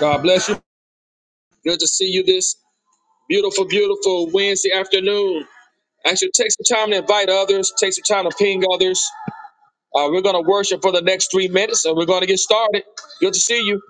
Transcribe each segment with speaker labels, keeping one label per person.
Speaker 1: God bless you. Good to see you this beautiful, beautiful Wednesday afternoon. Actually, take some time to invite others, take some time to ping others. Uh, we're going to worship for the next three minutes and we're going to get started. Good to see you.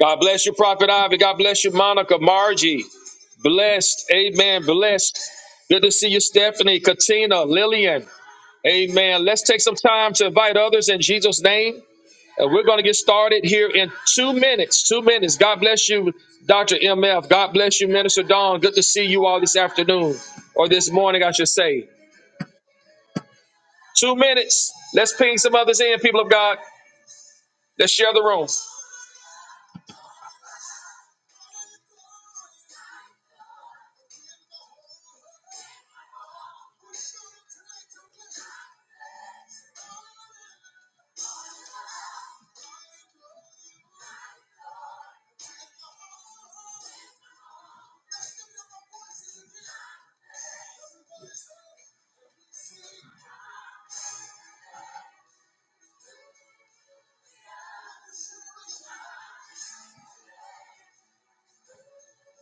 Speaker 1: God bless you, Prophet Ivy. God bless you, Monica, Margie. Blessed. Amen. Blessed. Good to see you, Stephanie, Katina, Lillian. Amen. Let's take some time to invite others in Jesus' name. And we're going to get started here in two minutes. Two minutes. God bless you, Dr. MF. God bless you, Minister Dawn. Good to see you all this afternoon or this morning, I should say. Two minutes. Let's ping some others in, people of God. Let's share the room.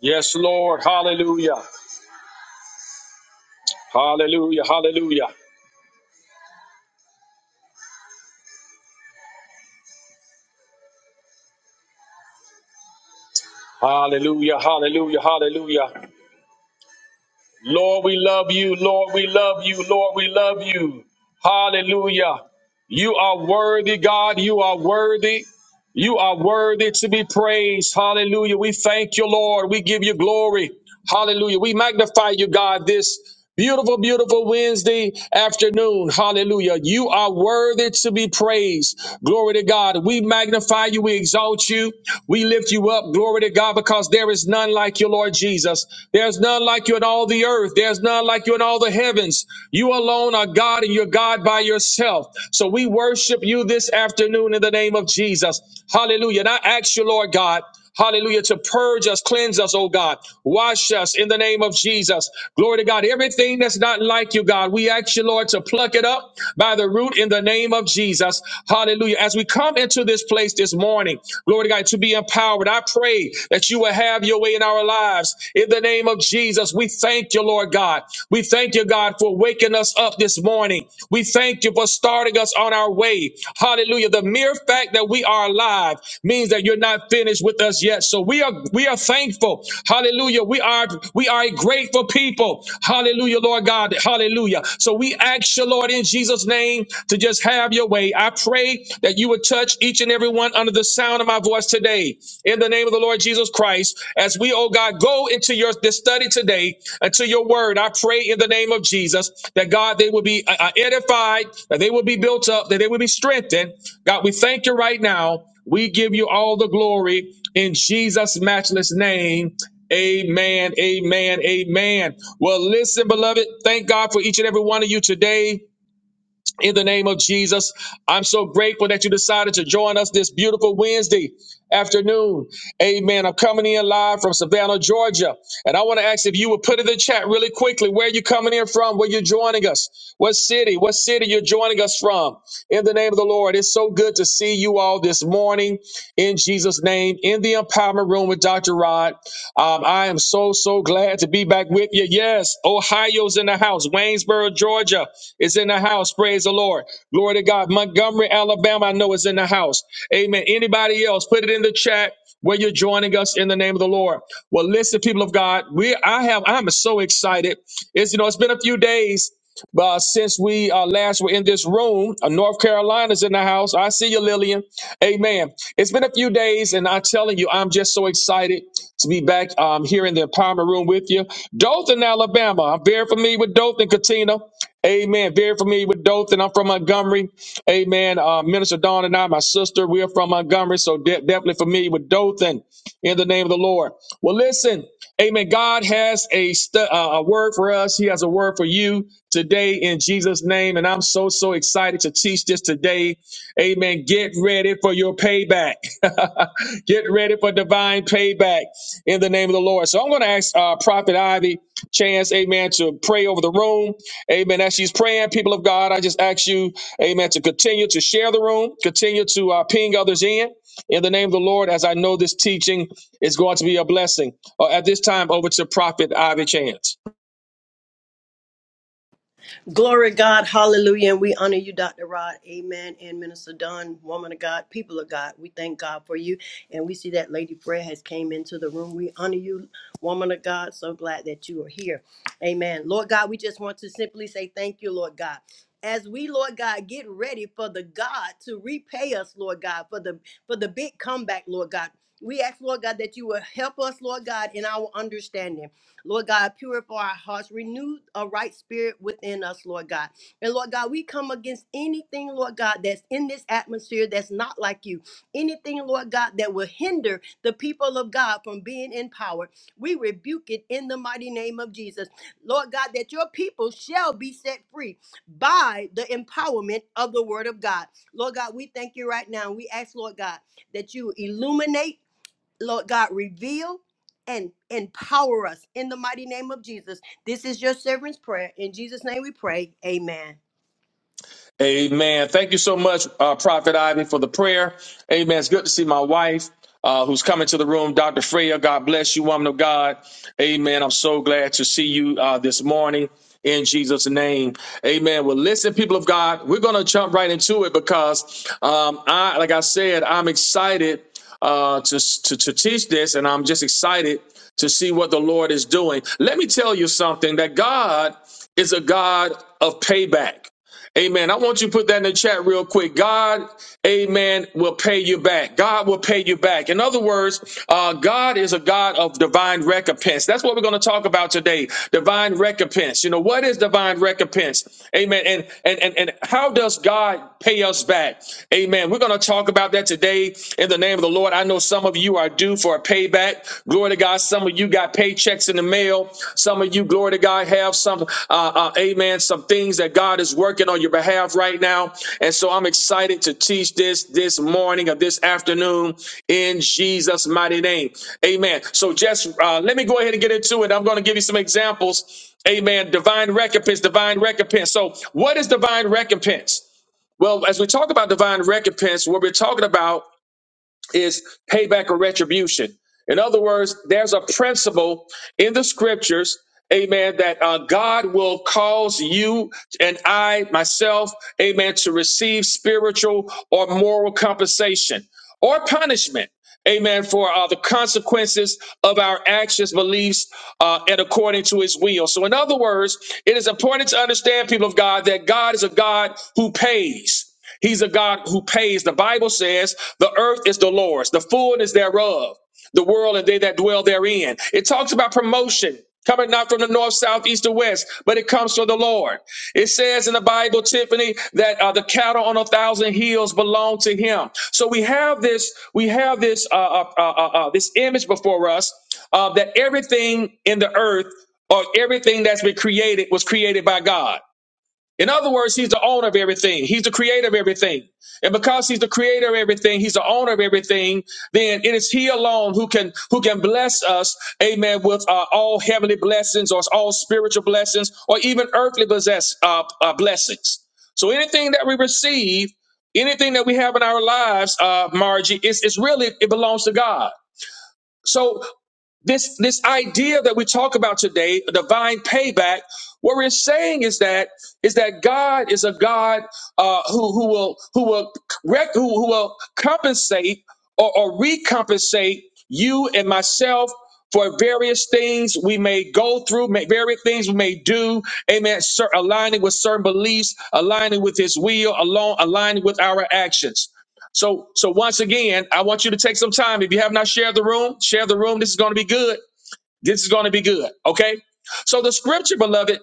Speaker 1: Yes, Lord. Hallelujah. Hallelujah. Hallelujah. Hallelujah. Hallelujah. Hallelujah. Lord, we love you. Lord, we love you. Lord, we love you. Hallelujah. You are worthy, God. You are worthy. You are worthy to be praised. Hallelujah. We thank you, Lord. We give you glory. Hallelujah. We magnify you, God, this beautiful, beautiful Wednesday afternoon. Hallelujah. You are worthy to be praised. Glory to God. We magnify you. We exalt you. We lift you up. Glory to God, because there is none like you, Lord Jesus. There's none like you in all the earth. There's none like you in all the heavens. You alone are God. God and you're God by yourself. So we worship you this afternoon in the name of Jesus. Hallelujah. And I ask you, Lord God, hallelujah, to purge us, cleanse us, oh God. Wash us in the name of Jesus. Glory to God. Everything that's not like you, God, we ask you, Lord, to pluck it up by the root in the name of Jesus. Hallelujah. As we come into this place this morning, glory to God, to be empowered, I pray that you will have your way in our lives in the the name of Jesus, we thank you, Lord God. We thank you, God, for waking us up this morning. We thank you for starting us on our way. Hallelujah. The mere fact that we are alive means that you're not finished with us yet. So we are we are thankful. Hallelujah. We are we are a grateful people. Hallelujah, Lord God. Hallelujah. So we ask you, Lord, in Jesus' name, to just have your way. I pray that you would touch each and every one under the under the sound of my voice today. In the name of the Lord Jesus Christ, as we, oh God, go into your this study today into your word, I pray in the name of Jesus that God they will be uh, uh, edified, that they will be built up, that they will be strengthened. God, we thank you right now. We give you all the glory in Jesus' matchless name. Amen. Amen. Amen. Well, listen, beloved, thank God for each and every one of you today in the name of Jesus. I'm so grateful that you decided to join us this beautiful Wednesday afternoon. Amen. I'm coming in live from Savannah, Georgia. And I want to ask if you would put in the chat really quickly where you're coming in from, where you're joining us, what city, what city you're joining us from. In the name of the Lord, it's so good to see you all this morning in Jesus' name in the empowerment room with Dr. Rod. Um, I am so so, so glad to be back with you. Yes, Ohio's in the house. Waynesboro, Georgia is in the house. Praise the Lord. Glory to God. Montgomery, Alabama, I know is in the house. Amen. Anybody else, put it in the chat where you're joining us in the name of the Lord. Well, listen, people of God, we I have I'm so excited. It's you know, it's been a few days but uh, since we uh, last were in this room, uh, North Carolina's in the house. I see you, Lillian. Amen. It's been a few days, and I'm telling you, I'm just so excited to be back um, here in the empowerment room with you. Dothan, Alabama. I'm very familiar with Dothan, Katina. Amen. Very familiar with Dothan. I'm from Montgomery. Amen. Uh, Minister Dawn and I, my sister, we are from Montgomery, so de- definitely familiar with Dothan in the name of the Lord. Well, listen, amen. God has a, stu- uh, a word for us, He has a word for you today in Jesus' name. And I'm so, so excited to teach this today. Amen. Get ready for your payback. Get ready for divine payback in the name of the Lord. So I'm going to ask uh, Prophet Ivy Chance, amen, to pray over the room. Amen. As she's praying, people of God, I just ask you, amen, to continue to share the room, continue to uh, ping others in in the name of the Lord. As I know this teaching it's going to be a blessing. Uh, at this time, over to Prophet Ivy Chance.
Speaker 2: Glory God, hallelujah, and we honor you, Dr. Rod, amen, and Minister Dunn, woman of God, people of God, we thank God for you, and we see that Lady Fred has came into the room, we honor you, woman of God, so glad that you are here, amen. Lord God, we just want to simply say thank you, Lord God. As we, Lord God, get ready for the God to repay us, Lord God, for the for the big comeback, Lord God. We ask, Lord God, that you will help us, Lord God, in our understanding. Lord God, purify our hearts, renew a right spirit within us, Lord God. And Lord God, we come against anything, Lord God, that's in this atmosphere that's not like you. Anything, Lord God, that will hinder the people of God from being in power. We rebuke it in the mighty name of Jesus. Lord God, that your people shall be set free by the empowerment of the word of God. Lord God, we thank you right now. We ask, Lord God, that you illuminate Lord God, reveal and empower us in the mighty name of Jesus. This is your servant's prayer. In Jesus' name we pray. Amen.
Speaker 1: Amen. Thank you so much, uh, Prophet Ivan, for the prayer. Amen. It's good to see my wife uh, who's coming to the room, Dr. Freya. God bless you, woman of God. Amen. I'm so glad to see you uh, this morning in Jesus' name. Amen. Well, listen, people of God, we're going to jump right into it because um, I, like I said, I'm excited uh, to, to, to teach this, and I'm just excited to see what the Lord is doing. Let me tell you something that God is a God of payback. Amen. I want you to put that in the chat real quick. God, amen, will pay you back. God will pay you back. In other words, uh, God is a God of divine recompense. That's what we're going to talk about today. Divine recompense. You know, what is divine recompense? Amen. And, and, and, and how does God pay us back? Amen. We're going to talk about that today in the name of the Lord. I know some of you are due for a payback. Glory Glory to God. Some of you got paychecks in the mail. Some of you, glory to God, have some, uh, uh, amen, some things that God is working on your behalf right now. And so I'm excited to teach this this morning or this afternoon in Jesus' mighty name. Amen. So just uh, let me go ahead and get into it. I'm going to give you some examples. Amen. Divine recompense, divine recompense. So, what is divine recompense? Well, as we talk about divine recompense, what we're talking about is payback or retribution. In other words, there's a principle in the scriptures, amen, that uh, God will cause you and I, myself, amen, to receive spiritual or moral compensation or punishment. Amen. For uh, the consequences of our actions, beliefs, uh, and according to his will. So, in other words, it is important to understand, people of God, that God is a God who pays. He's a God who pays. The Bible says the earth is the Lord's, the fullness thereof, the world and they that dwell therein. It talks about promotion. Coming not from the north, south, east, or west, but it comes from the Lord. It says in the Bible, Tiffany, that uh, the cattle on a thousand hills belong to Him. So we have this, we have this, uh, uh, uh, uh, uh, this image before us uh, that everything in the earth or everything that's been created was created by God. In other words, he's the owner of everything. He's the creator of everything. And because he's the creator of everything, he's the owner of everything, then it is he alone who can who can bless us, amen, with uh, all heavenly blessings or all spiritual blessings or even earthly possess uh, uh, blessings. So anything that we receive, anything that we have in our lives, uh, Margie, it's, it's really it belongs to God. So this this idea that we talk about today, divine payback, what we're saying is that is that God is a God uh, who who will who will rec- who, who will compensate or, or recompensate you and myself for various things we may go through, may, various things we may do. Amen. Cer- aligning with certain beliefs, aligning with His will, along aligning with our actions. So, so once again, I want you to take some time. If you have not shared the room, share the room. This is going to be good. This is going to be good. Okay. So the scripture, beloved,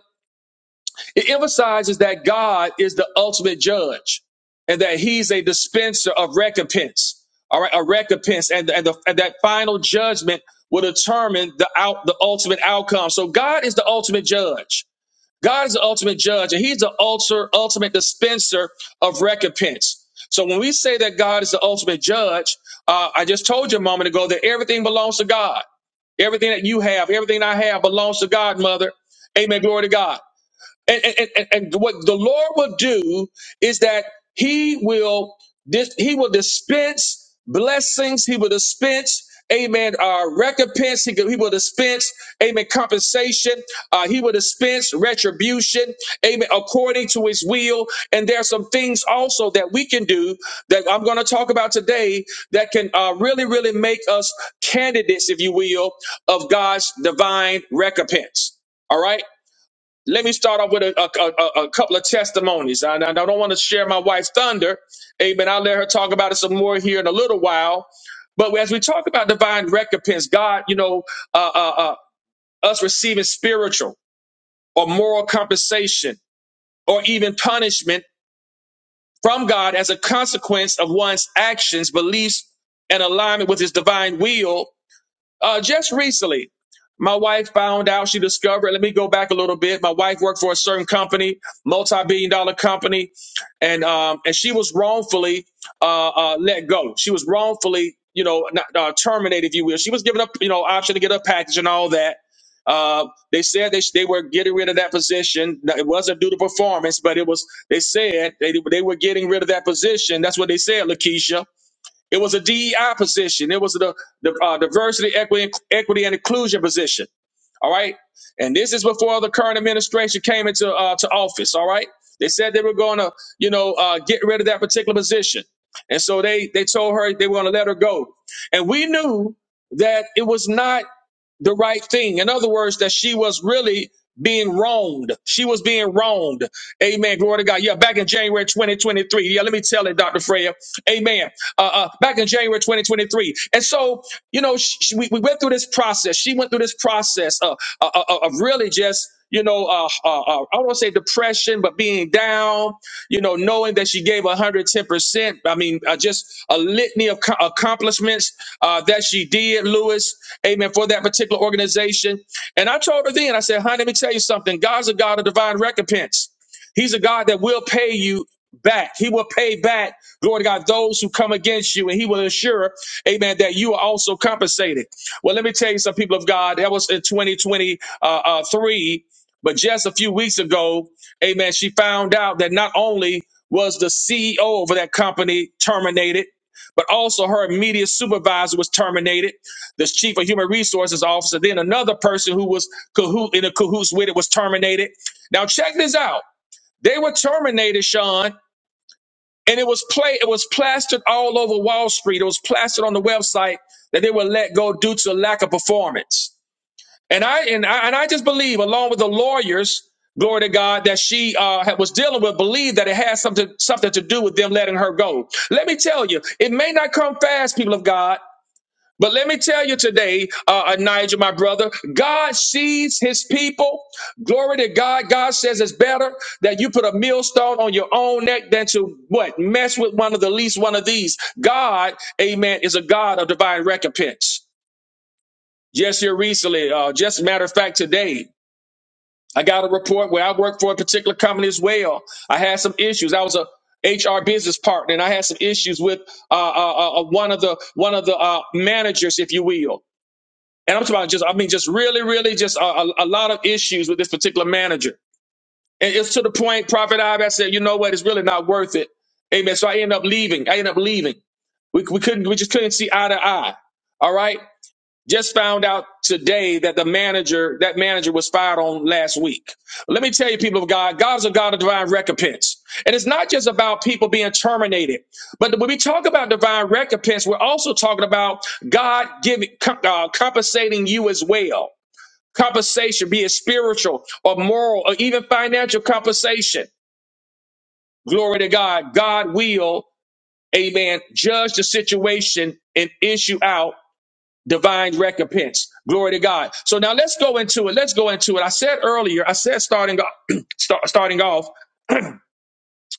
Speaker 1: it emphasizes that God is the ultimate judge and that he's a dispenser of recompense. All right. A recompense and, and, the, and that final judgment will determine the out, the ultimate outcome. So God is the ultimate judge. God is the ultimate judge, and He's the ultra, ultimate dispenser of recompense. So when we say that God is the ultimate judge, uh, I just told you a moment ago that everything belongs to God. Everything that you have, everything I have belongs to God, mother. Amen. Glory to God. And, and, and, and what the Lord will do is that He will dis- He will dispense blessings. He will dispense, Amen, uh, recompense. He, could- he will dispense, Amen, compensation. Uh, he will dispense retribution, Amen, according to His will. And there are some things also that we can do that I'm going to talk about today that can uh, really, really make us candidates, if you will, of God's divine recompense. All right. Let me start off with a, a, a, a couple of testimonies. I, I don't want to share my wife's thunder. Amen. I'll let her talk about it some more here in a little while. But as we talk about divine recompense, God, you know, uh, uh, uh, us receiving spiritual or moral compensation or even punishment from God as a consequence of one's actions, beliefs, and alignment with his divine will uh, just recently, my wife found out, she discovered, let me go back a little bit. My wife worked for a certain company, multi-billion dollar company, and um, and she was wrongfully uh, uh, let go. She was wrongfully, you know, not, uh, terminated, if you will. She was given a, you know, option to get a package and all that. Uh, they said they, they were getting rid of that position. Now, It wasn't due to performance, but it was, they said they, they were getting rid of that position. That's what they said, Lakeisha it was a DEI position. It was the, the uh, diversity, equity, equity, and inclusion position. All right. And this is before the current administration came into uh, to office. All right. They said they were going to, you know, uh, get rid of that particular position. And so they they told her they were going to let her go. And we knew that it was not the right thing. In other words, that she was really being wronged. She was being wronged. Amen. Glory to God. Yeah, back in January 2023. Yeah, let me tell it, Dr. Freya. Amen. Uh, uh, back in January 2023. And so, you know, sh sh- we, we went through this process. She went through this process uh, uh, uh, of really just, you know, uh, uh, uh, I don't want to say depression, but being down you know, knowing that she gave 110%. I mean, uh, just a litany of co- accomplishments uh, that she did, Lewis, amen, for that particular organization. And I told her then, I said, honey, let me tell you something. God's a God of divine recompense. He's a God that will pay you back. He will pay back, glory to God, those who come against you, and he will ensure, amen, that you are also compensated. Well, let me tell you some people of God, that was in 2023, uh, uh, but just a few weeks ago, Amen. She found out that not only was the CEO of that company terminated, but also her immediate supervisor was terminated. This chief of human resources officer, then another person who was cahoot in a cahoots with it was terminated. Now check this out. They were terminated, Sean, and it was play. It was plastered all over Wall Street. It was plastered on the website that they were let go due to lack of performance. And I and I, and I just believe, along with the lawyers, glory to God, that she uh, was dealing with, believed that it had something something to do with them letting her go. Let me tell you, it may not come fast, people of God. But let me tell you today, uh, uh, Nigel, my brother, God sees his people. Glory to God. God says it's better that you put a millstone on your own neck than to what? Mess with one of the least one of these. God, amen, is a God of divine recompense. Just here recently, uh, just a matter of fact, today, I got a report where I worked for a particular company as well. I had some issues. I was a HR business partner, and I had some issues with uh, uh, uh, uh, one of the one of the uh, managers, if you will. And I'm talking about just, I mean, just really, really, just a, a, a lot of issues with this particular manager. And it's to the point, Prophet Ibe, I said, you know what, it's really not worth it. Amen. So I ended up leaving. I ended up leaving. We, we couldn't, we just couldn't see eye to eye. All right. Just found out today that the manager, that manager was fired on last week. Let me tell you, people of God, God is a God of divine recompense. And it's not just about people being terminated, but when we talk about divine recompense, we're also talking about God giving, com- uh, compensating you as well. Compensation, be it spiritual or moral or even financial compensation. Glory to God. God will, amen, judge the situation and issue out divine recompense. Glory to God. So now let's go into it. Let's go into it. I said earlier, I said starting off, start, starting off.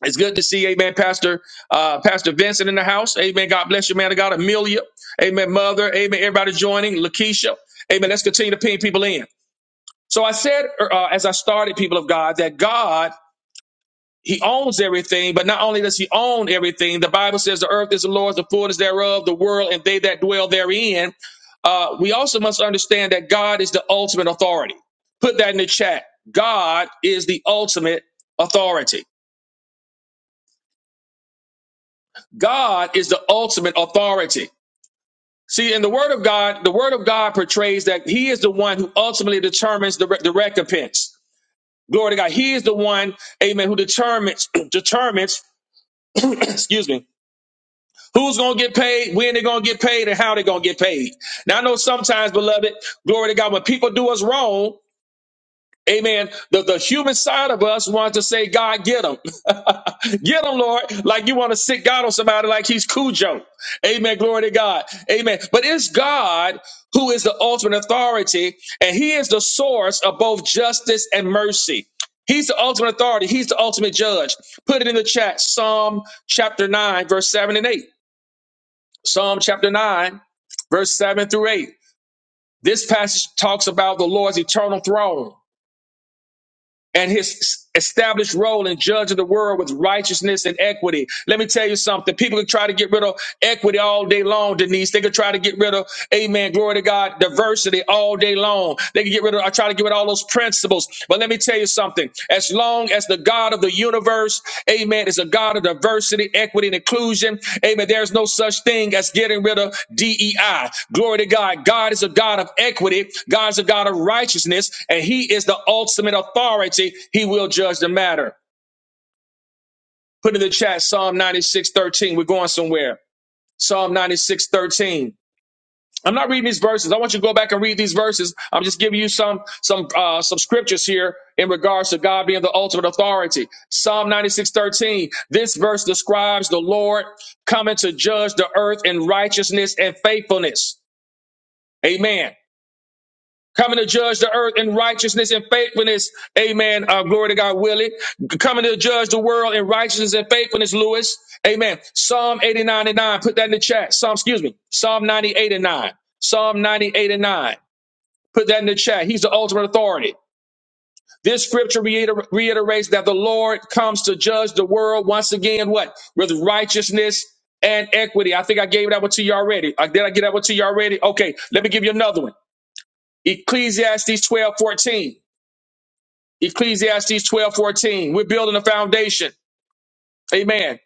Speaker 1: It's good to see, Amen, Pastor uh, Pastor Vincent in the house. Amen. God bless you, man. I got Amelia. Amen, Mother. Amen. Everybody joining. Lakeisha. Amen. Let's continue to ping people in. So I said, uh, as I started, people of God, that God he owns everything, but not only does he own everything, the Bible says the earth is the Lord's, the fullness thereof, the world, and they that dwell therein. Uh, we also must understand that God is the ultimate authority. Put that in the chat. God is the ultimate authority. God is the ultimate authority. See, in the Word of God, the Word of God portrays that He is the one who ultimately determines the, re- the recompense. Glory to God. He is the one, amen, who determines, determines, excuse me, Who's going to get paid, when they're going to get paid, and how they're going to get paid. Now, I know sometimes, beloved, glory to God, when people do us wrong, amen, the, the human side of us wants to say, God, get them. get them, Lord, like you want to sit God on somebody like he's Cujo. Amen, glory to God. Amen. But it's God who is the ultimate authority, and he is the source of both justice and mercy. He's the ultimate authority. He's the ultimate judge. Put it in the chat. Psalm chapter 9, verse 7 and 8. Psalm chapter 9, verse 7 through 8. This passage talks about the Lord's eternal throne and his established role in judging the world with righteousness and equity. Let me tell you something. People can try to get rid of equity all day long, Denise. They could try to get rid of, amen, glory to God, diversity all day long. They can get rid of, I try to get rid of all those principles. But let me tell you something. As long long as the God of the universe, amen, is a God of diversity, equity, and inclusion, amen, there's no such thing as getting rid of DEI. Glory to God. God is a God of equity, God is a God of righteousness, and He is the ultimate authority. He will judge the matter. Put in the chat Psalm ninety-six thirteen. We're going somewhere. Psalm 96 13. I'm not reading these verses. I want you to go back and read these verses. I'm just giving you some some uh, some scriptures here in regards to God being the ultimate authority. Psalm 96:13. This verse describes the Lord coming to judge the earth in righteousness and faithfulness. Amen. Coming to judge the earth in righteousness and faithfulness. Amen. Uh, glory to God, Willie. Coming to judge the world in righteousness and faithfulness, Lewis. Amen. Psalm 89 and 9. Put that in the chat. Psalm, excuse me. Psalm 98 and 9. Psalm 98 and 9. Put that in the chat. He's the ultimate authority. This scripture reiter- reiterates that the Lord comes to judge the world once again, what? With righteousness and equity. I think I gave that one to you already. Uh, Did I get that one to you already? Okay, let me give you another one. Ecclesiastes 12 14. Ecclesiastes twelve fourteen. We're building a foundation. Amen.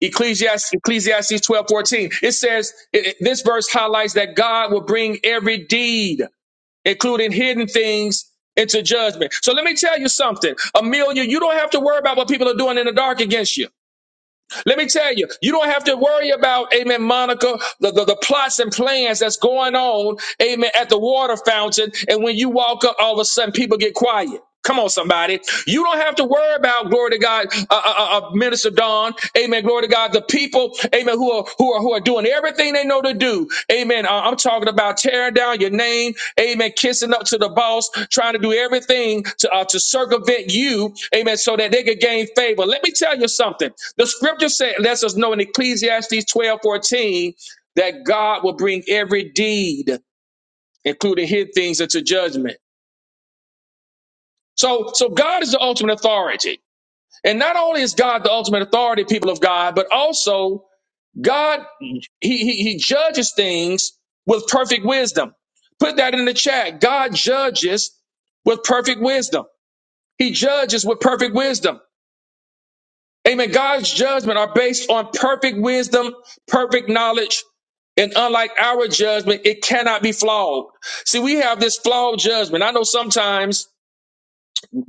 Speaker 1: Ecclesiastes, Ecclesiastes 12 fourteen. It says, it, it- this verse highlights that God will bring every deed. including hidden things into judgment. So let me tell you something. Amelia, you don't have to worry about what people are doing in the dark against you. Let me tell you, you don't have to worry about, amen, Monica, the, the, the plots and plans that's going on, amen, at the water fountain. And when you walk up, all of a sudden people get quiet. Come on, somebody. You don't have to worry about, glory to God, uh, uh, uh, uh, Minister Don, amen, glory to God, the people, amen, who are who are who are doing everything they know to do. Amen. Uh, I'm talking about tearing down your name, amen, kissing up to the boss, trying to do everything to uh, to circumvent you, amen, so that they could gain favor. Let me tell you something. The scripture said, lets us know in Ecclesiastes 12:14 that God will bring every deed, including hid things, into judgment. So, so God is the ultimate authority. And not only is God the ultimate authority, people of God, but also God, he, he, he judges things with perfect wisdom. Put that in the chat. God judges with perfect wisdom. He judges with perfect wisdom. Amen. God's judgment are based on perfect wisdom, perfect knowledge, and unlike our judgment, it cannot be flawed. See, we have this flawed judgment. I know sometimes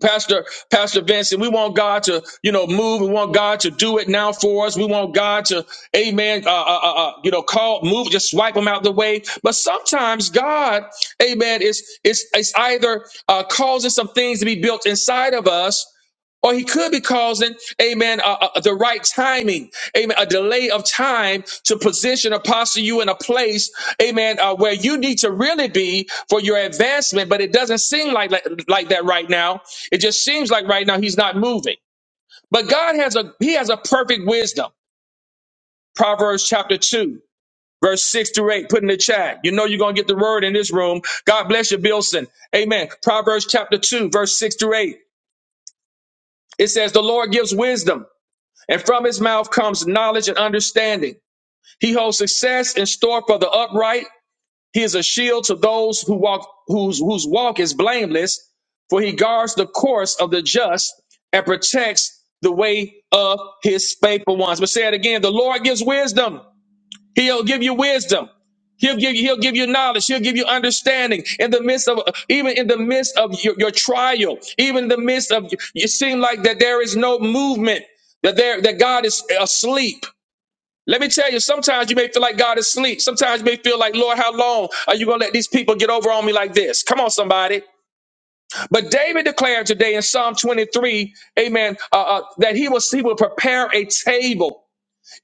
Speaker 1: Pastor, Pastor Vincent, we want God to, you know, move. We want God to do it now for us. We want God to, amen, uh, uh, uh, uh, you know, call, move, just swipe them out the way. But sometimes God, amen, is, is, is either uh, causing some things to be built inside of us or he could be causing, amen, uh, uh, the right timing, amen, a delay of time to position apostle you in a place, amen, uh, where you need to really be for your advancement. But it doesn't seem like, like like that right now. It just seems like right now he's not moving. But God has a he has a perfect wisdom. Proverbs chapter two. Verse 6 through 8, put in the chat. You know you're going to get the word in this room. God bless you, Bilson. Amen. Proverbs chapter 2, verse 6 through 8. It says, The Lord gives wisdom. and from his mouth comes knowledge and understanding. He holds success in store for the upright. He is a shield to those who walk whose whose walk is blameless, for he guards the course of the just and protects the way of his faithful ones. But say it again, the Lord gives wisdom. He'll give you wisdom. He'll give you, he'll give you knowledge. He'll give you understanding in the midst of, even in the midst of your, your trial, even in the midst of, you seem like that there is no movement, that there, that God is asleep. Let me tell you, sometimes you may feel like God is asleep. Sometimes you may feel like, Lord, how long are you going to let these people get over on me like this? Come on, somebody. But David declared today in Psalm 23, amen, uh, uh, that he will, he will prepare a table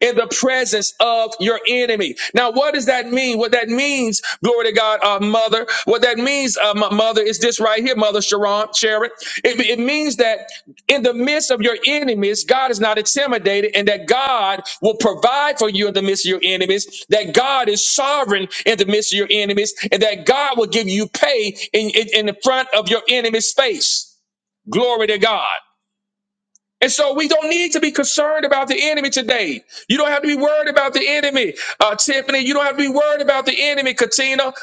Speaker 1: in the presence of your enemy. Now, what does that mean? What that means, glory to God, uh, mother, what that means, uh, m- mother, is this right here, mother Sharon, Sharon. It, it means that in the midst of your enemies, God is not intimidated and that God will provide for you in the midst of your enemies, that God is sovereign in the midst of your enemies, and that God will give you pay in, in, in the front of your enemy's face. Glory to God. And so we don't need to be concerned about the enemy today. You don't have to be worried about the enemy, uh, Tiffany. You don't have to be worried about the enemy, Katina.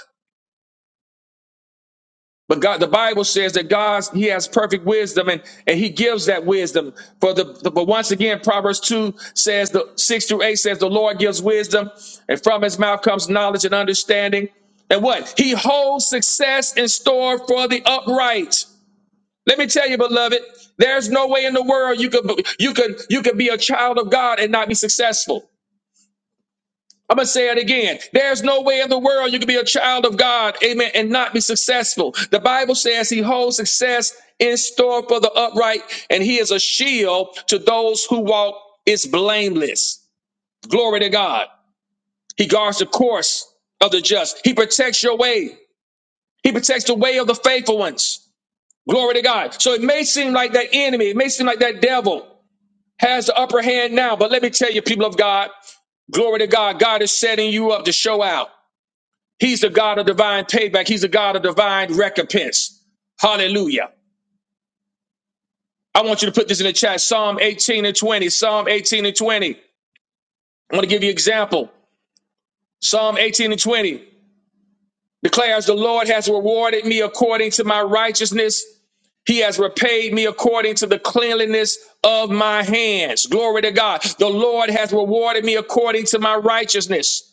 Speaker 1: But God, the Bible says that God, He has perfect wisdom, and and He gives that wisdom. For the, the but once again, Proverbs two says the six through eight says the Lord gives wisdom, and from His mouth comes knowledge and understanding. And what He holds success in store for the upright. Let me tell you, beloved, there's no way in the world you could you could you could be a child of God and not be successful. I'm gonna say it again. There's no way in the world you could be a child of God, amen, and not be successful. The Bible says he holds success in store for the upright, and he is a shield to those who walk is blameless. Glory to God. He guards the course of the just. He protects your way. He protects the way of the faithful ones. Glory to God. So it may seem like that enemy, it may seem like that devil. has the upper hand now. But let me tell you, people of God, glory to God, God is setting you up to show out. He's the God of divine payback, He's the God of divine recompense. Hallelujah. I want you to put this in the chat Psalm 18 and 20. Psalm 18 and 20. I want to give you an example. Psalm 18 and 20 declares, The Lord has rewarded me according to my righteousness. He has repaid me according to the cleanliness of my hands. Glory to God. The Lord has rewarded me according to my righteousness.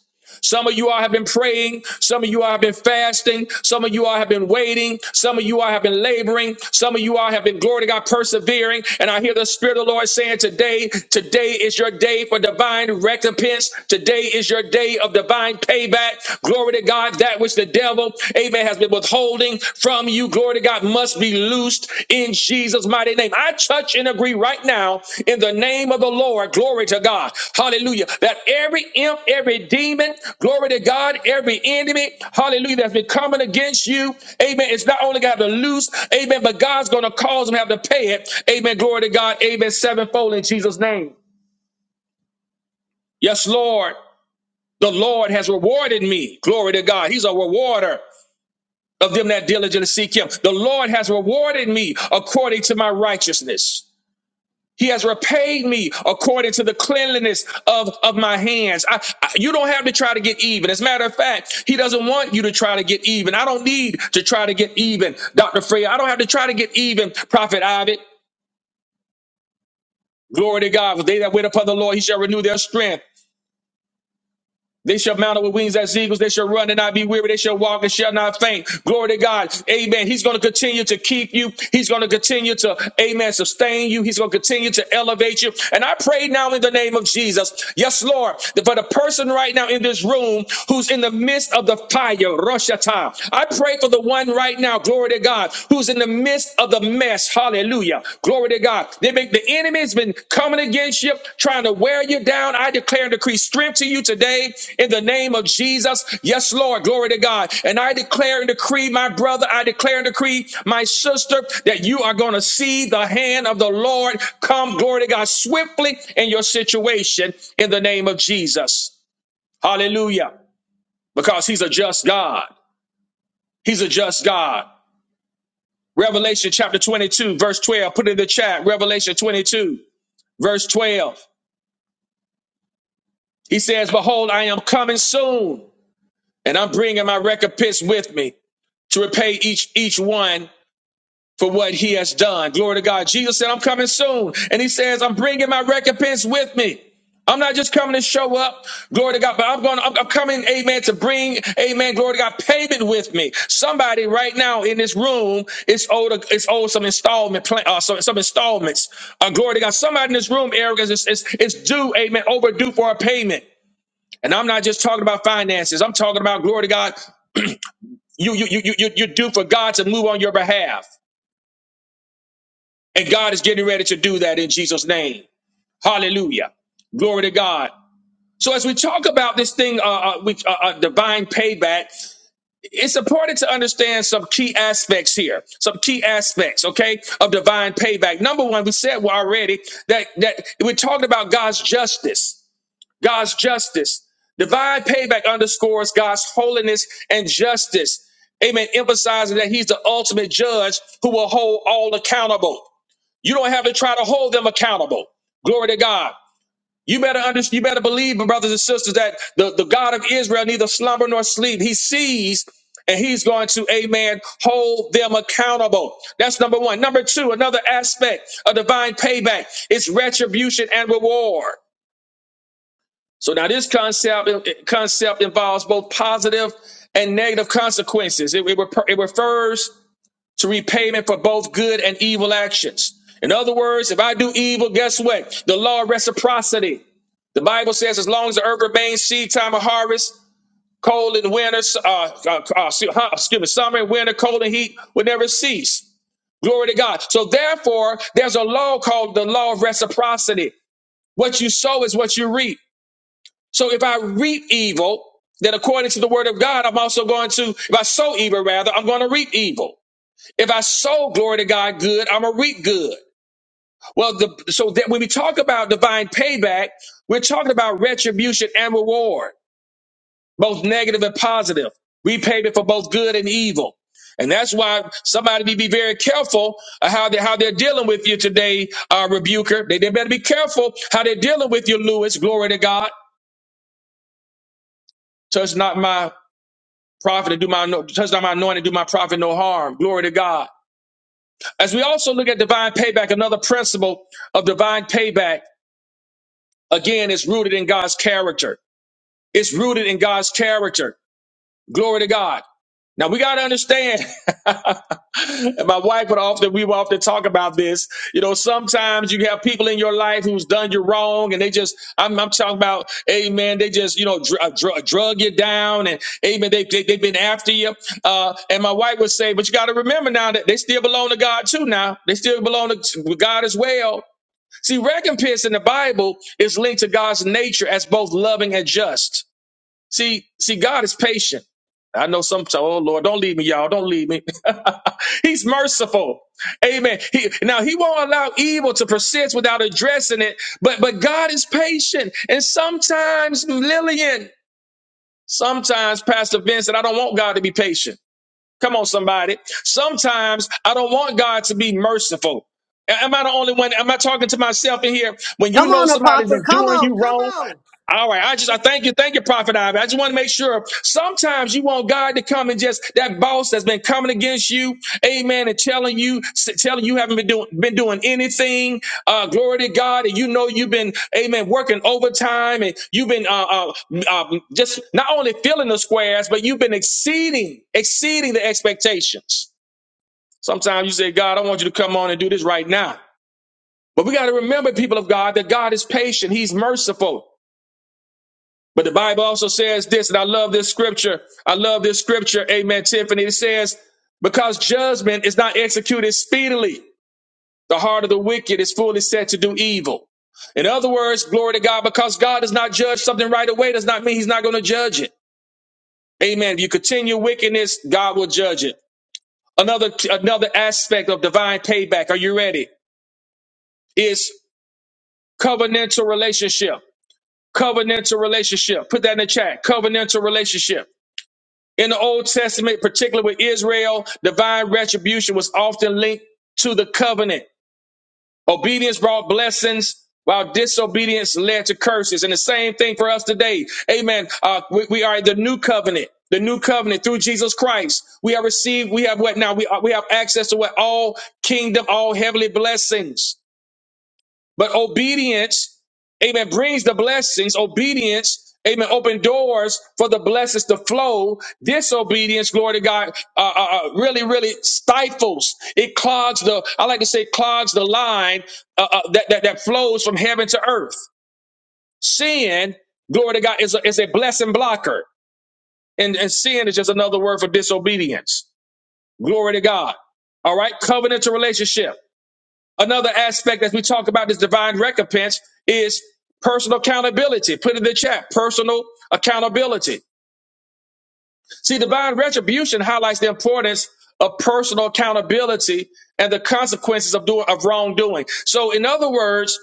Speaker 1: Some of you all have been praying. Some of you all have been fasting. Some of you all have been waiting. Some of you all have been laboring. Some of you all have been, glory to God, persevering. And I hear the Spirit of the Lord saying today, today is your day for divine recompense. Today is your day of divine payback. Glory to God, that which the devil, amen, has been withholding from you. Glory to God must be loosed in Jesus' mighty name. I touch and agree right now in the name of the Lord. Glory to God. Hallelujah. That every imp, every demon, glory to God, every enemy, hallelujah, that's been coming against you, amen. It's not only got to loose, amen, but God's going to cause them to have to pay it. Amen. Glory to God. Amen. Sevenfold in Jesus' name. Yes, Lord. The Lord has rewarded me. Glory to God. He's a rewarder. of them that diligently seek him. The Lord has rewarded me according to my righteousness. He has repaid me according to the cleanliness of, of my hands. I, I- you don't have to try to get even. As a matter of fact, he doesn't want you to try to get even. I don't need to try to get even, Dr. Freya. I don't have to try to get even, Prophet Ovid. Glory to God. For they that wait upon the Lord, he shall renew their strength. They shall mount up with wings as eagles. They shall run and not be weary. They shall walk and shall not faint. Glory to God. Amen. He's going to continue to keep you. He's going to continue to, amen, sustain you. He's going to continue to elevate you. And I pray now in the name of Jesus. Yes, Lord, that for the person right now in this room who's in the midst of the fire, Rosh Hashanah. I pray for the one right now, glory to God, who's in the midst of the mess. Hallelujah. Glory to God. They make the enemy's been coming against you, trying to wear you down. I declare and decree strength to you today in the name of Jesus. Yes, Lord. Glory to God. And I declare and decree, my brother, I declare and decree, my sister, that you are going to see the hand of the Lord come, glory to God, swiftly in your situation in the name of Jesus. Hallelujah. Because he's a just God. He's a just God. Revelation chapter 22, verse 12. Put it in the chat. Revelation 22, verse 12. He says, Behold, I am coming soon, and I'm bringing my recompense with me to repay each each one. for what he has done. Glory to God. Jesus said, I'm coming soon. And he says, I'm bringing my recompense with me. I'm not just coming to show up, glory to God, but I'm going. I'm, I'm coming, Amen, to bring, Amen, glory to God, payment with me. Somebody right now in this room is owed, a, is owed some installment, plan, uh, some, some installments. Uh, glory to God. Somebody in this room, Eric, is, is, is due, Amen, overdue for a payment. And I'm not just talking about finances. I'm talking about glory to God. You, you, you, you, you- you're due for God to move on your behalf. And God is getting ready to do that in Jesus' name. Hallelujah. Glory to God. So as we talk about this thing, uh, uh, we, uh, uh, divine payback, it's important to understand some key aspects here, some key aspects, okay, of divine payback. Number one, we said well already that that we talked about God's justice, God's justice. Divine payback underscores God's holiness and justice. Amen. Emphasizing that He's the ultimate judge who will hold all accountable. You don't have to try to hold them accountable. Glory to God. You better understand, you better believe, my brothers and sisters, that the, the God of Israel neither slumber nor sleep. He sees and he's going to, amen, hold them accountable. That's number one. Number two, another aspect of divine payback is retribution and reward. So now this concept concept involves both positive and negative consequences. It, it, it refers to repayment for both good and evil actions. In other words, if I do evil, guess what? The law of reciprocity. The Bible says, as long as the earth remains seed, time of harvest, cold and winter, uh, uh, uh, excuse me, summer and winter, cold and heat will never cease. Glory to God. So therefore, there's a law called the law of reciprocity. What you sow is what you reap. So if I reap evil, then according to the word of God, I'm also going to, if I sow evil, rather, I'm going to reap evil. If I sow glory to God good, I'm gonna reap good. Well, the, so that when we talk about divine payback, we're talking about retribution and reward, both negative and positive, repayment for both good and evil. And that's why somebody need to be very careful of how they how they're dealing with you today, uh, rebuker. They, they better be careful how they're dealing with you, Lewis. Glory to God. Touch not my prophet and do my no- touch not my anointing, do my prophet no harm. Glory to God. As we also look at divine payback, another principle of divine payback, again, is rooted in God's character. It's rooted in God's character. Glory to God. Now we got to understand. and my wife would often, we would often talk about this. You know, sometimes you have people in your life who's done you wrong and they just, I'm, I'm talking about, amen, they just, you know, dr- uh, dr- uh, drug you down and amen, they, they, they've been after you. Uh, and my wife would say, but you got to remember now that they still belong to God too now. They still belong to to God as well. See, recompense in the Bible is linked to God's nature as both loving and just. See, see, God is patient. I know some, so, oh Lord, don't leave me, y'all. Don't leave me. He's merciful. Amen. He, now he won't allow evil to persist without addressing it, but, but God is patient. And sometimes Lillian, sometimes Pastor Vincent, I don't want God to be patient. Come on, somebody. Sometimes I don't want God to be merciful. Am I the only one? Am I talking to myself in here? When you
Speaker 2: Come
Speaker 1: know
Speaker 2: on,
Speaker 1: somebody's
Speaker 2: Apostle.
Speaker 1: been
Speaker 2: Come
Speaker 1: doing
Speaker 2: on.
Speaker 1: you
Speaker 2: Come
Speaker 1: wrong,
Speaker 2: on.
Speaker 1: all right, I just I thank you, thank you, Prophet Ivy. I just want to make sure. Sometimes you want God to come and just that boss that's been coming against you, Amen, and telling you, s- telling you haven't been doing been doing anything. Uh, glory to God, and you know you've been, Amen, working overtime, and you've been uh, uh, uh, just not only filling the squares, but you've been exceeding exceeding the expectations. Sometimes you say, God, I want you to come on and do this right now. But we got to remember, people of God, that God is patient. He's merciful. But the Bible also says this, and I love this scripture. I love this scripture. Amen, Tiffany. It says, because judgment is not executed speedily, the heart of the wicked is fully set to do evil. In other words, glory to God, because God does not judge something right away, does not mean he's not going to judge it. Amen. If you continue wickedness, God will judge it. Another, another aspect of divine payback, are you ready? Is covenantal relationship. Covenantal relationship. Put that in the chat. Covenantal relationship. In the Old Testament, particularly with Israel, divine retribution was often linked to the covenant. Obedience brought blessings, while disobedience led to curses. And the same thing for us today. Amen. Uh, we, we are the new covenant. The new covenant through Jesus Christ, we have received. We have what now? We are, we have access to what all kingdom, all heavenly blessings. But obedience, amen, brings the blessings. Obedience, amen, open doors for the blessings to flow. Disobedience, glory to God, uh, uh, uh, really, really stifles. It clogs the, I like to say, clogs the line uh, uh, that, that, that flows from heaven to earth. Sin, glory to God, is a, is a blessing blocker. And, and sin is just another word for disobedience. Glory to God. All right, covenantal relationship. Another aspect as we talk about this divine recompense is personal accountability. Put in the chat, personal accountability. See, divine retribution highlights the importance of personal accountability and the consequences of doing of wrongdoing. So in other words,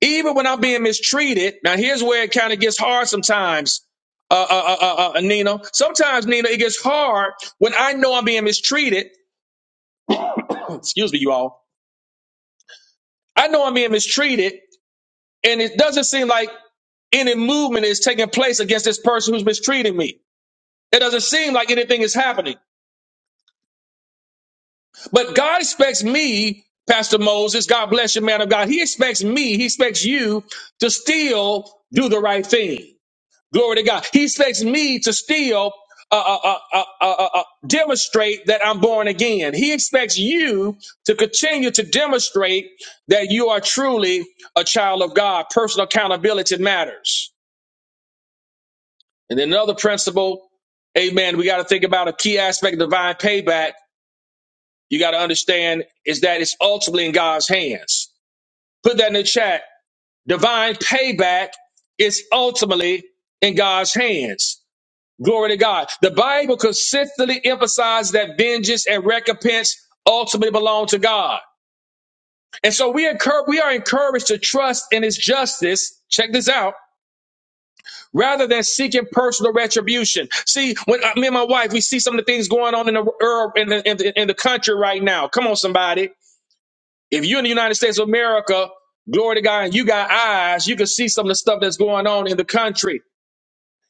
Speaker 1: even when I'm being mistreated, now here's where it kind of gets hard sometimes. Uh, uh, uh, uh, uh, uh, Nina. Sometimes, Nina, it gets hard when I know I'm being mistreated. Excuse me, you all. I know I'm being mistreated, And it doesn't seem like any movement is taking place against this person who's mistreating me. It doesn't seem like anything is happening. But God expects me, Pastor Moses, God bless you, man of God. He expects me, he expects you to still do the right thing. Glory to God. He expects me to still uh, uh, uh, uh, uh, uh, uh, demonstrate that I'm born again. He expects you to continue to demonstrate that you are truly a child of God. Personal accountability matters. And then another principle, amen, we got to think about a key aspect of divine payback. You got to understand is that it's ultimately in God's hands. Put that in the chat. Divine payback is ultimately in God's hands. Glory to God. The Bible consistently emphasizes that vengeance and recompense ultimately belong to God. And so we, encourage, we are encouraged to trust in his justice. Check this out rather than seeking personal retribution. See, when uh, me and my wife, we see some of the things going on in the er, in the, in the in the country right now. Come on, somebody. If you're in the United States of America, glory to God, and you got eyes, you can see some of the stuff that's going on in the country.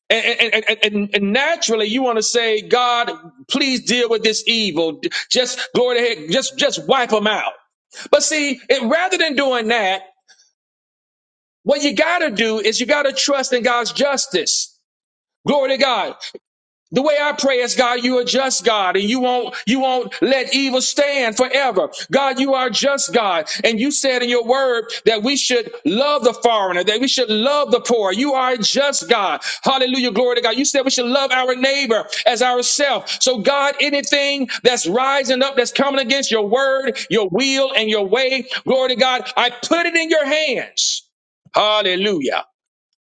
Speaker 1: And, and, and, and, and and naturally, you want to say, God, please deal with this evil. Just glory to God, just just wipe them out. But see, it, rather than doing that, what you got to do is you got to trust in God's justice. Glory to God. The way I pray is God, you are just God and you won't, you won't let evil stand forever. God, you are just God. And you said in your word that we should love the foreigner, that we should love the poor. You are a just God. Hallelujah. Glory to God. You said we should love our neighbor as ourselves. So God, anything that's rising up, that's coming against your word, your will and your way, glory to God, I put it in your hands. Hallelujah.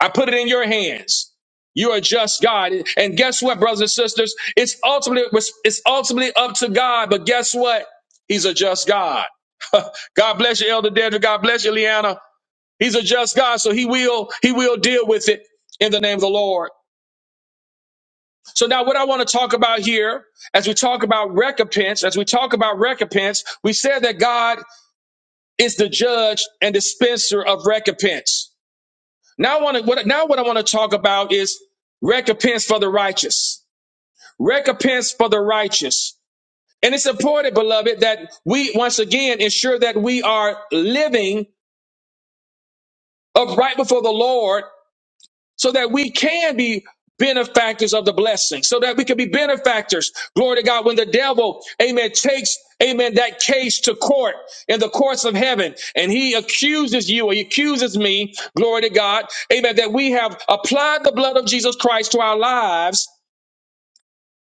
Speaker 1: I put it in your hands. You are just God. And guess what, brothers and sisters? It's ultimately it's ultimately up to God. But guess what? He's a just God. God bless you, Elder Daniel. God bless you, Leanna. He's a just God, so he will he will deal with it in the name of the Lord. So now what I want to talk about here, as we talk about recompense, as we talk about recompense, we said that God is the judge and dispenser of recompense. Now I want to what now what I want to talk about is recompense for the righteous. Recompense for the righteous. And it's important, beloved, that we once again ensure that we are living upright before the Lord so that we can be benefactors of the blessing, so that we can be benefactors. Glory to God. When the devil, amen, takes, amen, that case to court in the courts of heaven and he accuses you or he accuses me, glory to God, amen, that we have applied the blood of Jesus Christ to our lives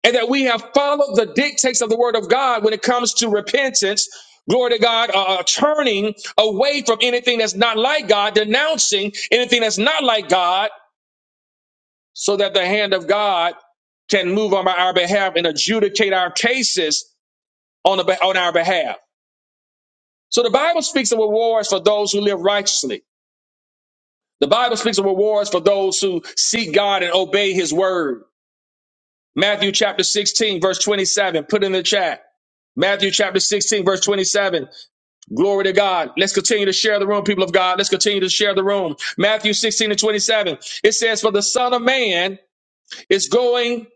Speaker 1: and that we have followed the dictates of the word of God when it comes to repentance. Glory to God, uh, uh, turning away from anything that's not like God, denouncing anything that's not like God, so that the hand of God can move on our behalf and adjudicate our cases on, the, on our behalf. So the Bible speaks of rewards for those who live righteously. The Bible speaks of rewards for those who seek God and obey his word. Matthew chapter 16, verse 27. Put in the chat. Matthew chapter 16, verse 27. Glory to God. Let's continue to share the room, people of God. Let's continue to share the room. Matthew 16 and 27. It says, For the Son of Man is going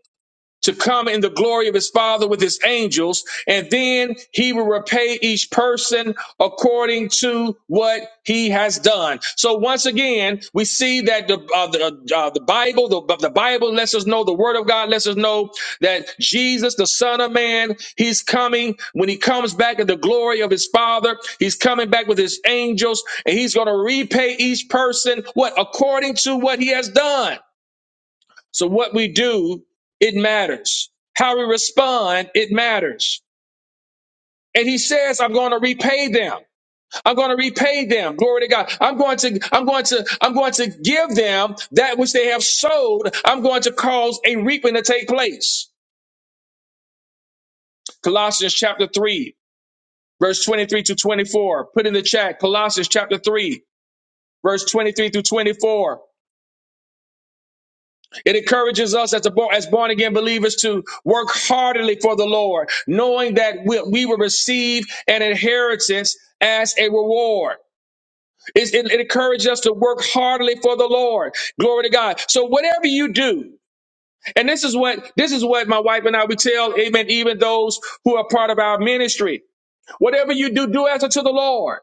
Speaker 1: to come in the glory of his father with his angels and then he will repay each person according to what he has done so once again we see that the uh, the, uh, the bible the, the bible lets us know the word of god lets us know that jesus the son of man he's coming when he comes back in the glory of his father he's coming back with his angels and he's going to repay each person what according to what he has done so what we do, it matters. How we respond, it matters. And he says, I'm going to repay them. I'm going to repay them. Glory to God. I'm going to, I'm going to, I'm going to give them that which they have sowed. I'm going to cause a reaping to take place. Colossians chapter 3, verse 23 to 24. Put in the chat, Colossians chapter 3, verse 23 through 24. It encourages us as, a, born- as born again believers to work heartily for the Lord, knowing that we, we will receive an inheritance as a reward. It's- It, it encourages us to work heartily for the Lord. Glory to God. So whatever you do, and this is what this is what my wife and I we tell, Amen. Even those who are part of our ministry, whatever you do, do as unto the Lord.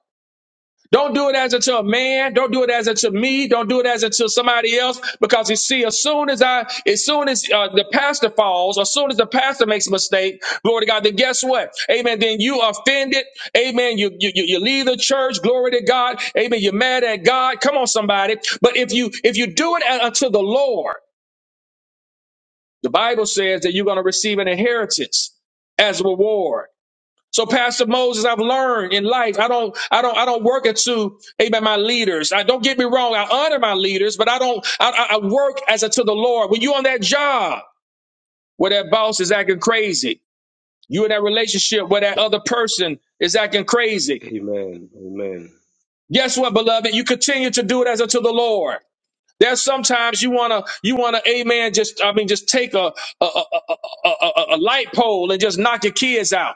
Speaker 1: Don't do it as unto a man. Don't do it as unto me. Don't do it as unto somebody else. Because you see, as soon as I, as soon as uh, the pastor falls, as soon as the pastor makes a mistake, glory to God, then guess what? Amen. Then you offended. Amen. You, you, you you leave the church. Glory to God. Amen. You're mad at God. Come on, somebody. But if you, if you do it unto the Lord, the Bible says that you're going to receive an inheritance as a reward. So, Pastor Moses, I've learned in life. I don't, I don't, I don't work it to, amen, my leaders. I don't get me wrong. I honor my leaders, but I don't, I, I I work as a to the Lord. When you on that job where that boss is acting crazy, you in that relationship where that other person is acting crazy.
Speaker 3: Amen. Amen.
Speaker 1: Guess what, beloved? You continue to do it as unto the Lord. There's sometimes you wanna, you wanna, amen. Just, I mean, just take a a, a, a, a a- a light pole and just knock your kids out.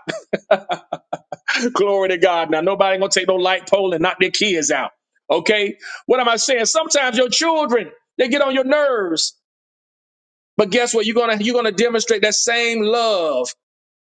Speaker 1: Glory to God. Now nobody gonna take no light pole and knock their kids out. Okay? What am I saying? Sometimes your children, they get on your nerves. But guess what? You're gonna you're gonna demonstrate that same love.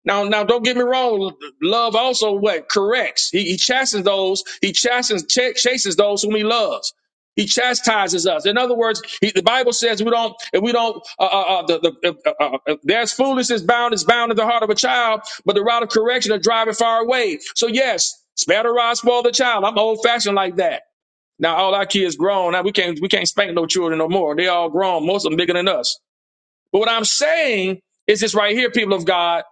Speaker 1: Now, now, don't get me wrong. Love also what corrects. He, he chastens those. He chastens ch- chases those whom he loves. He chastises us. In other words, he, the Bible says we don't. If we don't, uh, uh, uh, the, the, uh, uh, uh, uh, there's foolishness bound is bound in the heart of a child, but the route of correction will drive it far away. So yes, spare the rod, spoil the child. I'm old fashioned like that. Now all our kids grown. Now we can't we can't spank no children no more. They all grown. Most of them bigger than us. But what I'm saying is this right here, people of God.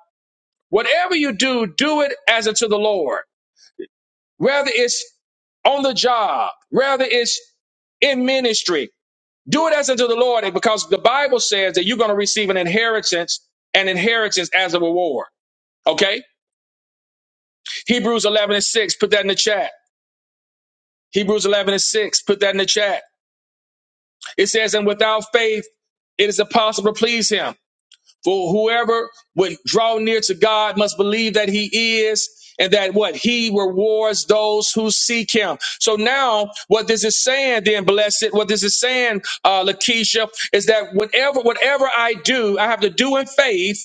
Speaker 1: Whatever you do, do it as unto the Lord. Whether it's on the job, whether it's in ministry, do it as unto the Lord because the Bible says that you're going to receive an inheritance, an inheritance as a reward. Okay? Hebrews 11 and 6, put that in the chat. Hebrews 11 and 6, put that in the chat. It says, and without faith, it is impossible to please him. For whoever would draw near to God must believe that he is and that what he rewards those who seek him. So now what this is saying then, blessed, what this is saying, uh, Lakeisha, is that whatever, whatever I do, I have to do in faith.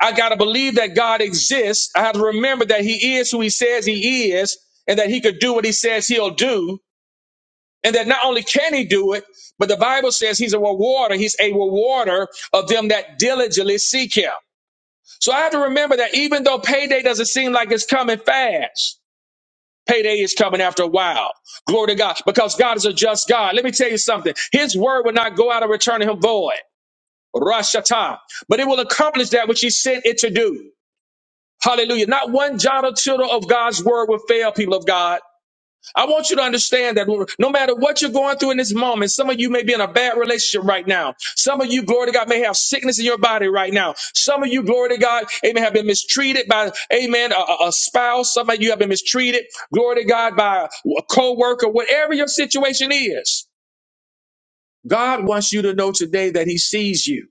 Speaker 1: I got to believe that God exists. I have to remember that he is who he says he is and that he could do what he says he'll do. And that not only can he do it, but the Bible says he's a rewarder. He's a rewarder of them that diligently seek him. So I have to remember that even though payday doesn't seem like it's coming fast, payday is coming after a while. Glory to God. Because God is a just God. Let me tell you something. His word will not go out and return to him void. Rashata. But it will accomplish that which he sent it to do. Hallelujah. Not one jot or tittle of God's word will fail, people of God. I want you to understand that no matter what you're going through in this moment, some of you may be in a bad relationship right now. Some of you, glory to God, may have sickness in your body right now. Some of you, glory to God, amen, have been mistreated by, amen, a, a a spouse. Some of you have been mistreated, glory to God, by a co-worker, whatever your situation is. God wants you to know today that he sees you.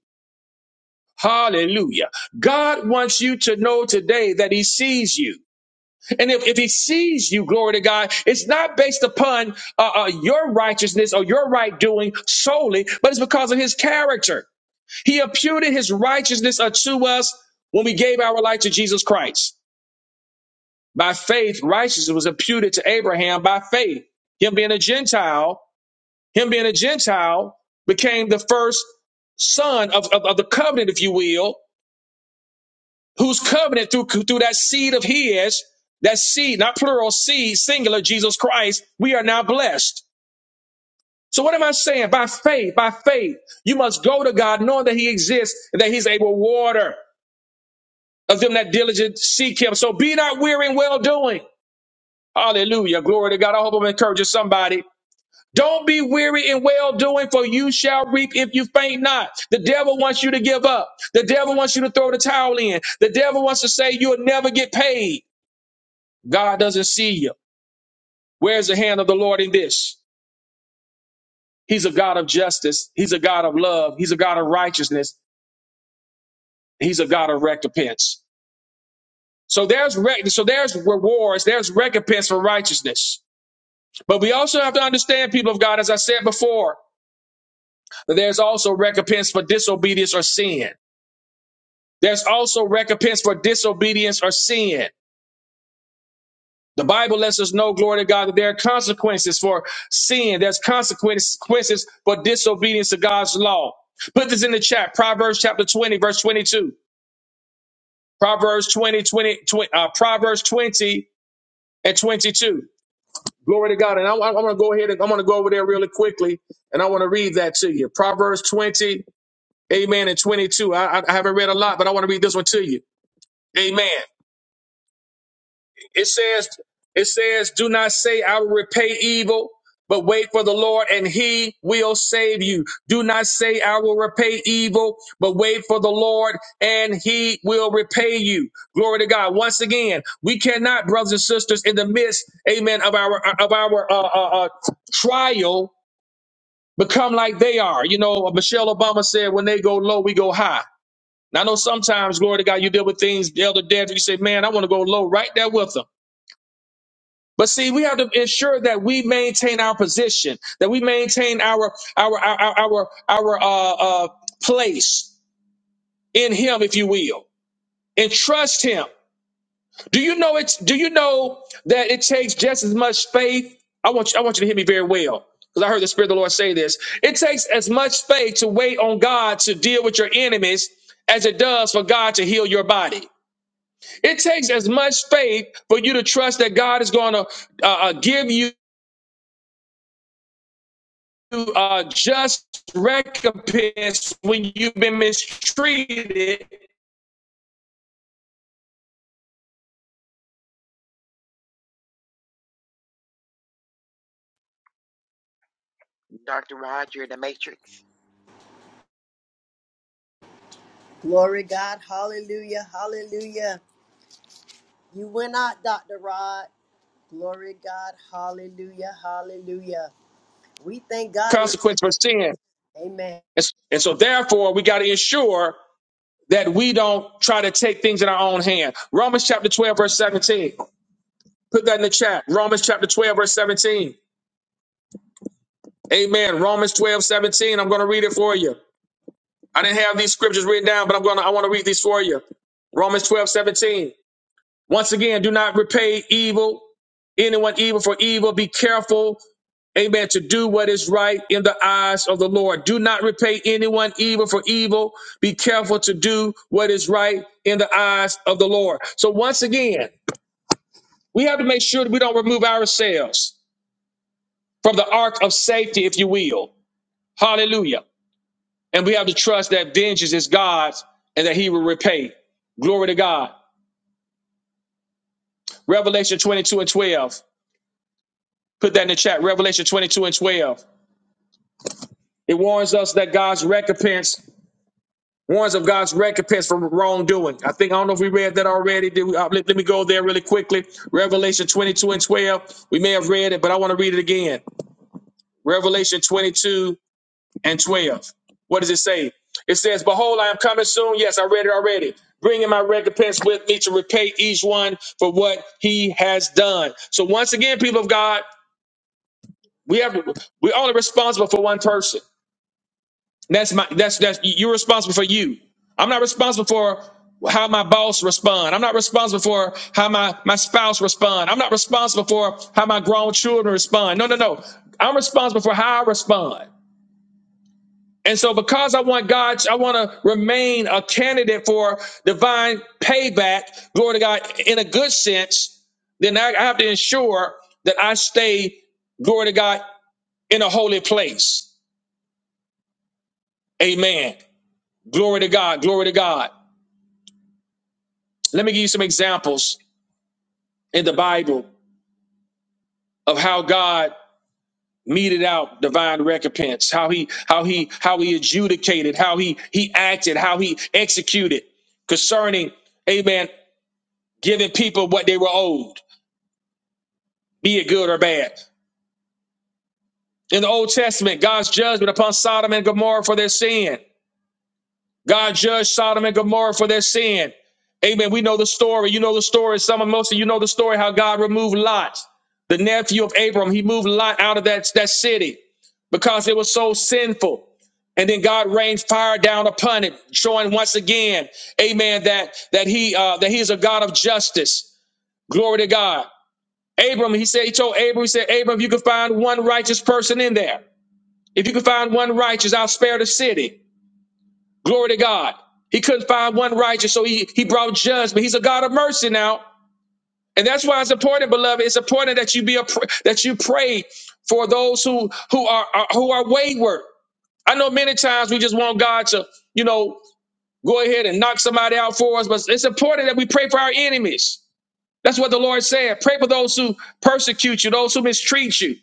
Speaker 1: Hallelujah. God wants you to know today that he sees you. And if, if he sees you, glory to God, it's not based upon uh, uh, your righteousness or your right doing solely, but it's because of his character. He imputed his righteousness unto us when we gave our life to Jesus Christ. By faith, righteousness was imputed to Abraham by faith. Him being a Gentile, him being a Gentile became the first son of, of, of the covenant, if you will, whose covenant through, through that seed of his, that seed, not plural, seed, singular, Jesus Christ, we are now blessed. So what am I saying? By faith, by faith, you must go to God knowing that he exists and that he's a rewarder of them that diligent seek him. So be not weary in well doing. Hallelujah. Glory to God. I hope I'm encouraging somebody. Don't be weary in well doing, for you shall reap if you faint not. The devil wants you to give up. The devil wants you to throw the towel in. The devil wants to say you'll never get paid. God doesn't see you. Where's the hand of the Lord in this? He's a God of justice. He's a God of love. He's a God of righteousness. He's a God of recompense. So there's re- so there's rewards. There's recompense for righteousness. But we also have to understand, people of God, as I said before, that there's also recompense for disobedience or sin. There's also recompense for disobedience or sin. The Bible lets us know, glory to God, that there are consequences for sin. There's consequences for disobedience to God's law. Put this in the chat. Proverbs chapter 20, verse 22. Proverbs 20, twenty, twenty uh, Proverbs 20 and 22. Glory to God. And I, I, want to go ahead and I'm going to go over there really quickly and I want to read that to you. Proverbs 20, amen, and 22. I, I I haven't read a lot, but I want to read this one to you. Amen. It says, it says, do not say I will repay evil, but wait for the Lord and he will save you. Do not say I will repay evil, but wait for the Lord and he will repay you. Glory to God. Once again, we cannot, brothers and sisters, in the midst, amen, of our, of our, uh, uh, uh, trial become like they are. You know, Michelle Obama said, when they go low, we go high. And I know sometimes, glory to God, you deal with things, Elder Dad, you say, man, I want to go low right there with them. But see, we have to ensure that we maintain our position, that we maintain our our our our our uh, uh, place in Him, if you will, and trust Him. Do you know it's Do you know that it takes just as much faith? I want you, I want you to hear me very well, because I heard the Spirit of the Lord say this. It takes as much faith to wait on God to deal with your enemies as it does for God to heal your body. It takes as much faith for you to trust that God is going to uh, uh, give you. uh, just recompense when you've been mistreated,
Speaker 4: Dr. Rod, you're in the Matrix.
Speaker 2: Glory God. Hallelujah. Hallelujah. You went out, Dr. Rod. Glory God. Hallelujah. Hallelujah. We thank God.
Speaker 1: consequence for sin.
Speaker 2: Amen.
Speaker 1: And, and so, therefore, we got to ensure that we don't try to take things in our own hand. Romans chapter 12, verse 17. Put that in the chat. Romans chapter 12, verse 17. Amen. Romans twelve seventeen. I'm going to read it for you. I didn't have these scriptures written down, but I'm going to, I want to read these for you. Romans 12 17. Once again, do not repay evil anyone evil for evil. Be careful Amen. To do what is right in the eyes of the Lord. Do not repay anyone evil for evil. Be careful to do what is right in the eyes of the Lord. So once again, we have to make sure that we don't remove ourselves from the ark of safety, if you will. Hallelujah. And we have to trust that vengeance is God's and that he will repay. Glory to God. Revelation 22 and 12. Put that in the chat. Revelation 22 and 12. It warns us that God's recompense Warns of God's recompense for wrongdoing. I think I don't know if we read that already. Did we, uh, let, let me go there really quickly. Revelation 22 and 12. We may have read it, but I want to read it again. Revelation 22 and 12. What does it say? It says, "Behold, I am coming soon." Yes, I read it already. Bringing my recompense with me to repay each one for what he has done. So once again, people of God, we have we're only responsible for one person. That's my that's that's you're responsible for you. I'm not responsible for how my boss respond. I'm not responsible for how my my spouse respond. I'm not responsible for how my grown children respond. No, no, no. I'm responsible for how I respond. And so because I want God, I want to remain a candidate for divine payback, glory to God, in a good sense, then I, I have to ensure that I stay, glory to God, in a holy place. Amen. Glory to God. Glory to God. Let me give you some examples in the Bible of how God meted out divine recompense, how he how he how he adjudicated, how he he acted, how he executed concerning amen, giving people what they were owed, be it good or bad. In the Old Testament, God's judgment upon Sodom and Gomorrah for their sin. God judged Sodom and Gomorrah for their sin. Amen. We know the story. You know the story. Some of most of you know the story how God removed Lot, the nephew of Abram. He moved Lot out of that, that city because it was so sinful. And then God rained fire down upon it, showing once again, Amen, that that He uh, that He is a God of justice. Glory to God. Abram, he said, he told Abram, he said, Abram, if you can find one righteous person in there, if you can find one righteous, I'll spare the city. Glory to God. He couldn't find one righteous, so he, he brought judgment. He's a God of mercy now. And that's why it's important, beloved. It's important that you be a pr- that you pray for those who who are, are who are wayward. I know many times we just want God to, you know, go ahead and knock somebody out for us, but it's important that we pray for our enemies. That's what the Lord said. Pray for those who persecute you, those who mistreat you.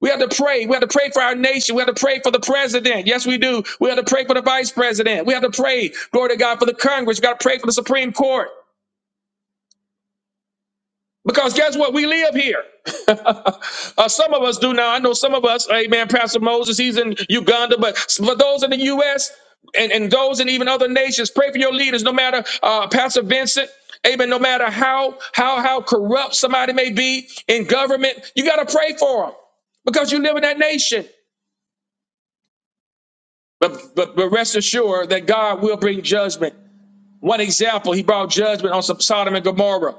Speaker 1: We have to pray. We have to pray for our nation. We have to pray for the president. Yes, we do. We have to pray for the vice president. We have to pray, glory to God, for the Congress. We got to pray for the Supreme Court. Because guess what? We live here. Uh, some of us do now. I know some of us, amen, Pastor Moses, he's in Uganda, but for those in the U.S. and, and those in even other nations, pray for your leaders, no matter uh, Pastor Vincent. Amen. No matter how how how corrupt somebody may be in government, you got to pray for them because you live in that nation. But, but but rest assured that God will bring judgment. One example, he brought judgment on some Sodom and Gomorrah.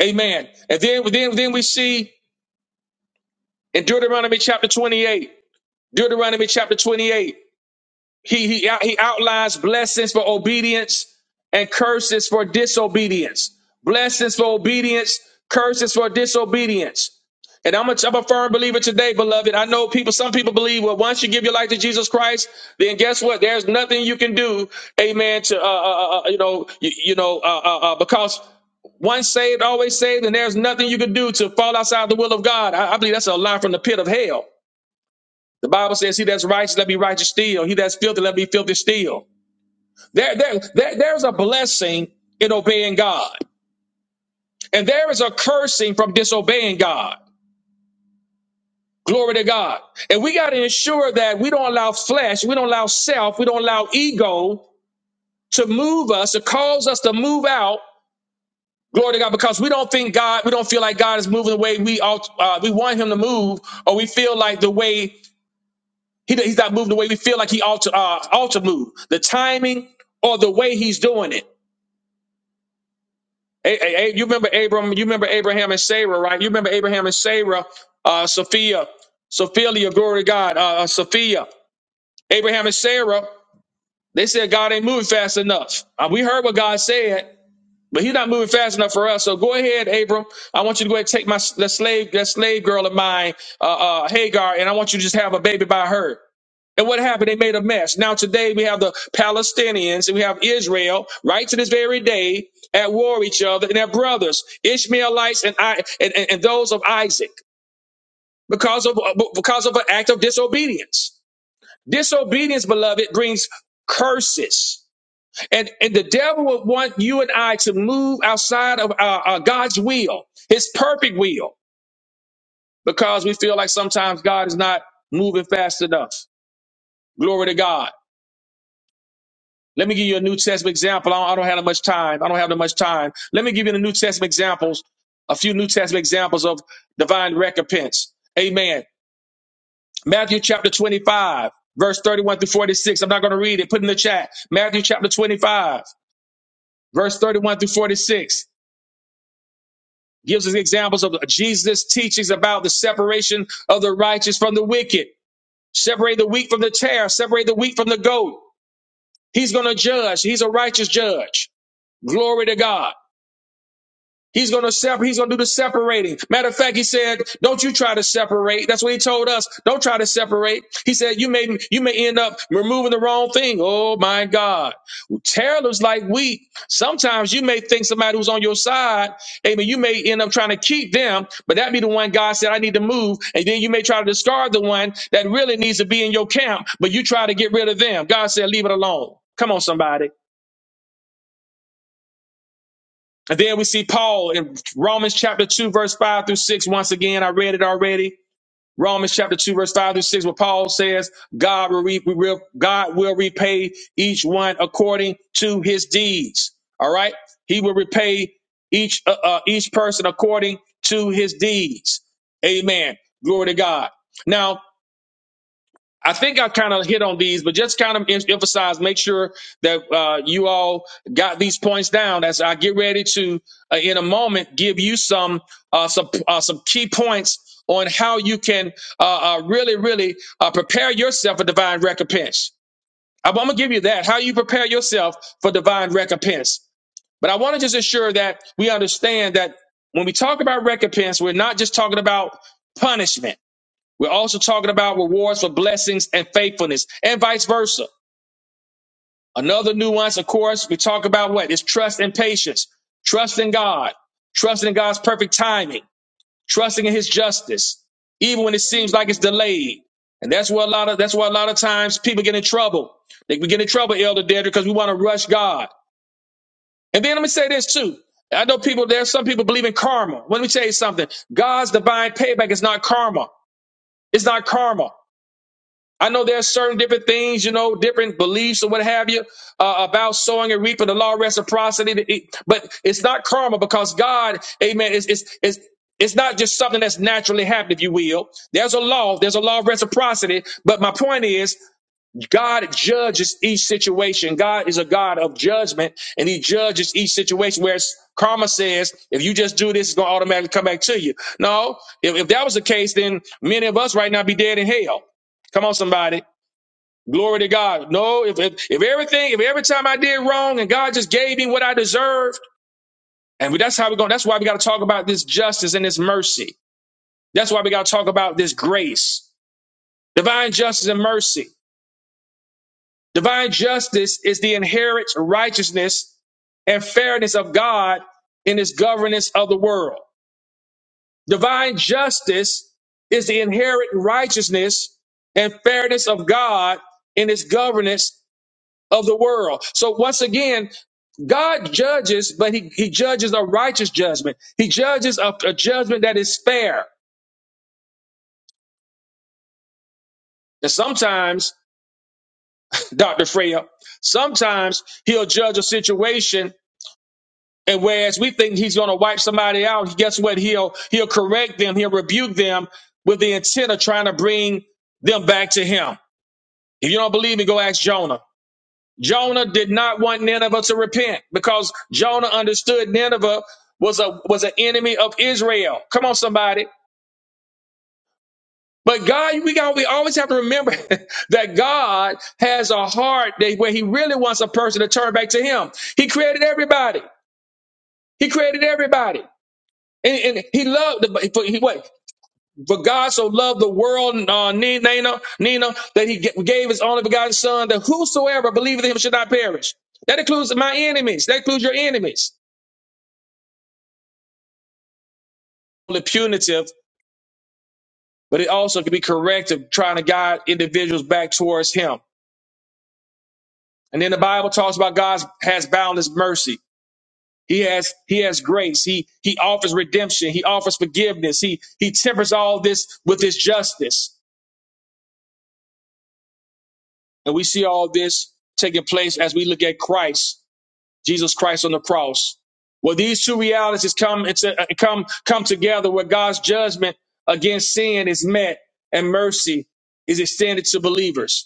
Speaker 1: Amen. And then, then, then we see in Deuteronomy chapter 28, Deuteronomy chapter 28. He, he, out- he outlines blessings for obedience and curses for disobedience. Blessings for obedience, curses for disobedience. And I'm a, I'm a firm believer today, beloved. I know people, some people believe, well, once you give your life to Jesus Christ, then guess what? There's nothing you can do, amen, to, uh, uh, uh, uh, you know, you, you know, uh, uh, uh, because once saved, always saved, and there's nothing you can do to fall outside the will of God. I, I believe that's a lie from the pit of hell. The Bible says, He that's righteous, let me righteous still. He that's filthy, let me filthy still. There, there, there- there's a blessing in obeying God, and there is a cursing from disobeying God. Glory to God. And we got to ensure that we don't allow flesh, we don't allow self, we don't allow ego to move us, to cause us to move out. Glory to God, because we don't think God, we don't feel like God is moving the way we ought, uh, we want Him to move, or we feel like the way He, he's not moving the way we feel like he ought to, uh, ought to move. The timing or the way he's doing it. A- A- A- you remember Abram, you remember Abraham and Sarah, right? You remember Abraham and Sarah, uh, Sophia, Sophia, glory to God, uh, uh, Sophia, Abraham and Sarah, they said God ain't moving fast enough. Uh, we heard what God said, But he's not moving fast enough for us. So go ahead, Abram. I want you to go ahead and take my that slave that slave girl of mine, uh, uh, Hagar, and I want you to just have a baby by her. And what happened? They made a mess. Now today we have the Palestinians and we have Israel right to this very day at war with each other and their brothers, Ishmaelites and I and, and, and those of Isaac, because of uh, because of an act of disobedience. Disobedience, beloved, brings curses. And, and the devil would want you and I to move outside of our, our God's will, his perfect will, because we feel like sometimes God is not moving fast enough. Glory to God. Let me give you a New Testament example. I don't, I don't have that much time. I don't have that much time. Let me give you the New Testament examples, a few New Testament examples of divine recompense. Amen. Matthew chapter 25, verse 31 through 46. I'm not going to read it. Put it in the chat. Matthew chapter 25, verse 31 through 46. gives us examples of Jesus' teachings about the separation of the righteous from the wicked. Separate the wheat from the tare, separate the wheat from the goat. He's going to judge. He's a righteous judge. Glory to God. He's gonna separate. He's gonna do the separating. Matter of fact, he said, "Don't you try to separate." That's what he told us. Don't try to separate. He said, "You may you may end up removing the wrong thing." Oh my God, Taylor's like wheat. Sometimes you may think somebody who's on your side, amen. You may end up trying to keep them, but that be the one God said, "I need to move," and then you may try to discard the one that really needs to be in your camp, but you try to get rid of them. God said, "Leave it alone." Come on, somebody. And then we see Paul in Romans chapter 2, verse 5 through 6. Once again, I read it already. Romans chapter 2, verse 5 through 6, where Paul says, God will, re- we will, God will repay each one according to his deeds. All right. He will repay each, uh, uh, each person according to his deeds. Amen. Glory to God. Now, I think I kind of hit on these, but just kind of em- emphasize, make sure that uh, you all got these points down as I get ready to, uh, in a moment, give you some uh, some uh, some key points on how you can uh, uh, really, really uh, prepare yourself for divine recompense. I'm going to give you that, how you prepare yourself for divine recompense. But I want to just ensure that we understand that when we talk about recompense, we're not just talking about punishment we're also talking about rewards for blessings and faithfulness and vice versa. Another nuance, of course, we talk about what is trust and patience, trust in God, trust in God's perfect timing, trusting in his justice, even when it seems like it's delayed. And that's where a lot of that's why a lot of times people get in trouble. They we get in trouble, Elder Dedrick, because we want to rush God. And then let me say this too. I know people, there's some people believe in karma. Let me tell you something. God's divine payback is not karma. It's not karma. I know there's certain different things, you know, different beliefs or what have you uh, about sowing and reaping, the law of reciprocity. the- it- But it's not karma because God, Amen. It's it's it's it's not just something that's naturally happened, if you will. There's a law. There's a law of reciprocity. But my point is, God judges each situation. God is a God of judgment, and He judges each situation. Whereas karma says, if you just do this, it's gonna automatically come back to you. No, if, if that was the case, then many of us right now be dead in hell. Come on, somebody. Glory to God. No, if, if if everything, if every time I did wrong and God just gave me what I deserved, and that's how we're going. That's why we got to talk about this justice and this mercy. That's why we got to talk about this grace, divine justice and mercy. Divine justice is the inherent righteousness and fairness of God in His governance of the world. Divine justice is the inherent righteousness and fairness of God in His governance of the world. So once again, God judges, but he, he judges a righteous judgment. He judges a, a judgment that is fair. And sometimes, Dr. Freya, sometimes he'll judge a situation and whereas we think he's going to wipe somebody out, guess what? He'll, he'll correct them. He'll rebuke them with the intent of trying to bring them back to him. If you don't believe me, go ask Jonah. Jonah did not want Nineveh to repent because Jonah understood Nineveh was a was an enemy of Israel. Come on, somebody. But God, we got we always have to remember that God has a heart that where He really wants a person to turn back to Him. He created everybody. He created everybody. And, and he loved the for, he, what for God so loved the world uh, Ni- Nina Nina that he ga- gave his only begotten Son that whosoever believeth in him should not perish. That includes my enemies. That includes your enemies. only punitive, but it also can be corrective, trying to guide individuals back towards Him. And then the Bible talks about God has boundless mercy. He has He has grace. He He offers redemption. He offers forgiveness. He He tempers all this with His justice. And we see all this taking place as we look at Christ, Jesus Christ on the cross. Well, these two realities come into, uh, come come together, where God's judgment against sin is met and mercy is extended to believers.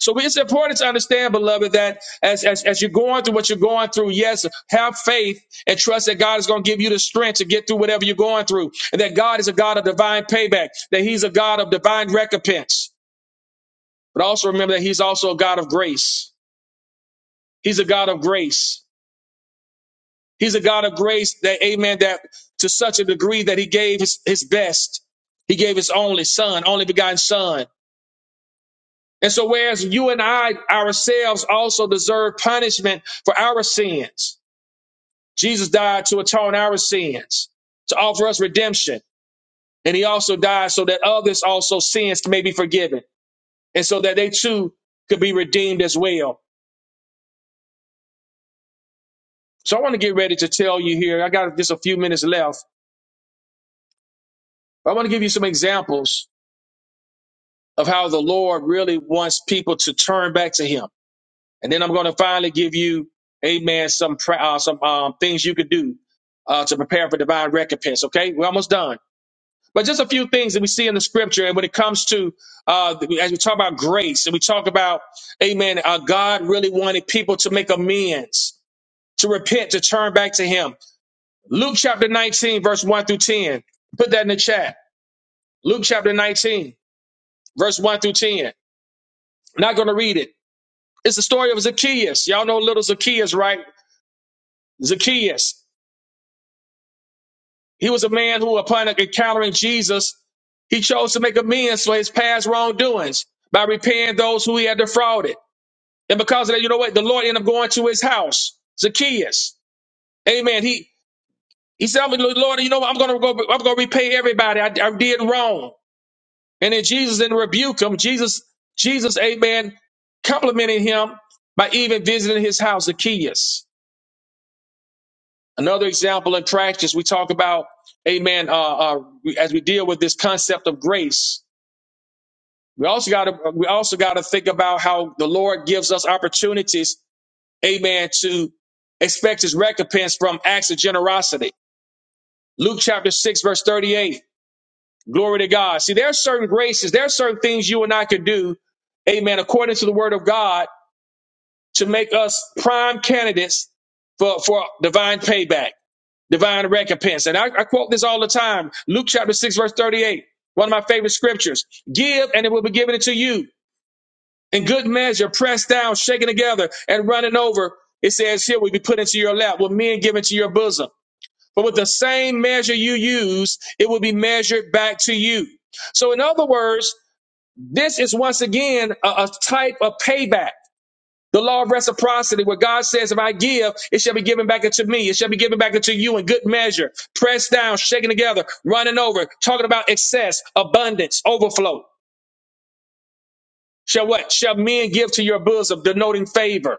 Speaker 1: So it's important to understand, beloved, that as, as, as you're going through what you're going through, yes, have faith and trust that God is going to give you the strength to get through whatever you're going through. And that God is a God of divine payback, that He's a God of divine recompense. But also remember that He's also a God of grace. He's a God of grace. He's a God of grace that, amen, that to such a degree that He gave His, his best. He gave His only Son, only begotten Son. And so, whereas you and I ourselves also deserve punishment for our sins, Jesus died to atone our sins, to offer us redemption. And he also died so that others also sins may be forgiven and so that they too could be redeemed as well. So I want to get ready to tell you here. I got just a few minutes left. I want to give you some examples of how the Lord really wants people to turn back to him. And then I'm going to finally give you, amen, some, pra- uh, some um, things you could do uh, to prepare for divine recompense. Okay. We're almost done. But just a few things that we see in the scripture, and when it comes to uh, as we talk about grace, and we talk about, Amen. Uh, God really wanted people to make amends, to repent, to turn back to Him. Luke chapter 19, verse 1 through 10. Put that in the chat. Luke chapter 19, verse 1 through 10. I'm Not going to read it. It's the story of Zacchaeus. Y'all know little Zacchaeus, right? Zacchaeus. He was a man who, upon encountering Jesus, he chose to make amends for his past wrongdoings by repaying those who he had defrauded. And because of that, you know what? The Lord ended up going to his house, Zacchaeus. Amen. He he said, Lord, you know what? I'm going to go. I'm going to repay everybody. I, I did wrong." And then Jesus didn't rebuke him. Jesus, Jesus, Amen, complimented him by even visiting his house, Zacchaeus. Another example in practice, we talk about, amen, uh, uh, as we deal with this concept of grace. We also got to, we also got to think about how the Lord gives us opportunities, amen, to expect his recompense from acts of generosity. Luke chapter 6, verse 38. Glory to God. See, there are certain graces, there are certain things you and I can do, amen, according to the word of God to make us prime candidates for, for divine payback. divine recompense. And I, I quote this all the time Luke chapter 6, verse 38, one of my favorite scriptures. Give, and it will be given to you in good measure, pressed down, shaken together, and running over. It says here, will be put into your lap, with men given to your bosom. But with the same measure you use, it will be measured back to you. So, in other words, this is once again a a type of payback. The law of reciprocity, where God says, if I give, it shall be given back unto me. It shall be given back unto you in good measure, pressed down, shaken together, running over, talking about excess, abundance, overflow. Shall what? Shall men give to your bosom, denoting favor.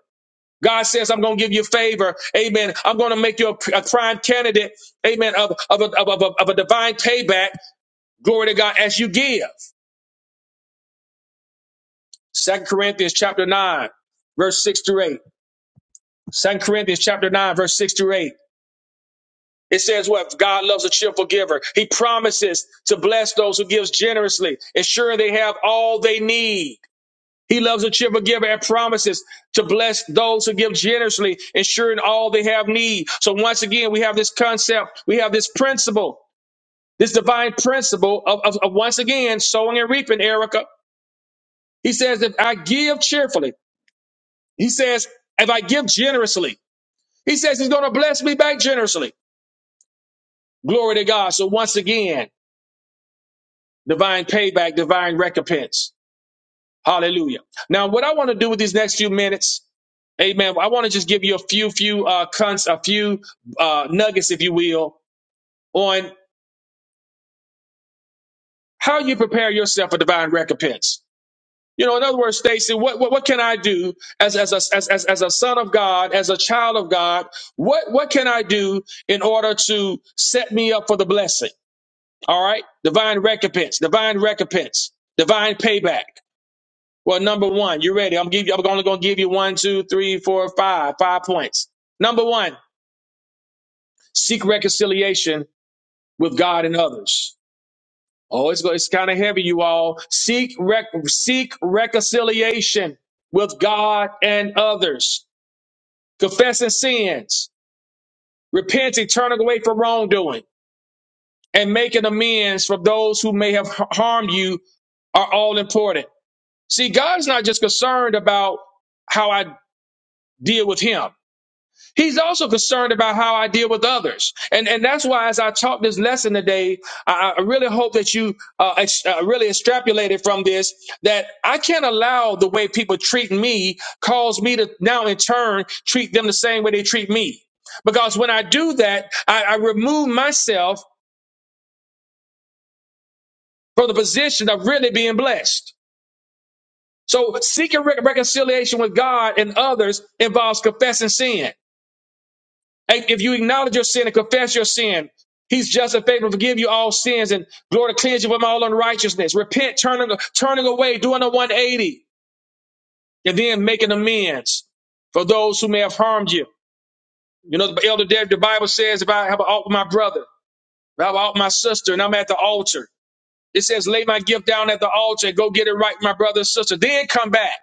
Speaker 1: God says, I'm going to give you favor. Amen. I'm going to make you a, a prime candidate. Amen. Of, of, a, of, a, of a divine payback. Glory to God as you give. Second Corinthians chapter 9, verse 6 to 8. Second Corinthians chapter 9, verse 6 to 8. It says what God loves a cheerful giver. He promises to bless those who gives generously, ensuring they have all they need. He loves a cheerful giver and promises to bless those who give generously, ensuring all they have need. So once again, we have this concept, we have this principle, this divine principle of, of, of once again sowing and reaping, Erica. He says, if I give cheerfully, he says, if I give generously, he says he's going to bless me back generously. Glory to God. So once again, divine payback, divine recompense. Hallelujah. Now, what I want to do with these next few minutes, amen, I want to just give you a few, few, uh, cons, a few, uh, nuggets, if you will, on how you prepare yourself for divine recompense. You know, in other words, Stacy, what, what, what can I do as, as, a, as, as, as a son of God, as a child of God? What, what can I do in order to set me up for the blessing? All right. Divine recompense, divine recompense, divine payback. Well, number one, you ready. I'm give you. I'm only going to give you one, two, three, four, five, five points. Number one, seek reconciliation with God and others. Oh, it's go- it's kind of heavy, you all. Seek rec- seek reconciliation with God and others. Confessing sins, repenting, turning away from wrongdoing, and making amends for those who may have har- harmed you are all important. See, God's not just concerned about how I deal with Him. He's also concerned about how I deal with others. And, and that's why, as I taught this lesson today, I, I really hope that you uh, ex- uh, really extrapolated from this that I can't allow the way people treat me cause me to now, in turn, treat them the same way they treat me. Because when I do that, I, I remove myself from the position of really being blessed. So seeking re- reconciliation with God and others involves confessing sin. And If you acknowledge your sin and confess your sin, He's just and faithful to forgive you all sins and glory to cleanse you from all unrighteousness. Repent, turning, turning away, doing a 180, and then making amends for those who may have harmed you. You know, the elder Dad, the Bible says, if I have an alt with my brother, if I have an alt with my sister, and I'm at the altar, it says, lay my gift down at the altar and go get it right with my brother and sister, then come back.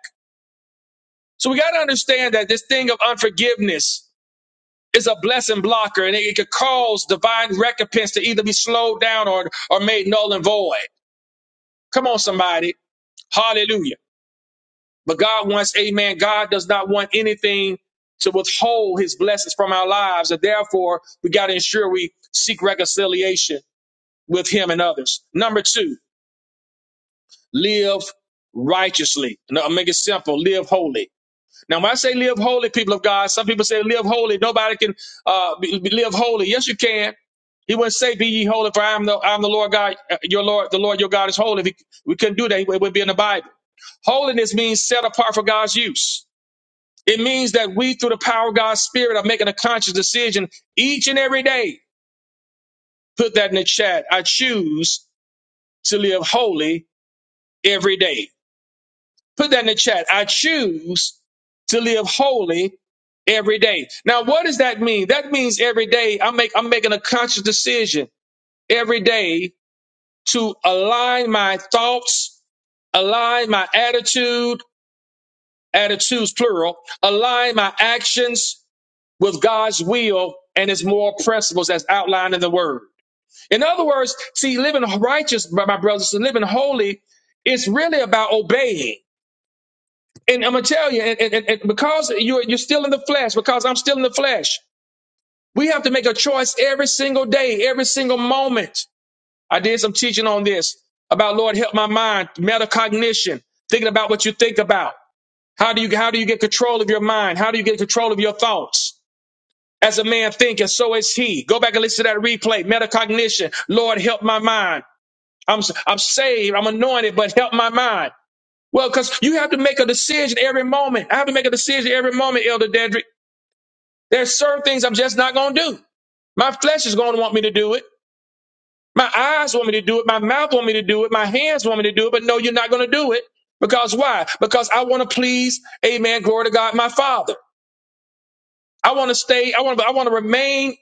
Speaker 1: So we got to understand that this thing of unforgiveness Is a blessing blocker, and it could cause divine recompense to either be slowed down or, or made null and void. Come on, somebody. Hallelujah. But God wants, amen. God does not want anything to withhold his blessings from our lives. And therefore, we got to ensure we seek reconciliation with him and others. Number two, live righteously. No, I'll make it simple. Live holy. Now, when I say live holy, people of God, some people say live holy. Nobody can uh, be, be- live holy. Yes, you can. He wouldn't say, "Be ye holy, for I am the I am the Lord God, uh, your Lord, the Lord your God is holy." If he- we couldn't do that, it would be in the Bible. Holiness means set apart for God's use. It means that we, through the power of God's Spirit, are making a conscious decision each and every day. Put that in the chat. I choose to live holy every day. Put that in the chat. I choose to live holy every day. Now, what does that mean? That means every day I make I'm making a conscious decision every day to align my thoughts, align my attitude, attitudes plural, align my actions with God's will and his moral principles as outlined in the word. In other words, see, living righteous, my my brothers, living holy, it's really about obeying. And I'm gonna tell you, and, and, and because you're you're still in the flesh, because I'm still in the flesh, we have to make a choice every single day, every single moment. I did some teaching on this about Lord help my mind, metacognition, thinking about what you think about. How do you how do you get control of your mind? How do you get control of your thoughts? As a man thinketh, so is he. Go back and listen to that replay. Metacognition. Lord help my mind. I'm I'm saved. I'm anointed, but help my mind. Well, because you have to make a decision every moment. I have to make a decision every moment, Elder Dedrick. There's certain things I'm just not going to do. My flesh is going to want me to do it. My eyes want me to do it. My mouth want me to do it. My hands want me to do it. But no, you're not going to do it. Because why? Because I want to please, amen, glory to God, my Father. I want to stay, I want to, I want to remain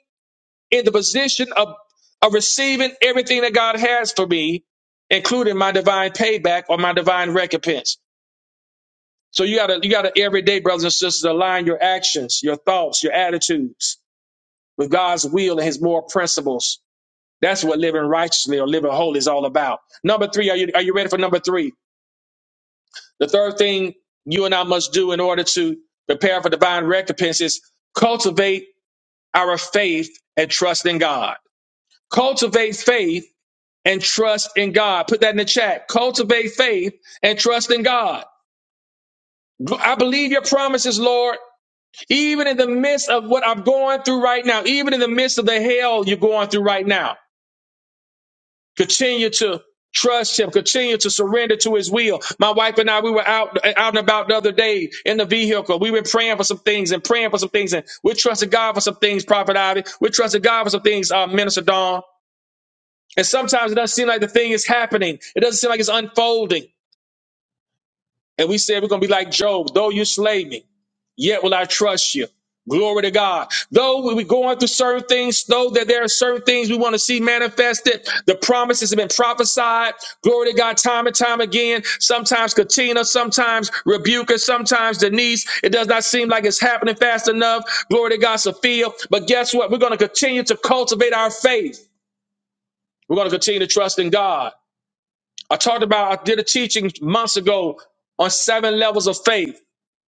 Speaker 1: in the position of, of receiving everything that God has for me, including my divine payback or my divine recompense. So you gotta, you gotta every day, brothers and sisters, align your actions, your thoughts, your attitudes with God's will and his moral principles. That's what living righteously or living holy is all about. Number three, are you, are you ready for number three? The third thing you and I must do in order to prepare for divine recompense is cultivate our faith and trust in God. Cultivate faith and trust in God. Put that in the chat. Cultivate faith and trust in God. I believe your promises, Lord. Even in the midst of what I'm going through right now, even in the midst of the hell you're going through right now, continue to trust him, continue to surrender to his will. My wife and I, we were out, out and about the other day in the vehicle. We were praying for some things and praying for some things. And we're trusting God for some things, Prophet Ivy. We're trusting God for some things, uh, Minister Dawn. And sometimes it doesn't seem like the thing is happening. It doesn't seem like it's unfolding. And we said, we're going to be like Job, though you slay me. Yet will I trust you. Glory to God. Though we- are going through certain things, though that there are certain things we want to see manifested, the promises have been prophesied. Glory to God, time and time again. Sometimes Katina, sometimes Rebuka, sometimes Denise. It does not seem like it's happening fast enough. Glory to God, Sophia. But guess what? We're going to continue to cultivate our faith. We're going to continue to trust in God. I talked about, I did a teaching months ago on seven levels of faith.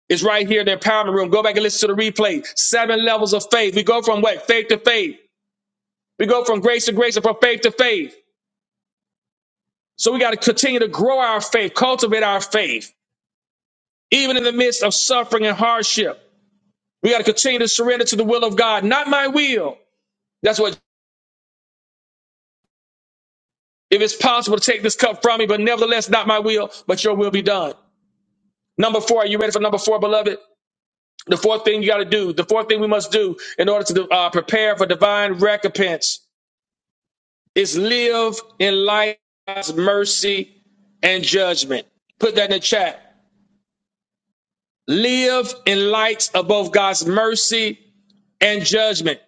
Speaker 1: It's right here in the empowerment room. Go back and listen to the replay. Seven levels of faith. We go from what? Faith to faith. We go from grace to grace and from faith to faith. So we got to continue to grow our faith, cultivate our faith, even in the midst of suffering and hardship. We got to continue to surrender to the will of God, not my will. That's what, if it's possible to take this cup from me, but nevertheless, not my will, but your will be done. Number four, are you ready for number four, beloved? The fourth thing you got to do, the fourth thing we must do in order to uh, prepare for divine recompense is live in light's mercy and judgment. Put that in the chat. Live in light of both God's mercy and judgment.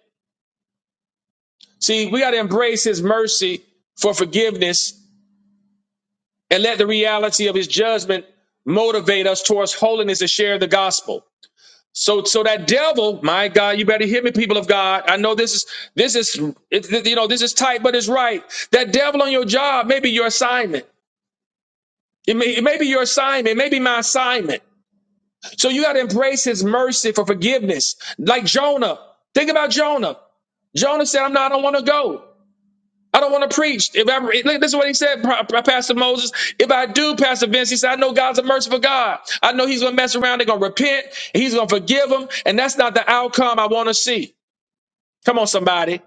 Speaker 1: See, we got to embrace his mercy for forgiveness and let the reality of his judgment motivate us towards holiness and share the gospel. So, so that devil, my God, you better hear me, people of God. I know this is this is it- you know this is tight, but it's right. That devil on your job may be your assignment. It may, it may be your assignment. It may be my assignment. So you got to embrace his mercy for forgiveness. Like Jonah. Think about Jonah. Jonah said, I'm not, I don't want to go. I don't want to preach. If I, look, this is what he said, Pastor Moses. If I do, Pastor Vince, he said, I know God's a merciful God. I know he's going to mess around. They're going to repent. and He's going to forgive them. And that's not the outcome I want to see. Come on, somebody.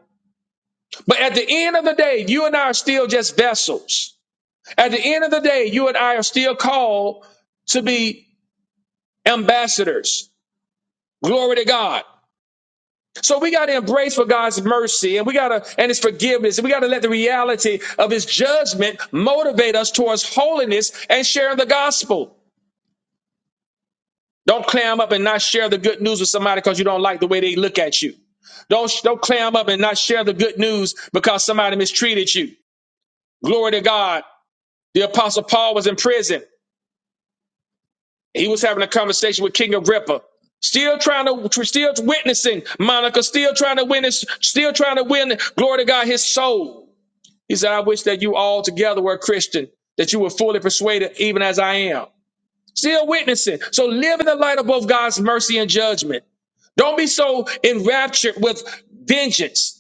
Speaker 1: But at the end of the day, you and I are still just vessels. At the end of the day, you and I are still called to be ambassadors. Glory to God. So we got to embrace for God's mercy and we got to, and his forgiveness. And we got to let the reality of his judgment motivate us towards holiness and sharing the gospel. Don't clam up and not share the good news with somebody because you don't like the way they look at you. Don't, don't clam up and not share the good news because somebody mistreated you. Glory to God. The apostle Paul was in prison. He was having a conversation with King Agrippa, still trying to, still witnessing Monica, still trying to witness, still trying to win, glory to God, his soul. He said, I wish that you all together were a Christian, that you were fully persuaded, even as I am. Still witnessing. So live in the light of both God's mercy and judgment. Don't be so enraptured with vengeance.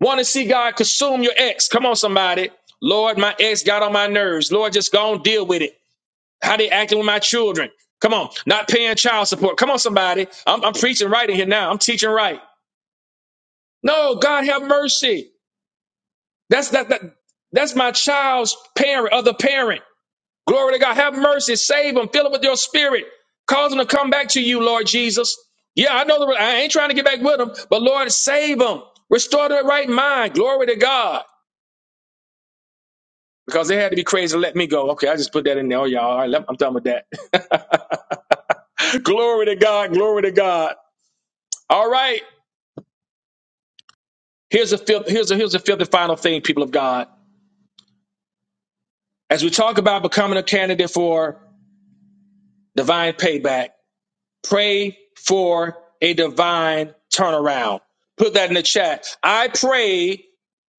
Speaker 1: Want to see God consume your ex. Come on, somebody. Lord, my ex got on my nerves. Lord, just go on, deal with it. How they acting with my children? Come on, not paying child support. Come on, somebody. I'm, I'm preaching right in here now. I'm teaching right. No, God have mercy. That's that, that that's my child's parent, other parent. Glory to God. Have mercy. Save them. Fill them with your spirit. Cause them to come back to you, Lord Jesus. Yeah, I know the, I ain't trying to get back with them, but Lord, save them. Restore their right mind. Glory to God. Because they had to be crazy to let me go. Okay, I just put that in there. Oh, y'all. All right, let- I'm done with that. glory to God. Glory to God. All right. Here's a fifth, here's a here's a fifth and final thing, people of God. As we talk about becoming a candidate for divine payback, pray for a divine turnaround. Put that in the chat. I pray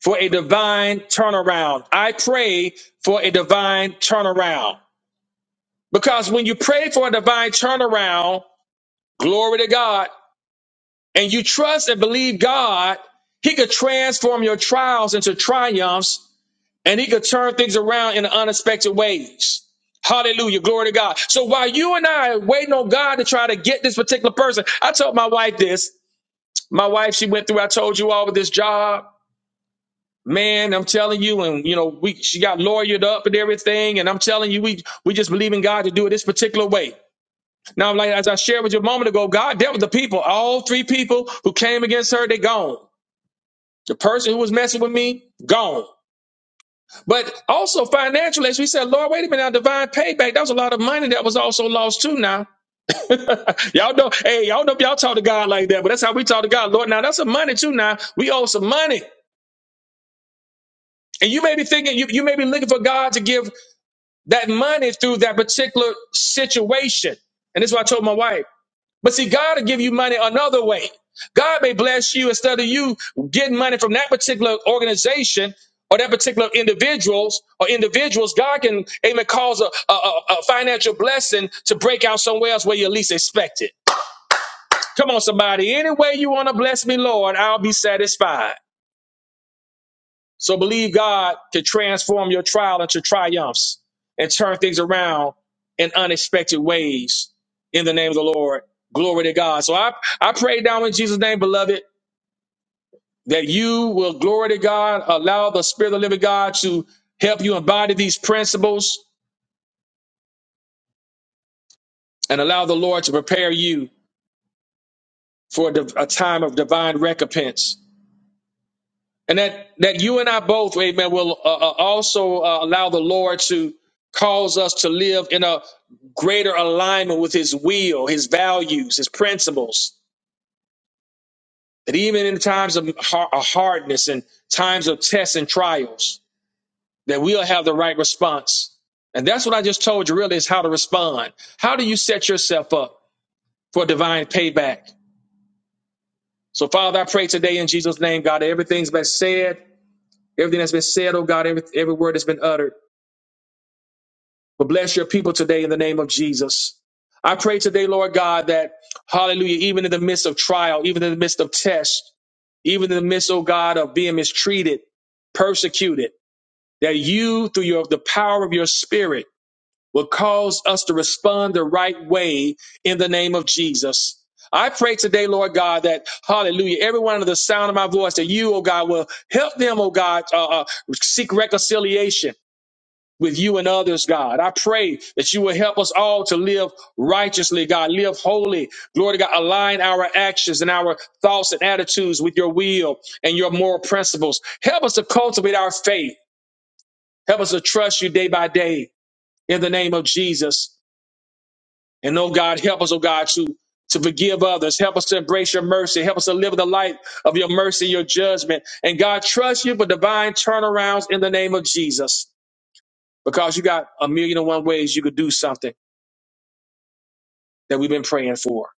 Speaker 1: for a divine turnaround. I pray for a divine turnaround. Because when you pray for a divine turnaround, glory to God, and you trust and believe God, He could transform your trials into triumphs and he could turn things around in unexpected ways. Hallelujah. Glory to God. So while you and I are waiting on God to try to get this particular person, I told my wife this. My wife, she went through, I told you all with this job. Man, I'm telling you, and you know, we she got lawyered up and everything, and I'm telling you, we we just believe in God to do it this particular way. Now, like as I shared with you a moment ago, God dealt with the people. All three people who came against her, they gone. The person who was messing with me, gone. But also financially, as we said, Lord, wait a minute, our divine payback, that was a lot of money that was also lost too now. y'all know, hey, y'all know if y'all talk to God like that, but that's how we talk to God. Lord, now that's some money too now. We owe some money. And you may be thinking, you, you may be looking for God to give that money through that particular situation. And this is what I told my wife. But see, God will give you money another way. God may bless you instead of you getting money from that particular organization or that particular individuals or individuals. God can amen cause a, a, a a financial blessing to break out somewhere else where you least expect it. Come on, somebody. Any way you want to bless me, Lord, I'll be satisfied. So believe God can transform your trial into triumphs and turn things around in unexpected ways in the name of the Lord. Glory to God. So I, I pray now in Jesus' name, beloved, that you will glory to God, allow the Spirit of the living God to help you embody these principles and allow the Lord to prepare you for a div- a time of divine recompense and that that you and I both, Amen, will uh, uh, also uh, allow the Lord to cause us to live in a greater alignment with His will, His values, His principles. That even in times of har- uh, hardness and times of tests and trials, that we'll have the right response. And that's what I just told you. Really, is how to respond. How do you set yourself up for divine payback? So, Father, I pray today in Jesus' name, God, that everything's been said, everything that's been said, oh God, every, every word that's been uttered. But bless your people today in the name of Jesus. I pray today, Lord God, that hallelujah, even in the midst of trial, even in the midst of test, even in the midst, oh God, of being mistreated, persecuted, that you, through your, the power of your spirit, will cause us to respond the right way in the name of Jesus. I pray today, Lord God, that hallelujah, everyone under the sound of my voice, that you, oh God, will help them, oh God, uh, uh, seek reconciliation with you and others, God. I pray that you will help us all to live righteously, God, live holy. Glory to God, align our actions and our thoughts and attitudes with your will and your moral principles. Help us to cultivate our faith. Help us to trust you day by day in the name of Jesus. And oh God, help us, oh God, to to forgive others. Help us to embrace your mercy. Help us to live the life of your mercy, your judgment. And God, trust you for divine turnarounds in the name of Jesus because you got a million and one ways you could do something that we've been praying for.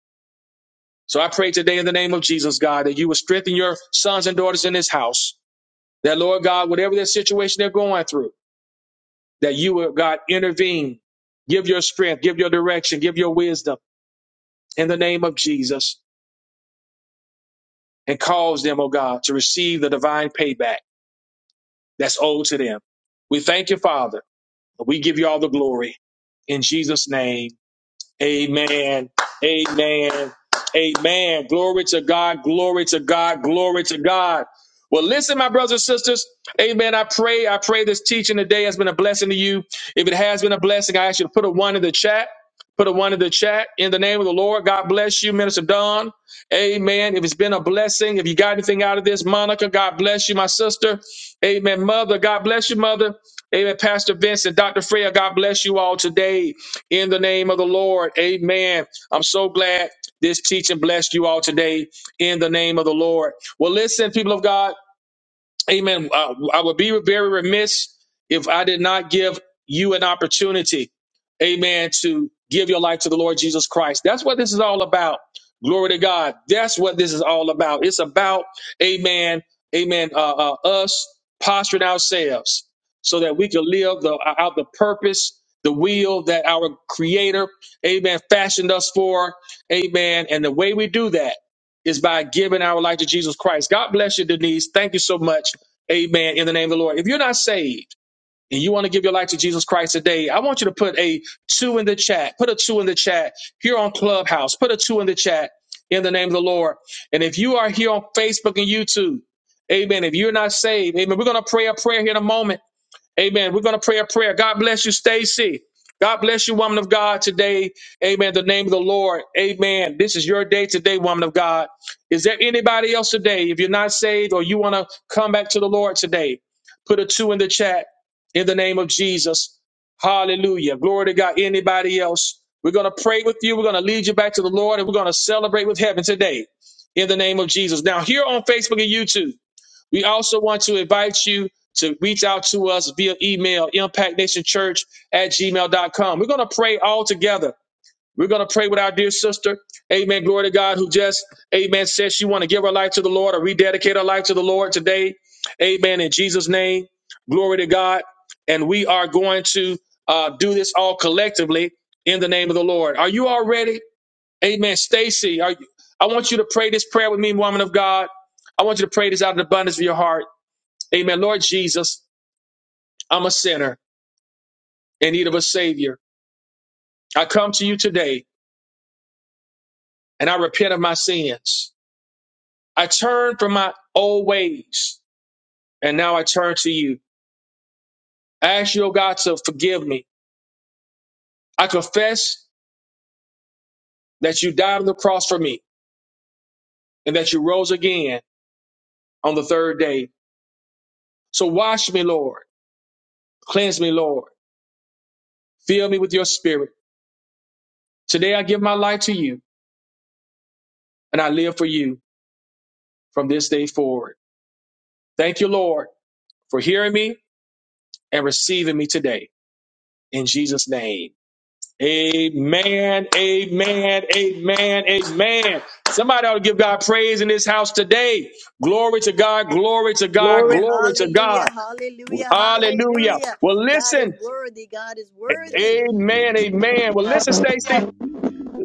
Speaker 1: So I pray today in the name of Jesus, God, that you would strengthen your sons and daughters in this house. That, Lord God, whatever their situation they're going through, that you would, God, intervene, give your strength, give your direction, give your wisdom in the name of Jesus, and cause them, oh God, to receive the divine payback that's owed to them. We thank you, Father. We give you all the glory. In Jesus' name. Amen. Amen. Amen. Glory to God. Glory to God. Glory to God. Well, listen, my brothers and sisters. Amen. I pray. I pray this teaching today has been a blessing to you. If it has been a blessing, I ask you to put a one in the chat. Put a one in the chat in the name of the Lord. God bless you, Minister Don. Amen. If it's been a blessing, if you got anything out of this, Monica, God bless you, my sister. Amen. Mother, God bless you, mother. Amen. Pastor Vincent, Dr. Freya, God bless you all today in the name of the Lord. Amen. I'm so glad this teaching blessed you all today in the name of the Lord. Well, listen, people of God. Amen. I, I would be very remiss if I did not give you an opportunity, amen, to give your life to the Lord Jesus Christ. That's what this is all about. Glory to God. That's what this is all about. It's about, amen, amen, uh, uh, us posturing ourselves so that we can live the, uh, out the purpose, the will that our Creator, amen, fashioned us for, amen. And the way we do that is by giving our life to Jesus Christ. God bless you, Denise. Thank you so much Amen. In the name of the Lord. If you're not saved and you want to give your life to Jesus Christ today, I want you to put a two in the chat. Put a two in the chat here on Clubhouse. Put a two in the chat in the name of the Lord. And if you are here on Facebook and YouTube, amen. If you're not saved, amen. We're going to pray a prayer here in a moment. Amen. We're going to pray a prayer. God bless you, Stacy. God bless you, woman of God, today. Amen. The name of the Lord. Amen. This is your day today, woman of God. Is there anybody else today? If you're not saved or you want to come back to the Lord today, put a two in the chat in the name of Jesus. Hallelujah. Glory to God. Anybody else? We're going to pray with you. We're going to lead you back to the Lord and we're going to celebrate with heaven today in the name of Jesus. Now, here on Facebook and YouTube, we also want to invite you to reach out to us via email, impactnationchurch at gmail dot com. We're going to pray all together. We're going to pray with our dear sister. Amen. Glory to God who just, amen, says she want to give her life to the Lord or rededicate her life to the Lord today. Amen. In Jesus' name, glory to God. And we are going to uh, do this all collectively in the name of the Lord. Are you all ready? Amen. Stacy, are you, I want you to pray this prayer with me, woman of God. I want you to pray this out of the abundance of your heart. Amen. Lord Jesus, I'm a sinner in need of a savior. I come to you today and I repent of my sins. I turn from my old ways and now I turn to you. I ask you, oh God, to forgive me. I confess that you died on the cross for me and that you rose again on the third day. So wash me, Lord. Cleanse me, Lord. Fill me with your spirit. Today I give my life to you and I live for you from this day forward. Thank you, Lord, for hearing me and receiving me today. in Jesus' name. Amen, amen, amen, amen. Somebody ought to give God praise in this house today. Glory to God, glory to God,
Speaker 2: Glory,
Speaker 1: glory to
Speaker 2: hallelujah,
Speaker 1: God.
Speaker 2: hallelujah,
Speaker 1: Hallelujah.
Speaker 2: hallelujah.
Speaker 1: Well,
Speaker 2: God
Speaker 1: listen.
Speaker 2: is worthy, God is worthy.
Speaker 1: Amen, amen. Well, listen, Stacy.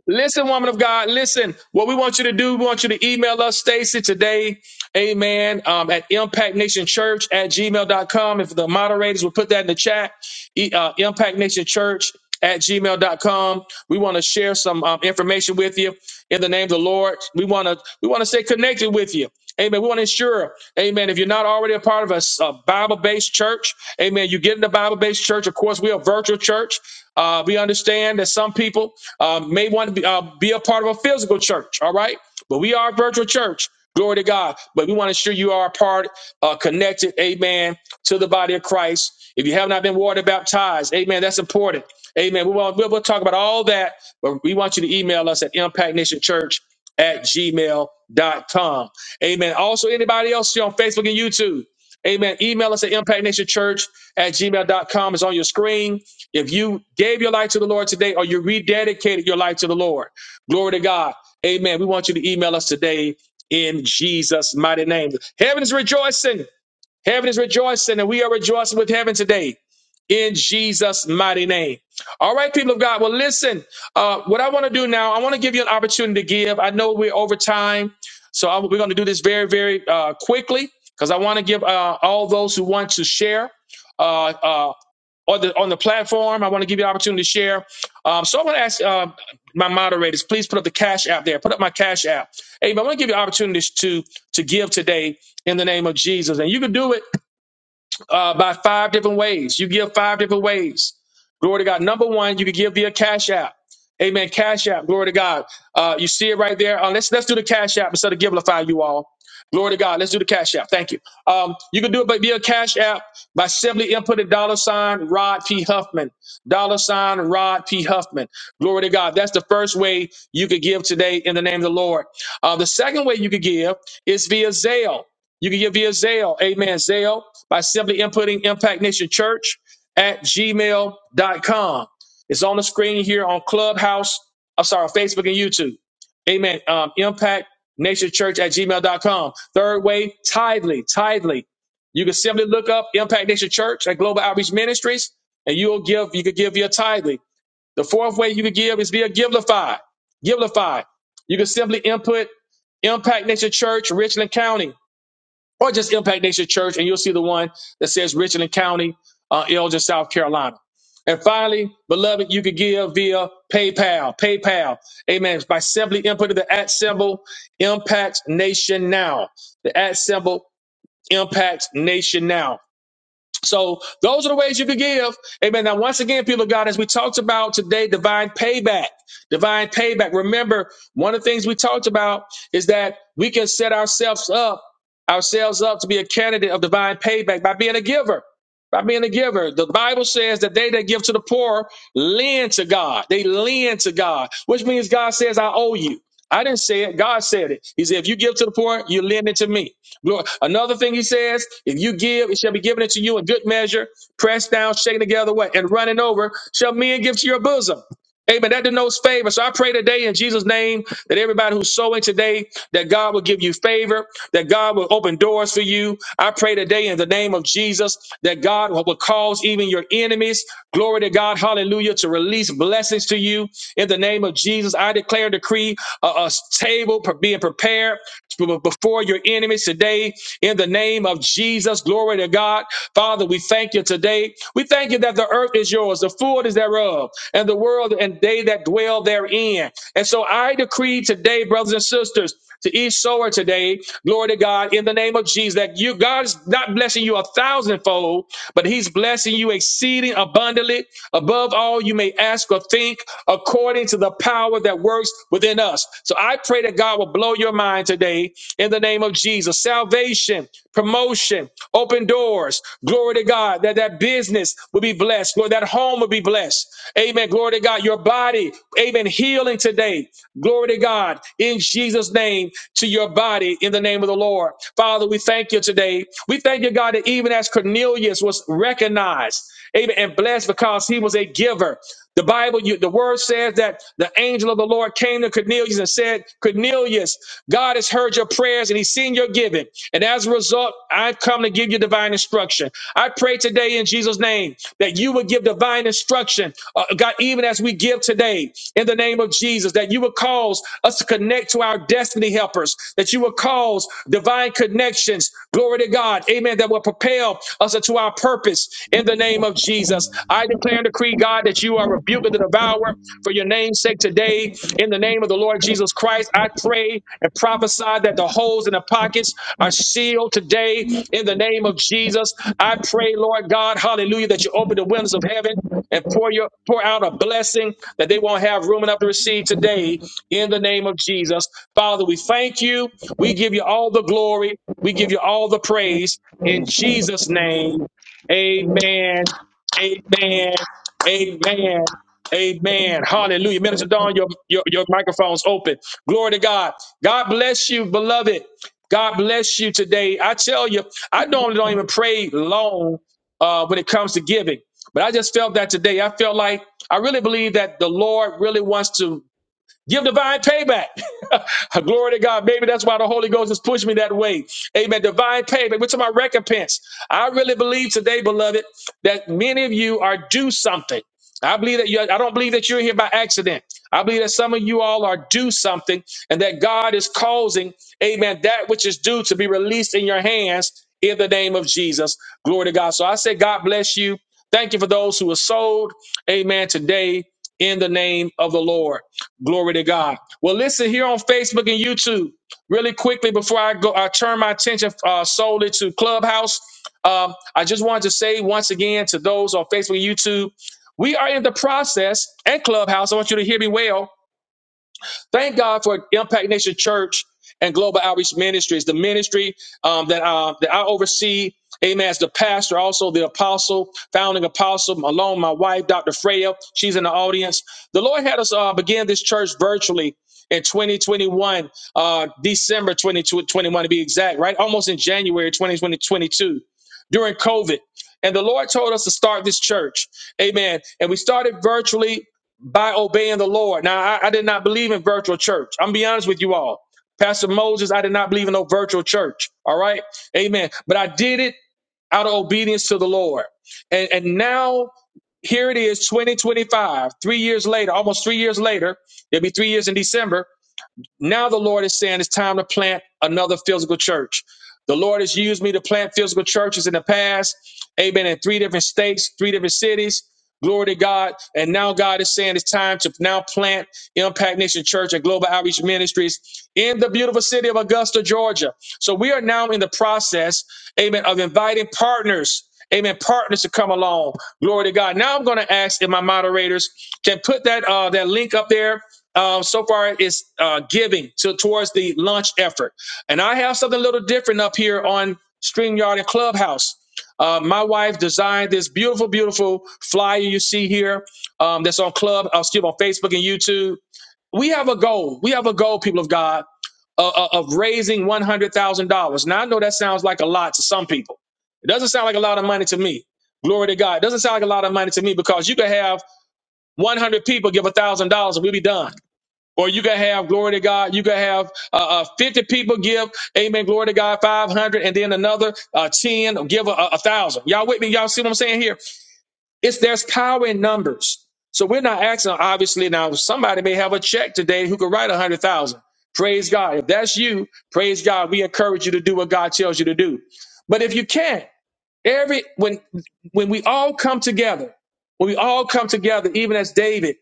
Speaker 1: Listen, woman of God, listen. What we want you to do, we want you to email us, Stacy, today, amen, um, at impactnationchurch at gmail dot com. If the moderators would put that in the chat, e- uh, impactnationchurch at gmail dot com. We want to share some um, information with you in the name of the Lord. We want to we want to stay connected with you. Amen. We want to ensure, amen, if you're not already a part of a, s- a Bible-based church, amen, you get in the Bible-based church. Of course, we're a virtual church. Uh, we understand that some people uh, may want to be, uh, be a part of a physical church, all right? But we are a virtual church. Glory to God. But we want to ensure you are a part, uh, connected, amen, to the body of Christ. If you have not been water baptized, amen, that's important. Amen. We will, we'll, we'll talk about all that, but we want you to email us at impactnationchurch at gmail dot com, Amen. Also, anybody else here on Facebook and YouTube, amen, email us at impactnationchurch at gmail dot com. It's on your screen. If you gave your life to the Lord today or you rededicated your life to the Lord, glory to God. Amen. We want you to email us today in Jesus' mighty name. Heaven is rejoicing. Heaven is rejoicing, and we are rejoicing with heaven today in Jesus' mighty name. All right, people of God. Well, listen, uh, what I want to do now, I want to give you an opportunity to give. I know we're over time, so I- we're going to do this very, very uh, quickly because I want to give uh, all those who want to share. Uh, uh, on the on the platform. I want to give you an opportunity to share. Um, so I want to ask uh, my moderators, please put up the cash app there. Put up my cash app. Hey, I want to give you opportunities to to give today in the name of Jesus. And you can do it uh, by five different ways. You give five different ways. Glory to God. Number one, you can give via Cash App. Amen. Cash App. Glory to God. Uh, you see it right there. Uh, let's let's do the Cash App instead of Givelify, you all. Glory to God. Let's do the Cash App. Thank you. Um, you can do it by via Cash App by simply inputting dollar sign Rod P. Huffman. Dollar sign Rod P. Huffman. Glory to God. That's the first way you could give today in the name of the Lord. Uh, the second way you could give is via Zelle. You can give via Zelle, amen, Zelle, by simply inputting Impact Nation Church at gmail dot com. It's on the screen here on Clubhouse, I'm sorry, Facebook and YouTube. Amen. Um, Impact Nation Church at gmail dot com. Third way, tithely, tithely. You can simply look up Impact Nation Church at Global Outreach Ministries, and you'll give, you could give via tithely. The fourth way you can give is via Givelify. Givelify. You can simply input Impact Nation Church, Richland County or just Impact Nation Church, and you'll see the one that says Richland County, uh, Elgin, South Carolina. And finally, beloved, you could give via PayPal. PayPal. Amen. By simply inputting the at symbol Impact Nation Now. The at symbol Impact Nation Now. So those are the ways you could give. Amen. Now, once again, people of God, as we talked about today, divine payback, divine payback. Remember, one of the things we talked about is that we can set ourselves up, ourselves up to be a candidate of divine payback by being a giver. By being a giver, the Bible says that they that give to the poor lend to God. They lend to God, which means God says, I owe you. I didn't say it. God said it. He said, if you give to the poor, you lend it to me. Glory. Another thing he says, if you give, it shall be given unto you in good measure, pressed down, shaken together, what? And running over, shall men give to your bosom. Amen. That denotes favor. So I pray today in Jesus' name that everybody who's sowing today, that God will give you favor, that God will open doors for you. I pray today in the name of Jesus that God will will cause even your enemies, glory to God, hallelujah, to release blessings to you in the name of Jesus. I declare and decree a, a table pre- being prepared before your enemies today in the name of Jesus. Glory to God. Father, we thank you today. We thank you that the earth is yours, the fullness thereof, and the world and they that dwell therein. And so I decree today, brothers and sisters, to each sower today, glory to God, in the name of Jesus, that you God is not blessing you a thousandfold, but He's blessing you exceeding abundantly above all you may ask or but think according to the power that works within us. So I pray that God will blow your mind today in the name of Jesus. Salvation, promotion, open doors. Glory to God that that business will be blessed. Lord, that home will be blessed. Amen. Glory to God. Your body, amen. Healing today. Glory to God in Jesus' name to your body in the name of the Lord. Father, we thank you today. We thank you, God, that even as Cornelius was recognized, amen, and blessed because he was a giver. The Bible, you, the word says that the angel of the Lord came to Cornelius and said, Cornelius, God has heard your prayers and he's seen your giving. And as a result, I've come to give you divine instruction. I pray today in Jesus' name that you would give divine instruction, uh, God, even as we give today in the name of Jesus, that you would cause us to connect to our destiny helpers, that you would cause calls, divine connections. Glory to God. Amen. That will propel us into our purpose in the name of Jesus. I declare and decree, God, that you are rebuking the devourer for your name's sake today. In the name of the Lord Jesus Christ, I pray and prophesy that the holes in the pockets are sealed today in the name of Jesus. I pray, Lord God, hallelujah, that you open the windows of heaven and pour your pour out a blessing that they won't have room enough to receive today in the name of Jesus. Father, we thank you. We give you all the glory. We give you all the praise in Jesus' name. Amen. Amen. Amen. Amen. Hallelujah. Minister Dawn, your, your, your microphone's open. Glory to God. God bless you, beloved. God bless you today. I tell you, I normally don't even pray long uh, when it comes to giving, but I just felt that today. I felt like I really believe that the Lord really wants to Give divine payback. Glory to God. Maybe that's why the Holy Ghost has pushed me that way. Amen. Divine payback. What's my recompense? I really believe today, beloved, that many of you are due something. I believe that you I don't believe that you're here by accident. I believe that some of you all are due something and that God is causing, amen, that which is due to be released in your hands in the name of Jesus. Glory to God. So I say, God bless you. Thank you for those who are sold. Amen. Today in the name of the Lord. Glory to God. Well, listen here on Facebook and YouTube, really quickly before I go, I turn my attention uh, solely to Clubhouse. Um, I just wanted to say once again to those on Facebook and YouTube, we are in the process and Clubhouse. I want you to hear me well Thank God for Impact Nation Church and Global Outreach Ministries, the ministry um, that, uh, that I oversee. Amen. As the pastor, also the apostle, founding apostle, along my wife, Dr. Freya, she's in the audience. The Lord had us uh, begin this church virtually in 2021, uh, December 2021 to be exact, right? Almost in January 2022 during COVID. And the Lord told us to start this church. Amen. And we started virtually by obeying the Lord. Now, I, I did not believe in virtual church. I'm gonna be honest with you all. Pastor Moses, I did not believe in no virtual church. All right. Amen. But I did it out of obedience to the Lord. And and now here it is, 2025, three years later, almost three years later, it'll be three years in December. Now the Lord is saying it's time to plant another physical church. The Lord has used me to plant physical churches in the past. Amen. In three different states, three different cities. Glory to God. And now God is saying it's time to now plant Impact Nation Church and Global Outreach Ministries in the beautiful city of Augusta, Georgia. So we are now in the process, amen, of inviting partners, amen, partners to come along. Glory to God. Now I'm going to ask if my moderators can put that uh, that link up there. Um, so far, it's uh, giving to towards the launch effort. And I have something a little different up here on StreamYard and Clubhouse. Uh, my wife designed this beautiful, beautiful flyer you see here um, that's on Club, uh, excuse me, on Facebook and YouTube. We have a goal. We have a goal, people of God, uh, uh, of raising $100,000. Now, I know that sounds like a lot to some people. It doesn't sound like a lot of money to me. Glory to God. It doesn't sound like a lot of money to me because you could have 100 people give $1,000 and we'll be done. Or you can have, glory to God, you can have uh, uh, 50 people give, amen, glory to God, 500, and then another uh, 10 give a, a thousand. Y'all with me? Y'all see what I'm saying here? It's there's power in numbers. So we're not asking, obviously, now somebody may have a check today who could write a 100,000. Praise God. If that's you, praise God. We encourage you to do what God tells you to do. But if you can't, Every when when we all come together, when we all come together, even as David,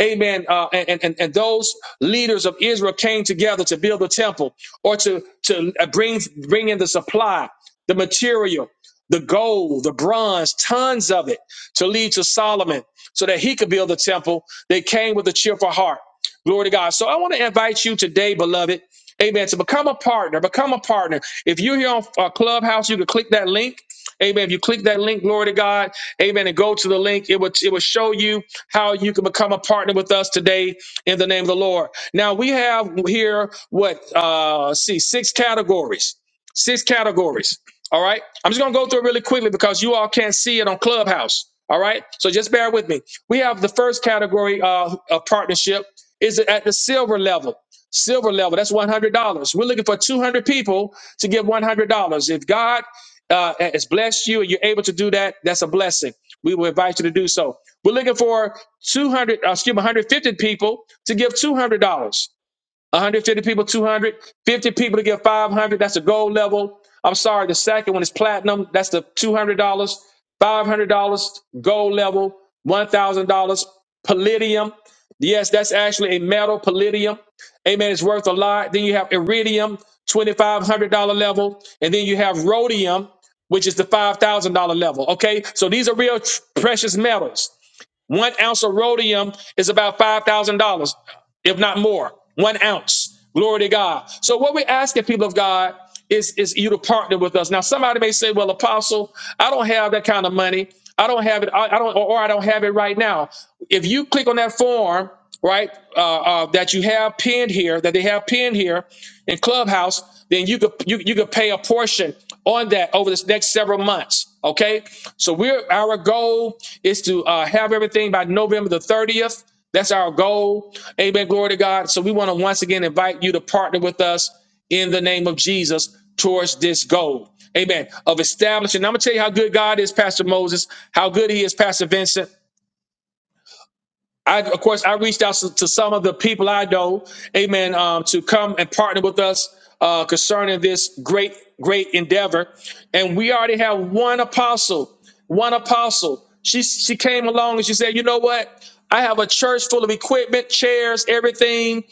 Speaker 1: Amen, uh, and, and and those leaders of Israel came together to build the temple or to to uh, bring bring in the supply, the material, the gold, the bronze, tons of it to lead to Solomon so that he could build the temple. They came with a cheerful heart. Glory to God. So I want to invite you today, beloved, Amen, to become a partner. Become a partner. If you're here on uh, Clubhouse, you can click that link. Amen. If you click that link, glory to God. Amen. And go to the link, it will it will show you how you can become a partner with us today in the name of the Lord. Now we have here what uh see six categories. Six categories. All right. I'm just gonna go through it really quickly because you all can't see it on Clubhouse. All right. So just bear with me. We have the first category uh, of partnership is at the silver level. Silver level, that's $100. We're looking for 200 people to give $100. If God uh, has blessed you and you're able to do that, that's a blessing. We will invite you to do so. We're looking for 200, uh, excuse me, 150 people to give $200. 150 people, 200 50 people to get 500. That's the gold level. I'm sorry, the second one is platinum. That's the $200, $500 gold level, $1,000 palladium. Yes, that's actually a metal palladium. Amen. It's worth a lot. Then you have iridium, $2,500 level. And then you have rhodium, which is the $5,000 level. Okay. So these are real tr- precious metals. One ounce of rhodium is about $5,000 if not more, one ounce. Glory to God. So what we're asking people of God is, is you to partner with us. Now, somebody may say, well, apostle, I don't have that kind of money. I don't have it. I, I don't, or, or I don't have it right now. If you click on that form, right, uh, uh, that you have pinned here, that they have pinned here in Clubhouse, then you could, you, you could pay a portion on that over this next several months. Okay. So we're, our goal is to uh, have everything by November the 30th. That's our goal. Amen. Glory to God. So we want to once again invite you to partner with us in the name of Jesus towards this goal. Amen. Of establishing. I'm going to tell you how good God is, Pastor Moses, how good he is, Pastor Vincent. I, of course, I reached out to, to some of the people I know, amen, um, to come and partner with us uh, concerning this great, great endeavor. And we already have one apostle, one apostle. She, she came along and she said, you know what? I have a church full of equipment, chairs, everything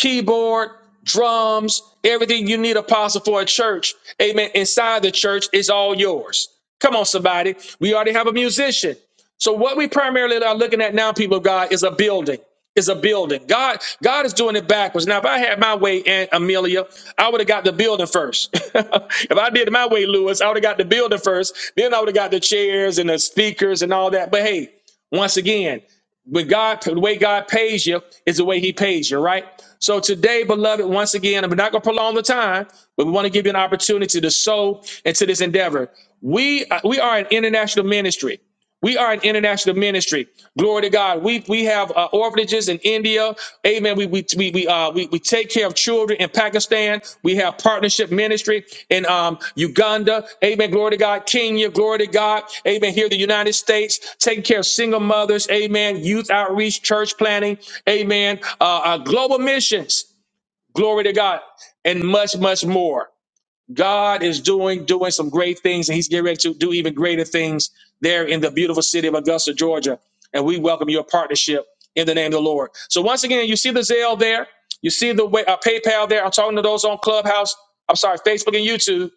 Speaker 1: keyboard, drums, everything you need, apostle, for a church. Amen. Inside the church is all yours. Come on, somebody. We already have a musician. So what we primarily are looking at now, people of God, is a building. Is a building. God, God is doing it backwards. Now, if I had my way, Aunt Amelia, I would have got the building first. if I did it my way, Lewis, I would have got the building first. Then I would have got the chairs and the speakers and all that. But hey, once again when God, the way God pays you is the way He pays you, right? So today, beloved, once again, I'm not going to prolong the time, but we want to give you an opportunity to sow into this endeavor. We uh, we are an international ministry. We are an international ministry. Glory to God. We we have uh, orphanages in India. Amen. We we we we, uh, we we take care of children in Pakistan. We have partnership ministry in um, Uganda. Amen. Glory to God. Kenya. Glory to God. Amen. Here in the United States, taking care of single mothers. Amen. Youth outreach, church planning. Amen. Uh, uh, global missions. Glory to God, and much much more. God is doing doing some great things, and He's getting ready to do even greater things there in the beautiful city of Augusta, Georgia. And we welcome your partnership in the name of the Lord. So once again, you see the Zelle there, you see the way, uh, PayPal there. I'm talking to those on Clubhouse. I'm sorry, Facebook and YouTube.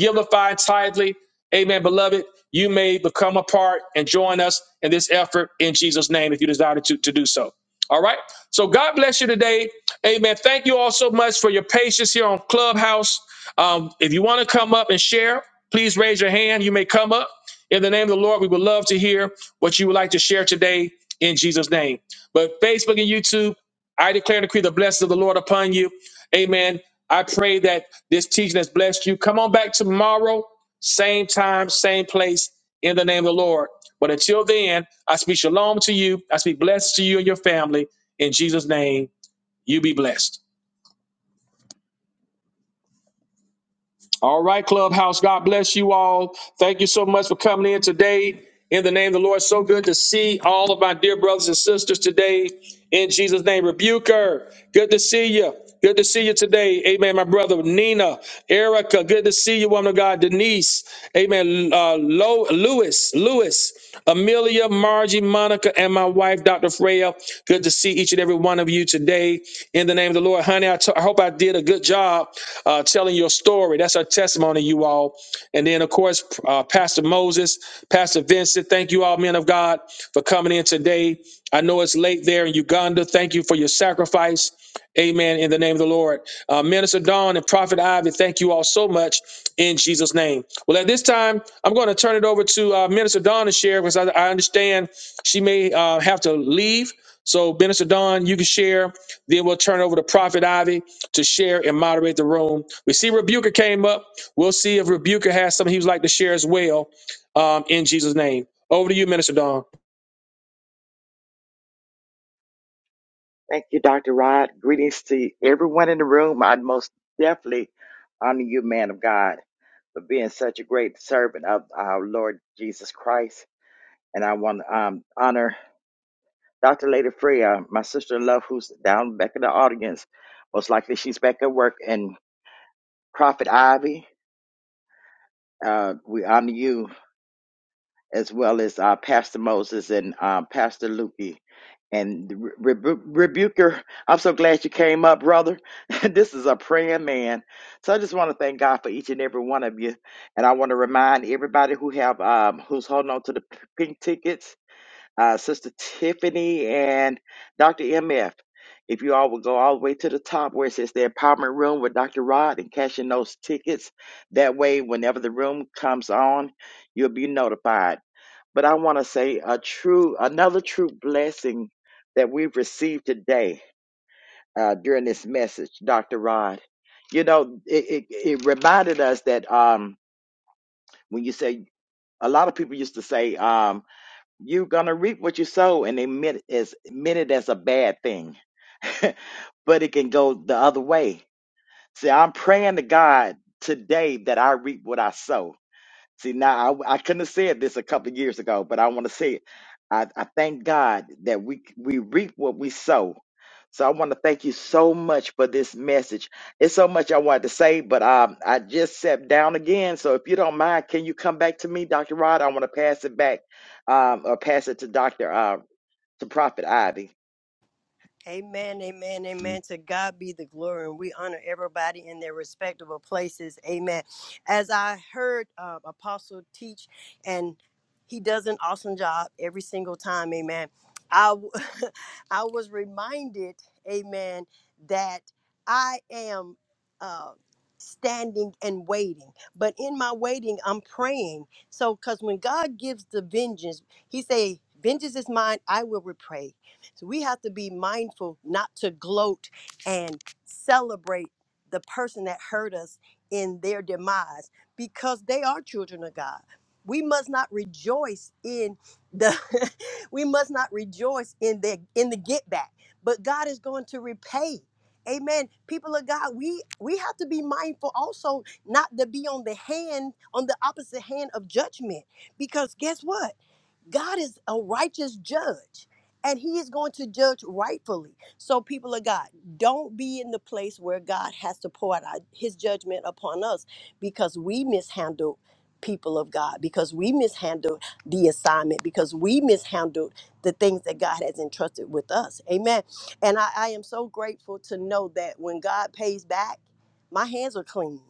Speaker 1: Givify tithely. Amen, beloved. You may become a part and join us in this effort in Jesus' name if you desire to, to do so. All right. So God bless you today. Amen. Thank you all so much for your patience here on Clubhouse. Um, if you want to come up and share, please raise your hand. You may come up. In the name of the Lord, we would love to hear what you would like to share today in Jesus' name. But Facebook and YouTube, I declare and decree the blessings of the Lord upon you. Amen. I pray that this teaching has blessed you. Come on back tomorrow, same time, same place, in the name of the Lord. But until then, I speak shalom to you. I speak blessings to you and your family. In Jesus' name, you be blessed. All right, Clubhouse. God bless you all. Thank you so much for coming in today. In the name of the Lord, so good to see all of my dear brothers and sisters today. In Jesus' name, Rebuker, good to see you. Good to see you today. Amen, my brother Nina, Erica, good to see you, woman of God, Denise. Amen, uh, Lo- Lewis, Lewis, Amelia. Julia, Margie, Monica, and my wife, Dr. Freya. Good to see each and every one of you today in the name of the Lord. Honey, I t- I hope I did a good job uh, telling your story. That's our testimony, you all. And then, of course, uh, Pastor Moses, Pastor Vincent, thank you all, men of God, for coming in today. I know it's late there in Uganda. Thank you for your sacrifice. Amen. In the name of the Lord. Uh, Minister Dawn and Prophet Ivy, thank you all so much in Jesus' name. Well, at this time, I'm going to turn it over to uh, Minister Dawn to share because I, I understand she may uh, have to leave. So, Minister Dawn, you can share. Then we'll turn it over to Prophet Ivy to share and moderate the room. We see Rebuker came up. We'll see if Rebuker has something he would like to share as well um, in Jesus' name. Over to you, Minister Dawn.
Speaker 4: Thank you, Dr. Rod. Greetings to everyone in the room. I most definitely honor you, man of God, for being such a great servant of our Lord Jesus Christ. And I want to um, honor Dr. Lady Freya, my sister in love, who's down back in the audience. Most likely she's back at work. And Prophet Ivy, uh, we honor you as well as uh, Pastor Moses and uh, Pastor Lukey. And Re- Rebu- Rebuker, I'm so glad you came up, brother. this is a praying man. So I just want to thank God for each and every one of you. And I want to remind everybody who have um, who's holding on to the p- pink tickets, uh, Sister Tiffany and Dr. MF. If you all would go all the way to the top where it says the empowerment room with Dr. Rod and cashing those tickets. That way, whenever the room comes on, you'll be notified. But I want to say a true, another true blessing that we've received today uh, during this message, Dr. Rod. You know, it, it, it reminded us that um, when you say, a lot of people used to say, um, you're going to reap what you sow, and they meant, it as, meant it as a bad thing. but it can go the other way. See, I'm praying to God today that I reap what I sow See, now I, I couldn't have said this a couple of years ago, but I want to say it. I, I thank God that we we reap what we sow. So I want to thank you so much for this message. It's so much I wanted to say, but um, I just sat down again. So if you don't mind, can you come back to me, Dr. Rod? I want to pass it back um, or pass it to Dr. Uh, to Prophet Ivy.
Speaker 2: Amen, amen, amen. To God be the glory, and we honor everybody in their respective places. Amen. As I heard uh, Apostle teach, and he does an awesome job every single time. Amen. I w- I was reminded, Amen, that I am. Uh, standing and waiting but in my waiting i'm praying so because when god gives the vengeance he say vengeance is mine i will repay so we have to be mindful not to gloat and celebrate the person that hurt us in their demise because they are children of God. We must not rejoice in the we must not rejoice in the in the get back, but God is going to repay. Amen. People of God, we we have to be mindful also not to be on the hand on the opposite hand of judgment because guess what? God is a righteous judge and he is going to judge rightfully. So, people of God, don't be in the place where God has to pour out our- his judgment upon us because we mishandled people of God, because we mishandled the assignment, because we mishandled the things that God has entrusted with us. Amen. And I, I am so grateful to know that when God pays back, my hands are clean.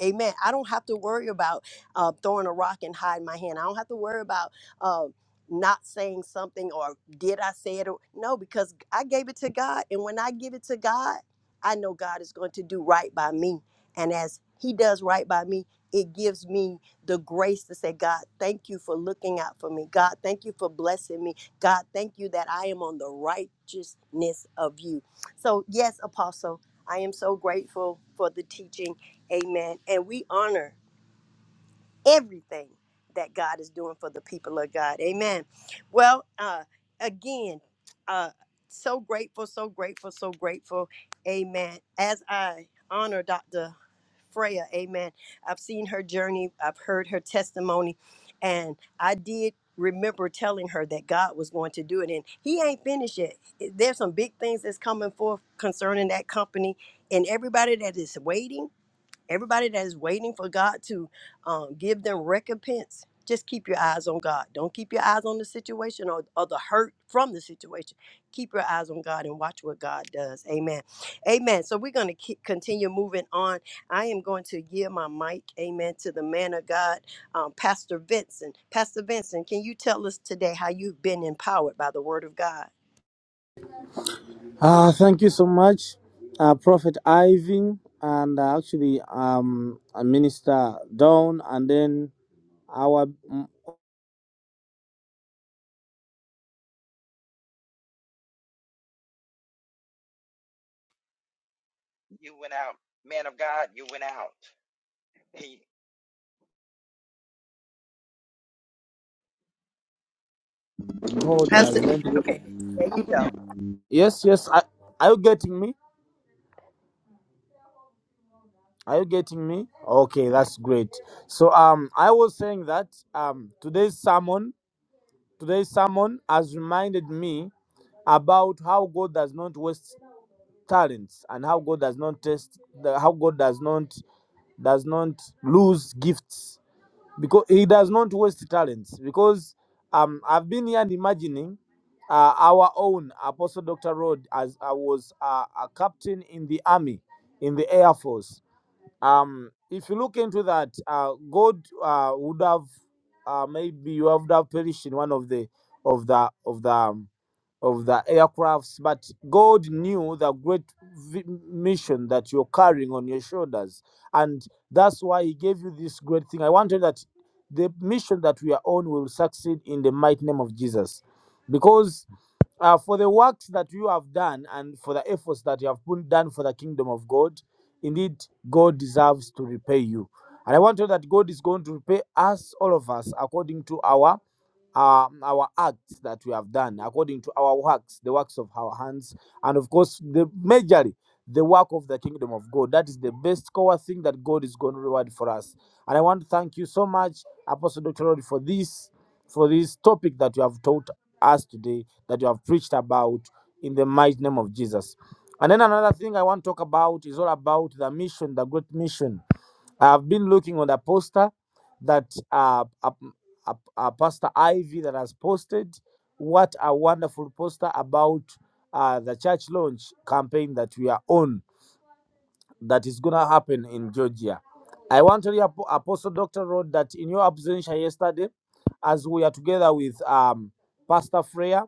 Speaker 2: Amen. I don't have to worry about uh, throwing a rock and hiding my hand. I don't have to worry about uh, not saying something or did I say it? Or, no, because I gave it to God. And when I give it to God, I know God is going to do right by me. And as He does right by me, it gives me the grace to say, God, thank you for looking out for me. God, thank you for blessing me. God, thank you that I am on the righteousness of you. So, yes, Apostle, I am so grateful for the teaching. Amen. And we honor everything that God is doing for the people of God. Amen. Well, uh, again, uh, so grateful, so grateful, so grateful. Amen. As I honor Dr. Freya, amen. I've seen her journey, I've heard her testimony, and I did remember telling her that God was going to do it. And He ain't finished yet. There's some big things that's coming forth concerning that company and everybody that is waiting Everybody that is waiting for God to um, give them recompense, just keep your eyes on God. Don't keep your eyes on the situation or, or the hurt from the situation. Keep your eyes on God and watch what God does. Amen. Amen. So we're going to keep, continue moving on. I am going to give my mic, amen, to the man of God, um, Pastor Vincent. Pastor Vincent, can you tell us today how you've been empowered by the word of God?
Speaker 5: Uh, thank you so much, uh, Prophet Ivan, and uh, actually um, uh, Minister Dawn, and then our mm,
Speaker 4: You went out, man of God, you went out. He,
Speaker 5: God
Speaker 2: Pastor,
Speaker 5: does not.
Speaker 2: okay, there you go.
Speaker 5: Yes, yes. I, are you getting me? Are you getting me? Okay, that's great. So um, I was saying that um, today's sermon, today's sermon has reminded me about how God does not waste talents and how God does not test, the, how God does not does not lose gifts because he does not waste talents because um i've been here and imagining uh, our own apostle dr rod as i was uh, a captain in the army in the air force um if you look into that uh, god uh, would have uh, maybe you would have perished in one of the of the of the um, of the aircrafts, but God knew the great vi- mission that you're carrying on your shoulders. And that's why He gave you this great thing. I wanted that the mission that we are on will succeed in the mighty name of Jesus. Because uh, for the works that you have done and for the efforts that you have put done for the kingdom of God. Indeed, God deserves to repay you. And I want to know that God is going to repay us, all of us, according to our um, our acts that we have done, according to our works, the works of our hands, and of course, the majorly the work of the kingdom of God. That is the best core thing that God is going to reward for us. And I want to thank you so much, Apostle Dr. Rod, for this for this topic that you have taught us today that you have preached about in the mighty name of Jesus. And then another thing I want to talk about is all about the mission, the great mission. I've been looking on the poster that uh, uh, uh, uh, Pastor Ivy that has posted. What a wonderful poster about uh, the church launch campaign that we are on that is going to happen in Georgia. I want to tell you, Apo- Apostle Dr. Rod, that in your absentia yesterday, as we are together with um, Pastor Freya,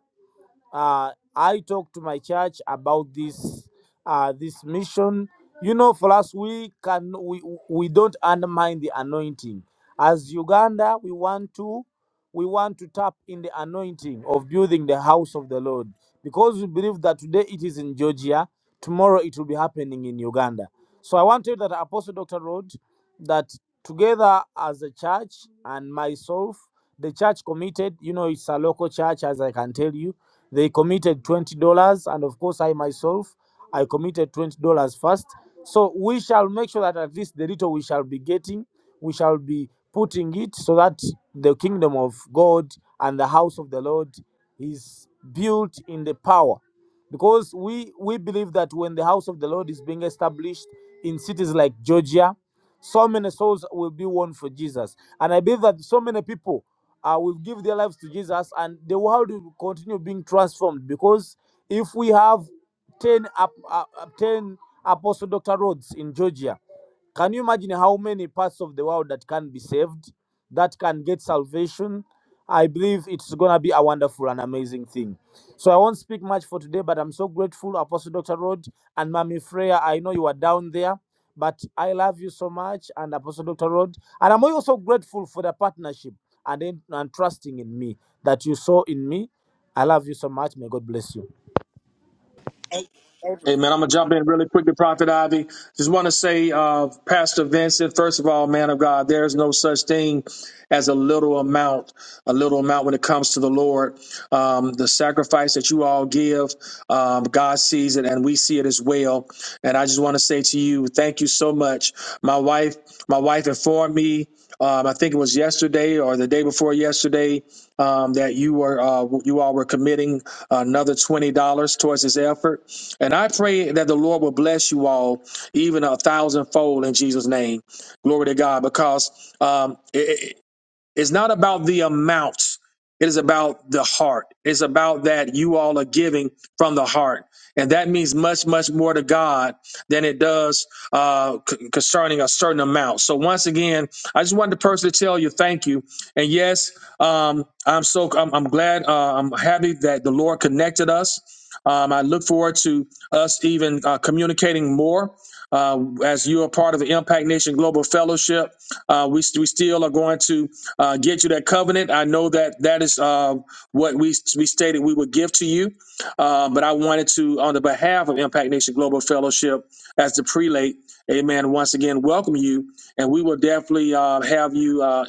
Speaker 5: uh, I talk to my church about this uh, this mission. You know, for us, we can we we don't undermine the anointing. As Uganda, we want to we want to tap in the anointing of building the house of the Lord because we believe that today it is in Georgia, tomorrow it will be happening in Uganda. So I want to tell that Apostle Doctor Rod that together as a church and myself, the church committed. You know, it's a local church, as I can tell you they committed $20, and of course, I myself, I committed $20 first. So we shall make sure that at least the little we shall be getting, we shall be putting it so that the kingdom of God and the house of the Lord is built in the power. Because we, we believe that when the house of the Lord is being established in cities like Georgia, so many souls will be won for Jesus. And I believe that so many people uh, will give their lives to Jesus and the world will continue being transformed because if we have 10, ap- uh, uh, 10 Apostle Dr. Rhodes in Georgia, can you imagine how many parts of the world that can be saved, that can get salvation? I believe it's going to be a wonderful and amazing thing. So I won't speak much for today, but I'm so grateful, Apostle Dr. Rod and Mami Freya. I know you are down there. But I love you so much, and Apostle Dr. Rod. And I'm also grateful for the partnership and, in- and trusting in me that you saw in me. I love you so much. May God bless you.
Speaker 2: A-
Speaker 1: Hey man, I'm gonna jump in really quick to Prophet Ivy. Just want to say, uh, Pastor Vincent, first of all, man of God, there is no such thing as a little amount, a little amount when it comes to the Lord. Um, the sacrifice that you all give, um, God sees it and we see it as well. And I just want to say to you, thank you so much. My wife, my wife informed me, um, I think it was yesterday or the day before yesterday um, that you were uh, you all were committing another twenty dollars towards this effort. And I pray that the Lord will bless you all even a thousandfold in Jesus' name. Glory to God, because um, it, it- it's not about the amount. It is about the heart. It's about that you all are giving from the heart and that means much much more to god than it does uh, c- concerning a certain amount so once again i just wanted to personally tell you thank you and yes um, i'm so i'm, I'm glad uh, i'm happy that the lord connected us um, i look forward to us even uh, communicating more uh, as you are part of the Impact Nation Global Fellowship, uh, we, st- we still are going to uh, get you that covenant. I know that that is uh, what we, we stated we would give to you. Uh, but I wanted to, on the behalf of Impact Nation Global Fellowship, as the prelate, amen, once again, welcome you. And we will definitely uh, have you. Uh,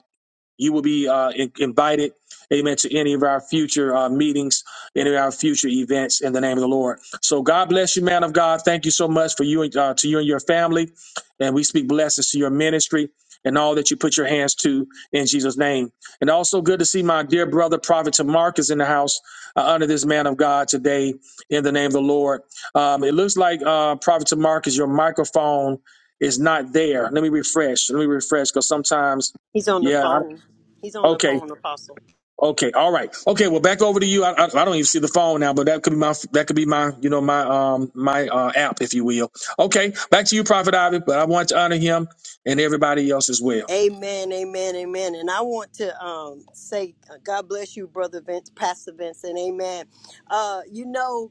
Speaker 1: you will be uh, in- invited, amen, to any of our future uh, meetings, any of our future events in the name of the Lord. So God bless you, man of God. Thank you so much for you and uh, to you and your family. And we speak blessings to your ministry and all that you put your hands to in Jesus' name. And also good to see my dear brother, Prophet Mark is in the house. I honor this man of God today in the name of the Lord. Um, it looks like uh, Prophet Mark is your microphone is not there. Let me refresh. Let me refresh because sometimes.
Speaker 2: He's on the
Speaker 1: Yeah,
Speaker 2: phone. He's on the
Speaker 1: Okay.
Speaker 2: phone, Apostle.
Speaker 1: Okay. All right. Okay. Well, back over to you. I, I, I don't even see the phone now, but that could be my that could be my you know my um my uh, app, if you will. Okay. Back to you, Prophet Ivy. But I want to honor him and everybody else as well.
Speaker 2: Amen, amen, amen. And I want to um, say, uh, God bless you, brother Vince, Pastor Vince, and amen. Uh, you know,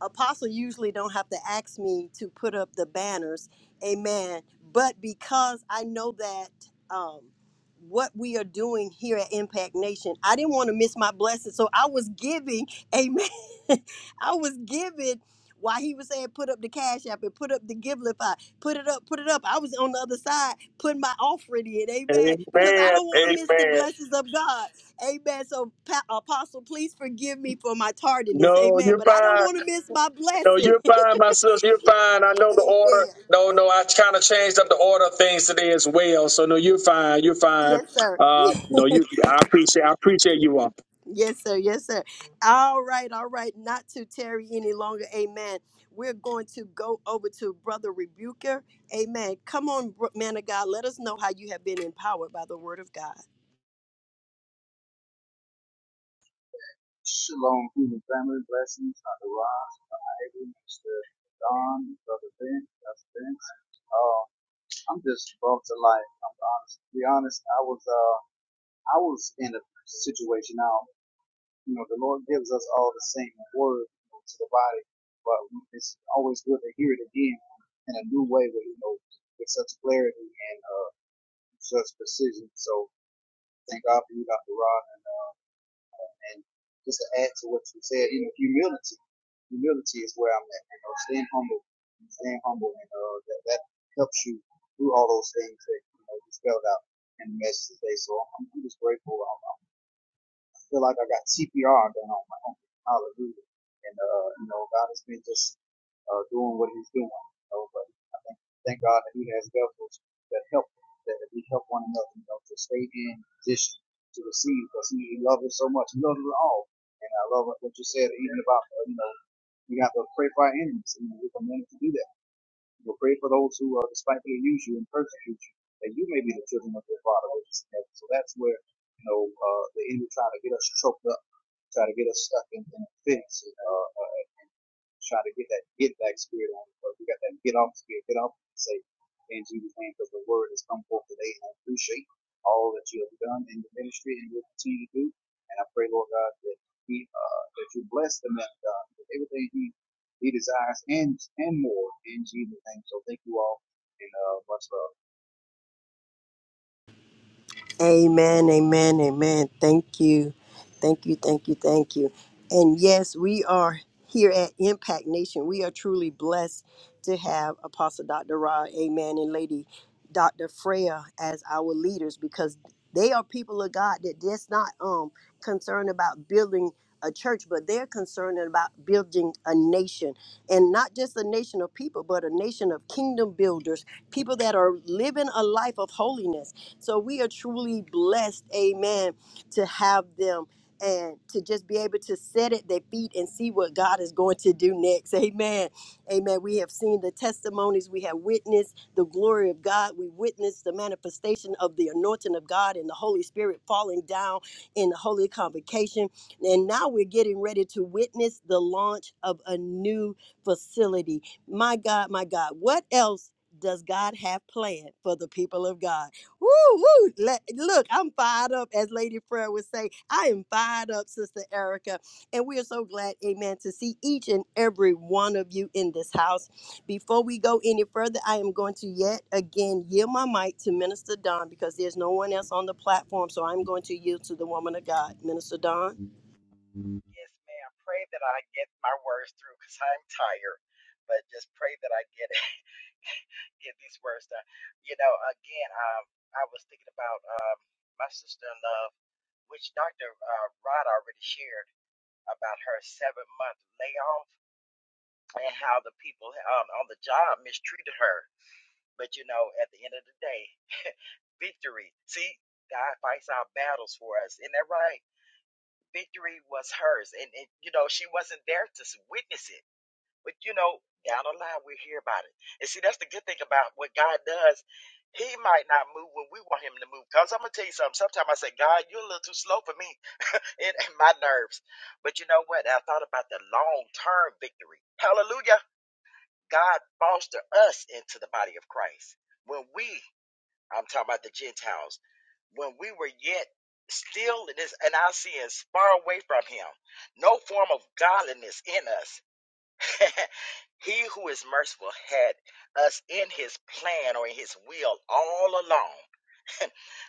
Speaker 2: apostle usually don't have to ask me to put up the banners amen but because i know that um, what we are doing here at impact nation i didn't want to miss my blessing so i was giving amen i was giving while he was saying put up the cash app and put up the givelify put it up put it up i was on the other side putting my offering in amen
Speaker 1: Amen.
Speaker 2: because i don't want to miss the
Speaker 1: Amen.
Speaker 2: blessings of god Amen. So, Pa- Apostle, please forgive me for my tardiness.
Speaker 1: No,
Speaker 2: Amen.
Speaker 1: you're
Speaker 2: But I don't
Speaker 1: fine.
Speaker 2: want to miss my
Speaker 1: No,
Speaker 2: blessing.
Speaker 1: you're fine, my sister. You're fine. I know the order.
Speaker 2: Amen.
Speaker 1: No, no, I kind of changed up the order of things today as well. So no, you're fine. You're fine.
Speaker 2: Yes, sir.
Speaker 1: Uh, no, you. I appreciate. I appreciate you all.
Speaker 2: Yes, sir. Yes, sir. All right. All right. Not to tarry any longer. Amen. We're going to go over to Brother Rebuker. Amen. Come on, bro- man of God. Let us know how you have been empowered by the word of God.
Speaker 6: Shalom, human family, blessings, Dr. Ross, Abram, Mr. Don, Brother Ben, Pastor Vince. Uh, I'm just brought to life. I'm honest. To be honest, I was uh, I was in a situation. Now, you know, the Lord gives us all the same word to the body, but it's always good to hear it again in a new way, with you know, with such clarity and uh, such precision. So, thank God for you, Dr. Rod, and uh. And just to add to what you said, you know, humility. Humility is where I'm at. You know, staying humble, staying humble, and uh, that, that helps you through all those things that you know you spelled out in the message today. So I'm, I'm just grateful. I'm, I feel like I got CPR going on my own. Hallelujah. And, uh, you know, God has been just, uh, doing what he's doing. You know, but I think, thank God that he has vessels that help, that we help one another, you know, to stay in position to receive because he loves us so much. He loves us all. And I love what you said, even about, uh, you know, we have to pray for our enemies. You know, we commanded to do that We'll pray for those who uh, despitefully use you and persecute you, that you may be the children of your Father which is in heaven. So that's where you know uh, the enemy trying to get us choked up try to get us stuck in, in a fix, uh, uh, and try to get that get back spirit on. it. But we got that get off spirit, get off and say, in Jesus' name, because the word has come forth today, and I appreciate all that you have done in the ministry and will continue to do. And I pray, Lord God, that he, uh, that you bless the man of God with everything he, he desires and and more in Jesus' name. So thank you all and uh, much love.
Speaker 2: Amen, amen, amen. Thank you. Thank you, thank you, thank you. And yes, we are here at Impact Nation. We are truly blessed to have Apostle Dr. Rod, amen, and Lady Dr. Freya as our leaders because they are people of God that that's not um concerned about building a church, but they're concerned about building a nation. And not just a nation of people, but a nation of kingdom builders, people that are living a life of holiness so we are truly blessed, amen, to have them and to just be able to sit at their feet and see what God is going to do next. Amen. Amen. We have seen the testimonies, we have witnessed the glory of God, we witnessed the manifestation of the anointing of God and the Holy Spirit falling down in the holy convocation. And now we're getting ready to witness the launch of a new facility. My God, my God, what else does God have planned for the people of God? Woo, woo. Le- Look, I'm fired up, as Lady Prayer would say. I am fired up, Sister Erica. And we are so glad, amen, to see each and every one of you in this house. Before we go any further, I am going to yet again yield my mic to Minister Don because there's no one else on the platform. So I'm going to yield to the woman of God, Minister Don.
Speaker 4: yes, ma'am. Pray that I get my words through because I'm tired, but just pray that I get it. get these words done. You know, again, um, I was thinking about um, my sister in law which Dr. Uh, Rod already shared about her seven month layoff and how the people um, on the job mistreated her. But, you know, at the end of the day, victory. See, God fights our battles for us. Isn't that right? Victory was hers. And, and you know, she wasn't there to s- witness it But you know, down the line we hear about it. And see, that's the good thing about what God does. He might not move when we want him to move. Cause I'm gonna tell you something. Sometimes I say, God, you're a little too slow for me. It ain't my nerves. But you know what? I thought about the long term victory. Hallelujah. God foster us into the body of Christ. When we, I'm talking about the Gentiles, when we were yet still in this in our sins, far away from him, no form of godliness in us. he who is merciful had us in his plan or in his will all along.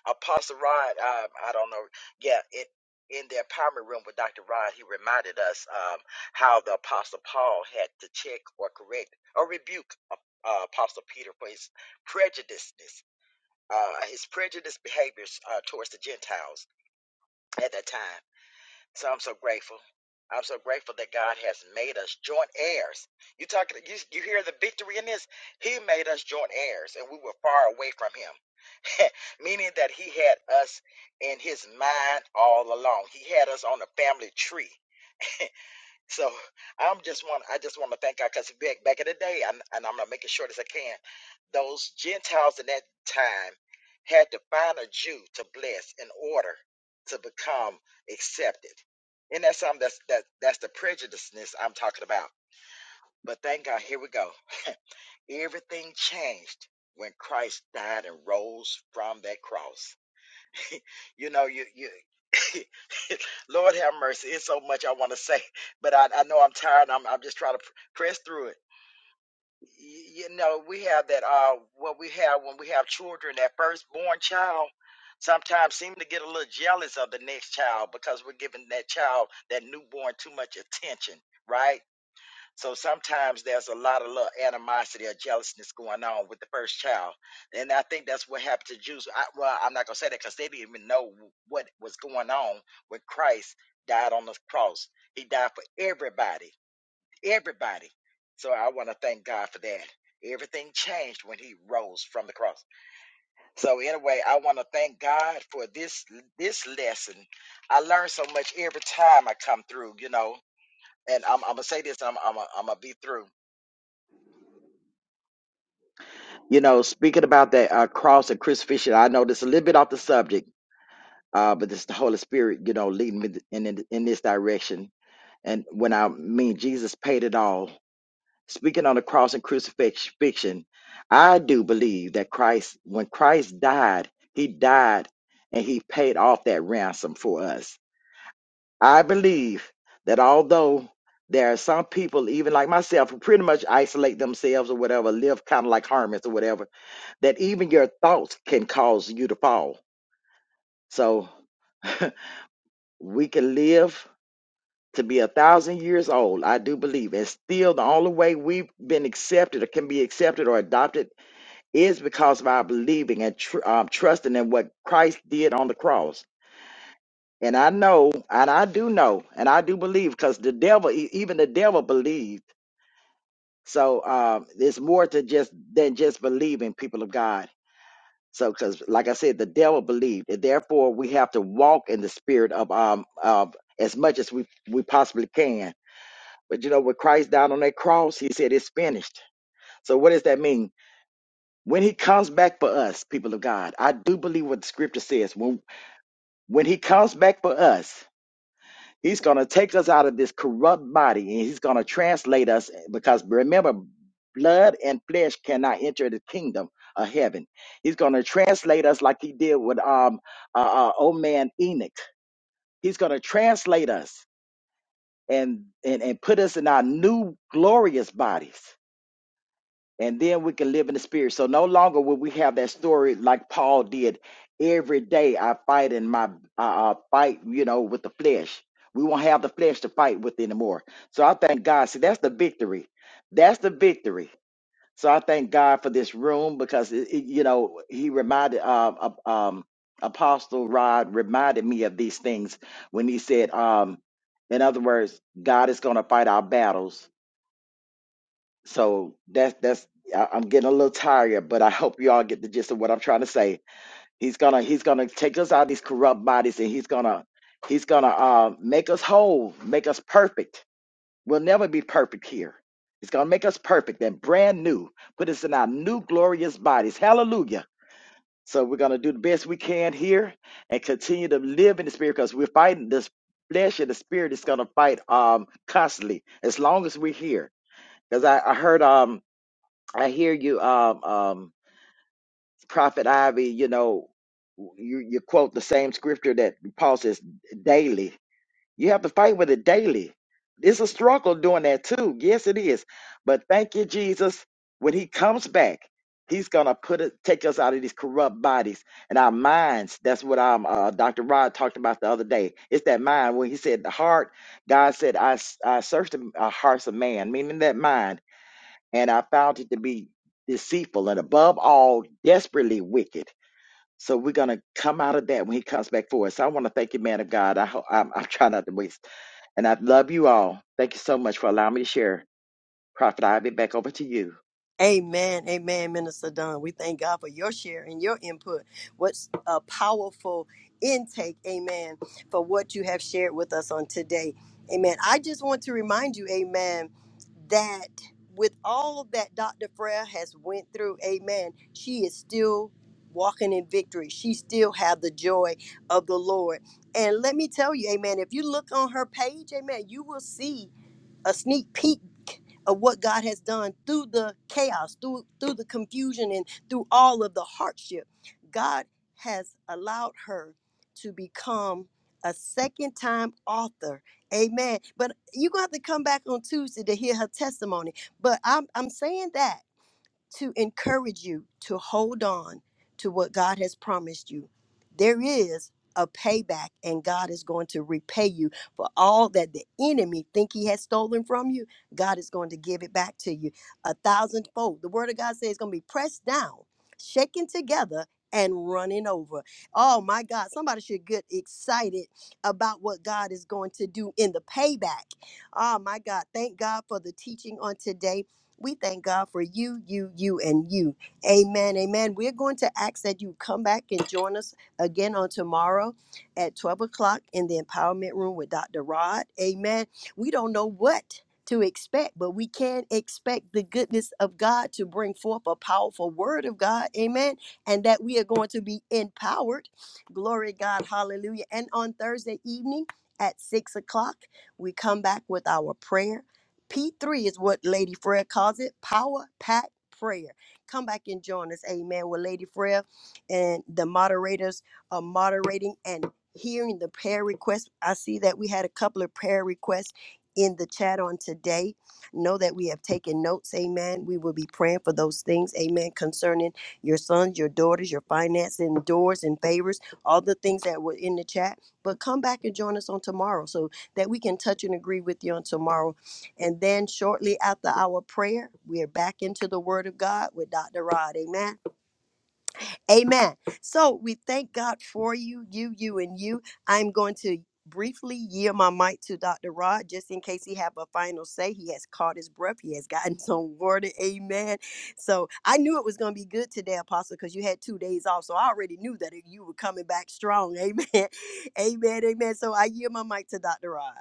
Speaker 4: Apostle Rod, um, I don't know. Yeah, it, in the empowerment room with Dr. Rod, he reminded us um, how the Apostle Paul had to check or correct or rebuke uh, uh, Apostle Peter for his prejudiceness. Uh, his prejudiced behaviors uh, towards the Gentiles at that time. So I'm so grateful. I'm so grateful that God has made us joint heirs. You talking? You, you hear the victory in this? He made us joint heirs, and we were far away from Him, meaning that He had us in His mind all along. He had us on the family tree. So I'm just want I just want to thank God because back back in the day, and, and I'm gonna make it short as I can, those Gentiles in that time had to find a Jew to bless in order to become accepted. And that's something that's that that's the prejudiceness I'm talking about. But thank God, here we go. Everything changed when Christ died and rose from that cross. You know, you you Lord have mercy. It's so much I want to say, but I, I know I'm tired. I'm I'm just trying to pr- press through it. Y- You know, we have that. Uh, what we have when we have children, that firstborn child sometimes seem to get a little jealous of the next child because we're giving that child that newborn too much attention, right? So sometimes there's a lot of little animosity or jealousness going on with the first child, and I think that's what happened to Jews. I, well, I'm not gonna say that because they didn't even know what was going on when Christ died on the cross. He died for everybody, everybody. So I want to thank God for that. Everything changed when He rose from the cross. So anyway, I want to thank God for this this lesson. I learn so much every time I come through, you know. And I'm, I'm gonna say this. I'm I'm I'm gonna be through You know, speaking about that uh, cross and crucifixion, I know this a little bit off the subject, uh, but it's the Holy Spirit, you know, leading me in, in in this direction. And when I mean Jesus paid it all, speaking on the cross and crucifixion, I do believe that Christ, when Christ died, He died and He paid off that ransom for us. I believe that although there are some people, even like myself, who pretty much isolate themselves or whatever, live kind of like hermits or whatever that even your thoughts can cause you to fall. So we can live to be a thousand years old, I do believe. And still, the only way we've been accepted or can be accepted or adopted is because of our believing and tr- um, trusting in what Christ did on the cross. And I know, and I do know, and I do believe because the devil, e- even the devil believed. So um, it's more to just than just believing people of God So, because like I said, the devil believed, and therefore we have to walk in the spirit of um of as much as we we possibly can. But you know, with Christ down on that cross, He said it's finished. So, what does that mean? When He comes back for us, people of God, I do believe what the Scripture says. When when He comes back for us. He's going to take us out of this corrupt body and he's going to translate us because remember, blood and flesh cannot enter the kingdom of heaven. He's going to translate us like he did with um uh, uh, old man Enoch. He's going to translate us and, and and put us in our new glorious bodies and then we can live in the spirit. So no longer will we have that story like Paul did. Every day I fight in my I, I fight, you know, with the flesh. We won't have the flesh to fight with anymore. So I thank God. See, that's the victory. That's the victory. So I thank God for this room because it, it- you know He reminded um, of, um Apostle Rod reminded me of these things when he said, um, in other words, God is going to fight our battles so that's that's I- I'm getting a little tired, but I hope you all get the gist of what I'm trying to say. He's gonna he's gonna take us out of these corrupt bodies, and he's gonna he's gonna uh, make us whole, make us perfect. We'll never be perfect here. He's gonna make us perfect and brand new, put us in our new glorious bodies. Hallelujah. So we're gonna do the best we can here and continue to live in the spirit because we're fighting this flesh and the spirit is gonna fight um constantly as long as we're here. Because I, I heard um I hear you, um, um, Prophet Ivy. You know, you, you quote the same scripture that Paul says daily. You have to fight with it daily. It's a struggle doing that too. Yes, it is. But thank you, Jesus. When He comes back, He's gonna put it, take us out of these corrupt bodies and our minds. That's what um, uh, Dr. Rod talked about the other day. It's that mind when He said the heart. God said, "I s- I searched the uh, hearts of man," meaning that mind and I found it to be deceitful and above all, desperately wicked. So we're gonna come out of that when he comes back for us. So I want to thank you, man of God. I hope I'm, I'm trying not to waste, and I love you all. Thank you so much for allowing me to share, Prophet. I'll be back over to you.
Speaker 2: Amen. Amen, Minister Dunn. We thank God for your share and your input. What's a powerful intake, amen, for what you have shared with us on today. Amen. I just want to remind you, amen, that with all that Dr. Freya has went through, amen, she is still walking in victory. She still have the joy of the Lord. And let me tell you, amen, if you look on her page, amen, you will see a sneak peek of what God has done through the chaos, through through the confusion and through all of the hardship. God has allowed her to become a second time author. Amen. But you're gonna have to come back on Tuesday to hear her testimony. But I'm I'm saying that to encourage you to hold on to what God has promised you. There is a payback, and God is going to repay you for all that the enemy think he has stolen from you. God is going to give it back to you a thousandfold. The word of God says it's going to be pressed down, shaken together, and running over. Oh my God, somebody should get excited about what God is going to do in the payback. Oh my God, thank God for the teaching on today. We thank God for you, you, you, and you. Amen. Amen. We're going to ask that you come back and join us again on tomorrow at 12 o'clock in the empowerment room with Dr. Rod. Amen. We don't know what to expect, but we can expect the goodness of God to bring forth a powerful word of God. Amen. And that we are going to be empowered. Glory to God. Hallelujah. And on Thursday evening at 6 o'clock, we come back with our prayer P3 is what Lady Freya calls it power pack prayer. Come back and join us, amen, with Lady Freya and the moderators are moderating and hearing the prayer requests. I see that we had a couple of prayer requests in the chat on today. Know that we have taken notes, amen. We will be praying for those things, amen, concerning your sons, your daughters, your finances, and doors and favors, all the things that were in the chat. But come back and join us on tomorrow so that we can touch and agree with you on tomorrow and then shortly after our prayer, we are back into the Word of God with Dr. Rod. Amen. Amen. So we thank God for you, you, you, and you. I'm going to briefly yield my mic to Dr. Rod just in case he have a final say. He has caught his breath. He has gotten some water. Amen. So I knew it was going to be good today, Apostle, because you had two days off. So I already knew that you were coming back strong. Amen. amen. Amen. So I yield my mic to Dr. Rod.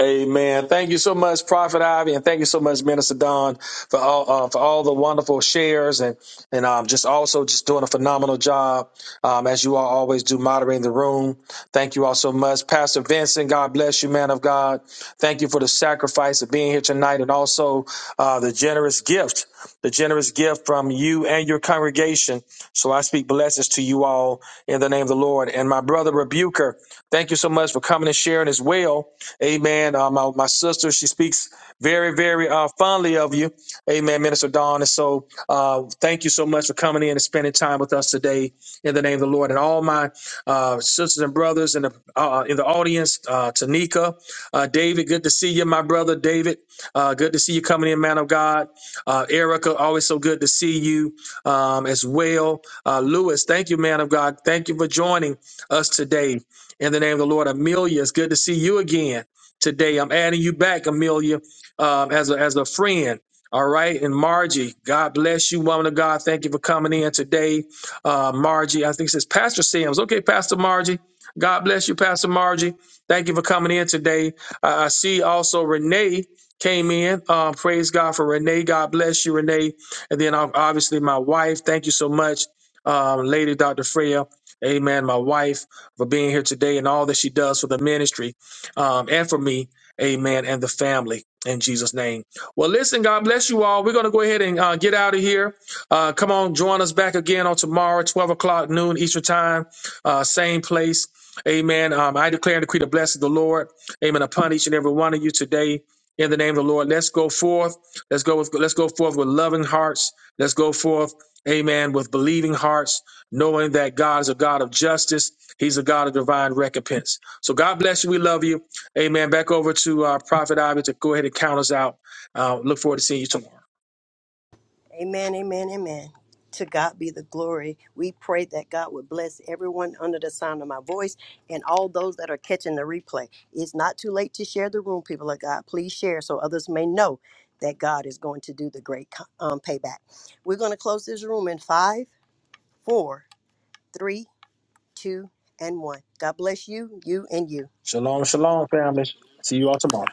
Speaker 1: Amen. Thank you so much, Prophet Ivy, and thank you so much, Minister Don, for all uh, for all the wonderful shares and and um, just also just doing a phenomenal job um, as you all always do moderating the room. Thank you all so much, Pastor Vincent. God bless you, man of God. Thank you for the sacrifice of being here tonight, and also uh, the generous gift, the generous gift from you and your congregation. So I speak blessings to you all in the name of the Lord. And my brother Rebuker, thank you so much for coming and sharing as well Amen. Uh, my, my sister, she speaks very, very uh, fondly of you. Amen, Minister Dawn. And so uh, thank you so much for coming in and spending time with us today in the name of the Lord. And all my uh, sisters and brothers in the, uh, in the audience, uh, Tanika, uh, David, good to see you, my brother David. Uh, good to see you coming in, man of God. Uh, Erica, always so good to see you um, as well. Uh, Lewis, thank you, man of God. Thank you for joining us today in the name of the Lord. Amelia, it's good to see you again today. I'm adding you back, Amelia, um, as a as a friend. All right, and Margie, God bless you, woman of God. Thank you for coming in today, uh, Margie. I think it says Pastor Sims. Okay, Pastor Margie. God bless you, Pastor Margie. Thank you for coming in today. Uh, I see also Renee came in. Um, praise God for Renee. God bless you, Renee. And then ob- obviously my wife. Thank you so much, um, Lady Dr. Freya. Amen. My wife for being here today and all that she does for the ministry um, and for me, amen, and the family in Jesus' name. Well, listen, God bless you all. We're going to go ahead and uh, get out of here. Uh, come on, join us back again on tomorrow, 12 o'clock noon Eastern time, uh, same place. Amen. Um, I declare and decree the blessing of the Lord, amen, upon each and every one of you today. In the name of the Lord, let's go forth. Let's go with let's go forth with loving hearts. Let's go forth, amen, with believing hearts, knowing that God is a God of justice. He's a God of divine recompense. So God bless you. We love you. Amen. Back over to uh, Prophet Ivy to go ahead and count us out. Uh, look forward to seeing you tomorrow.
Speaker 2: Amen, amen, amen. To God be the glory. We pray that God would bless everyone under the sound of my voice and all those that are catching the replay. It's not too late to share the room, people of God. Please share so others may know that God is going to do the great um, payback. We're going to close this room in five, four, three, two, and one. God bless you, you, and you.
Speaker 1: Shalom, shalom, family. See you all tomorrow.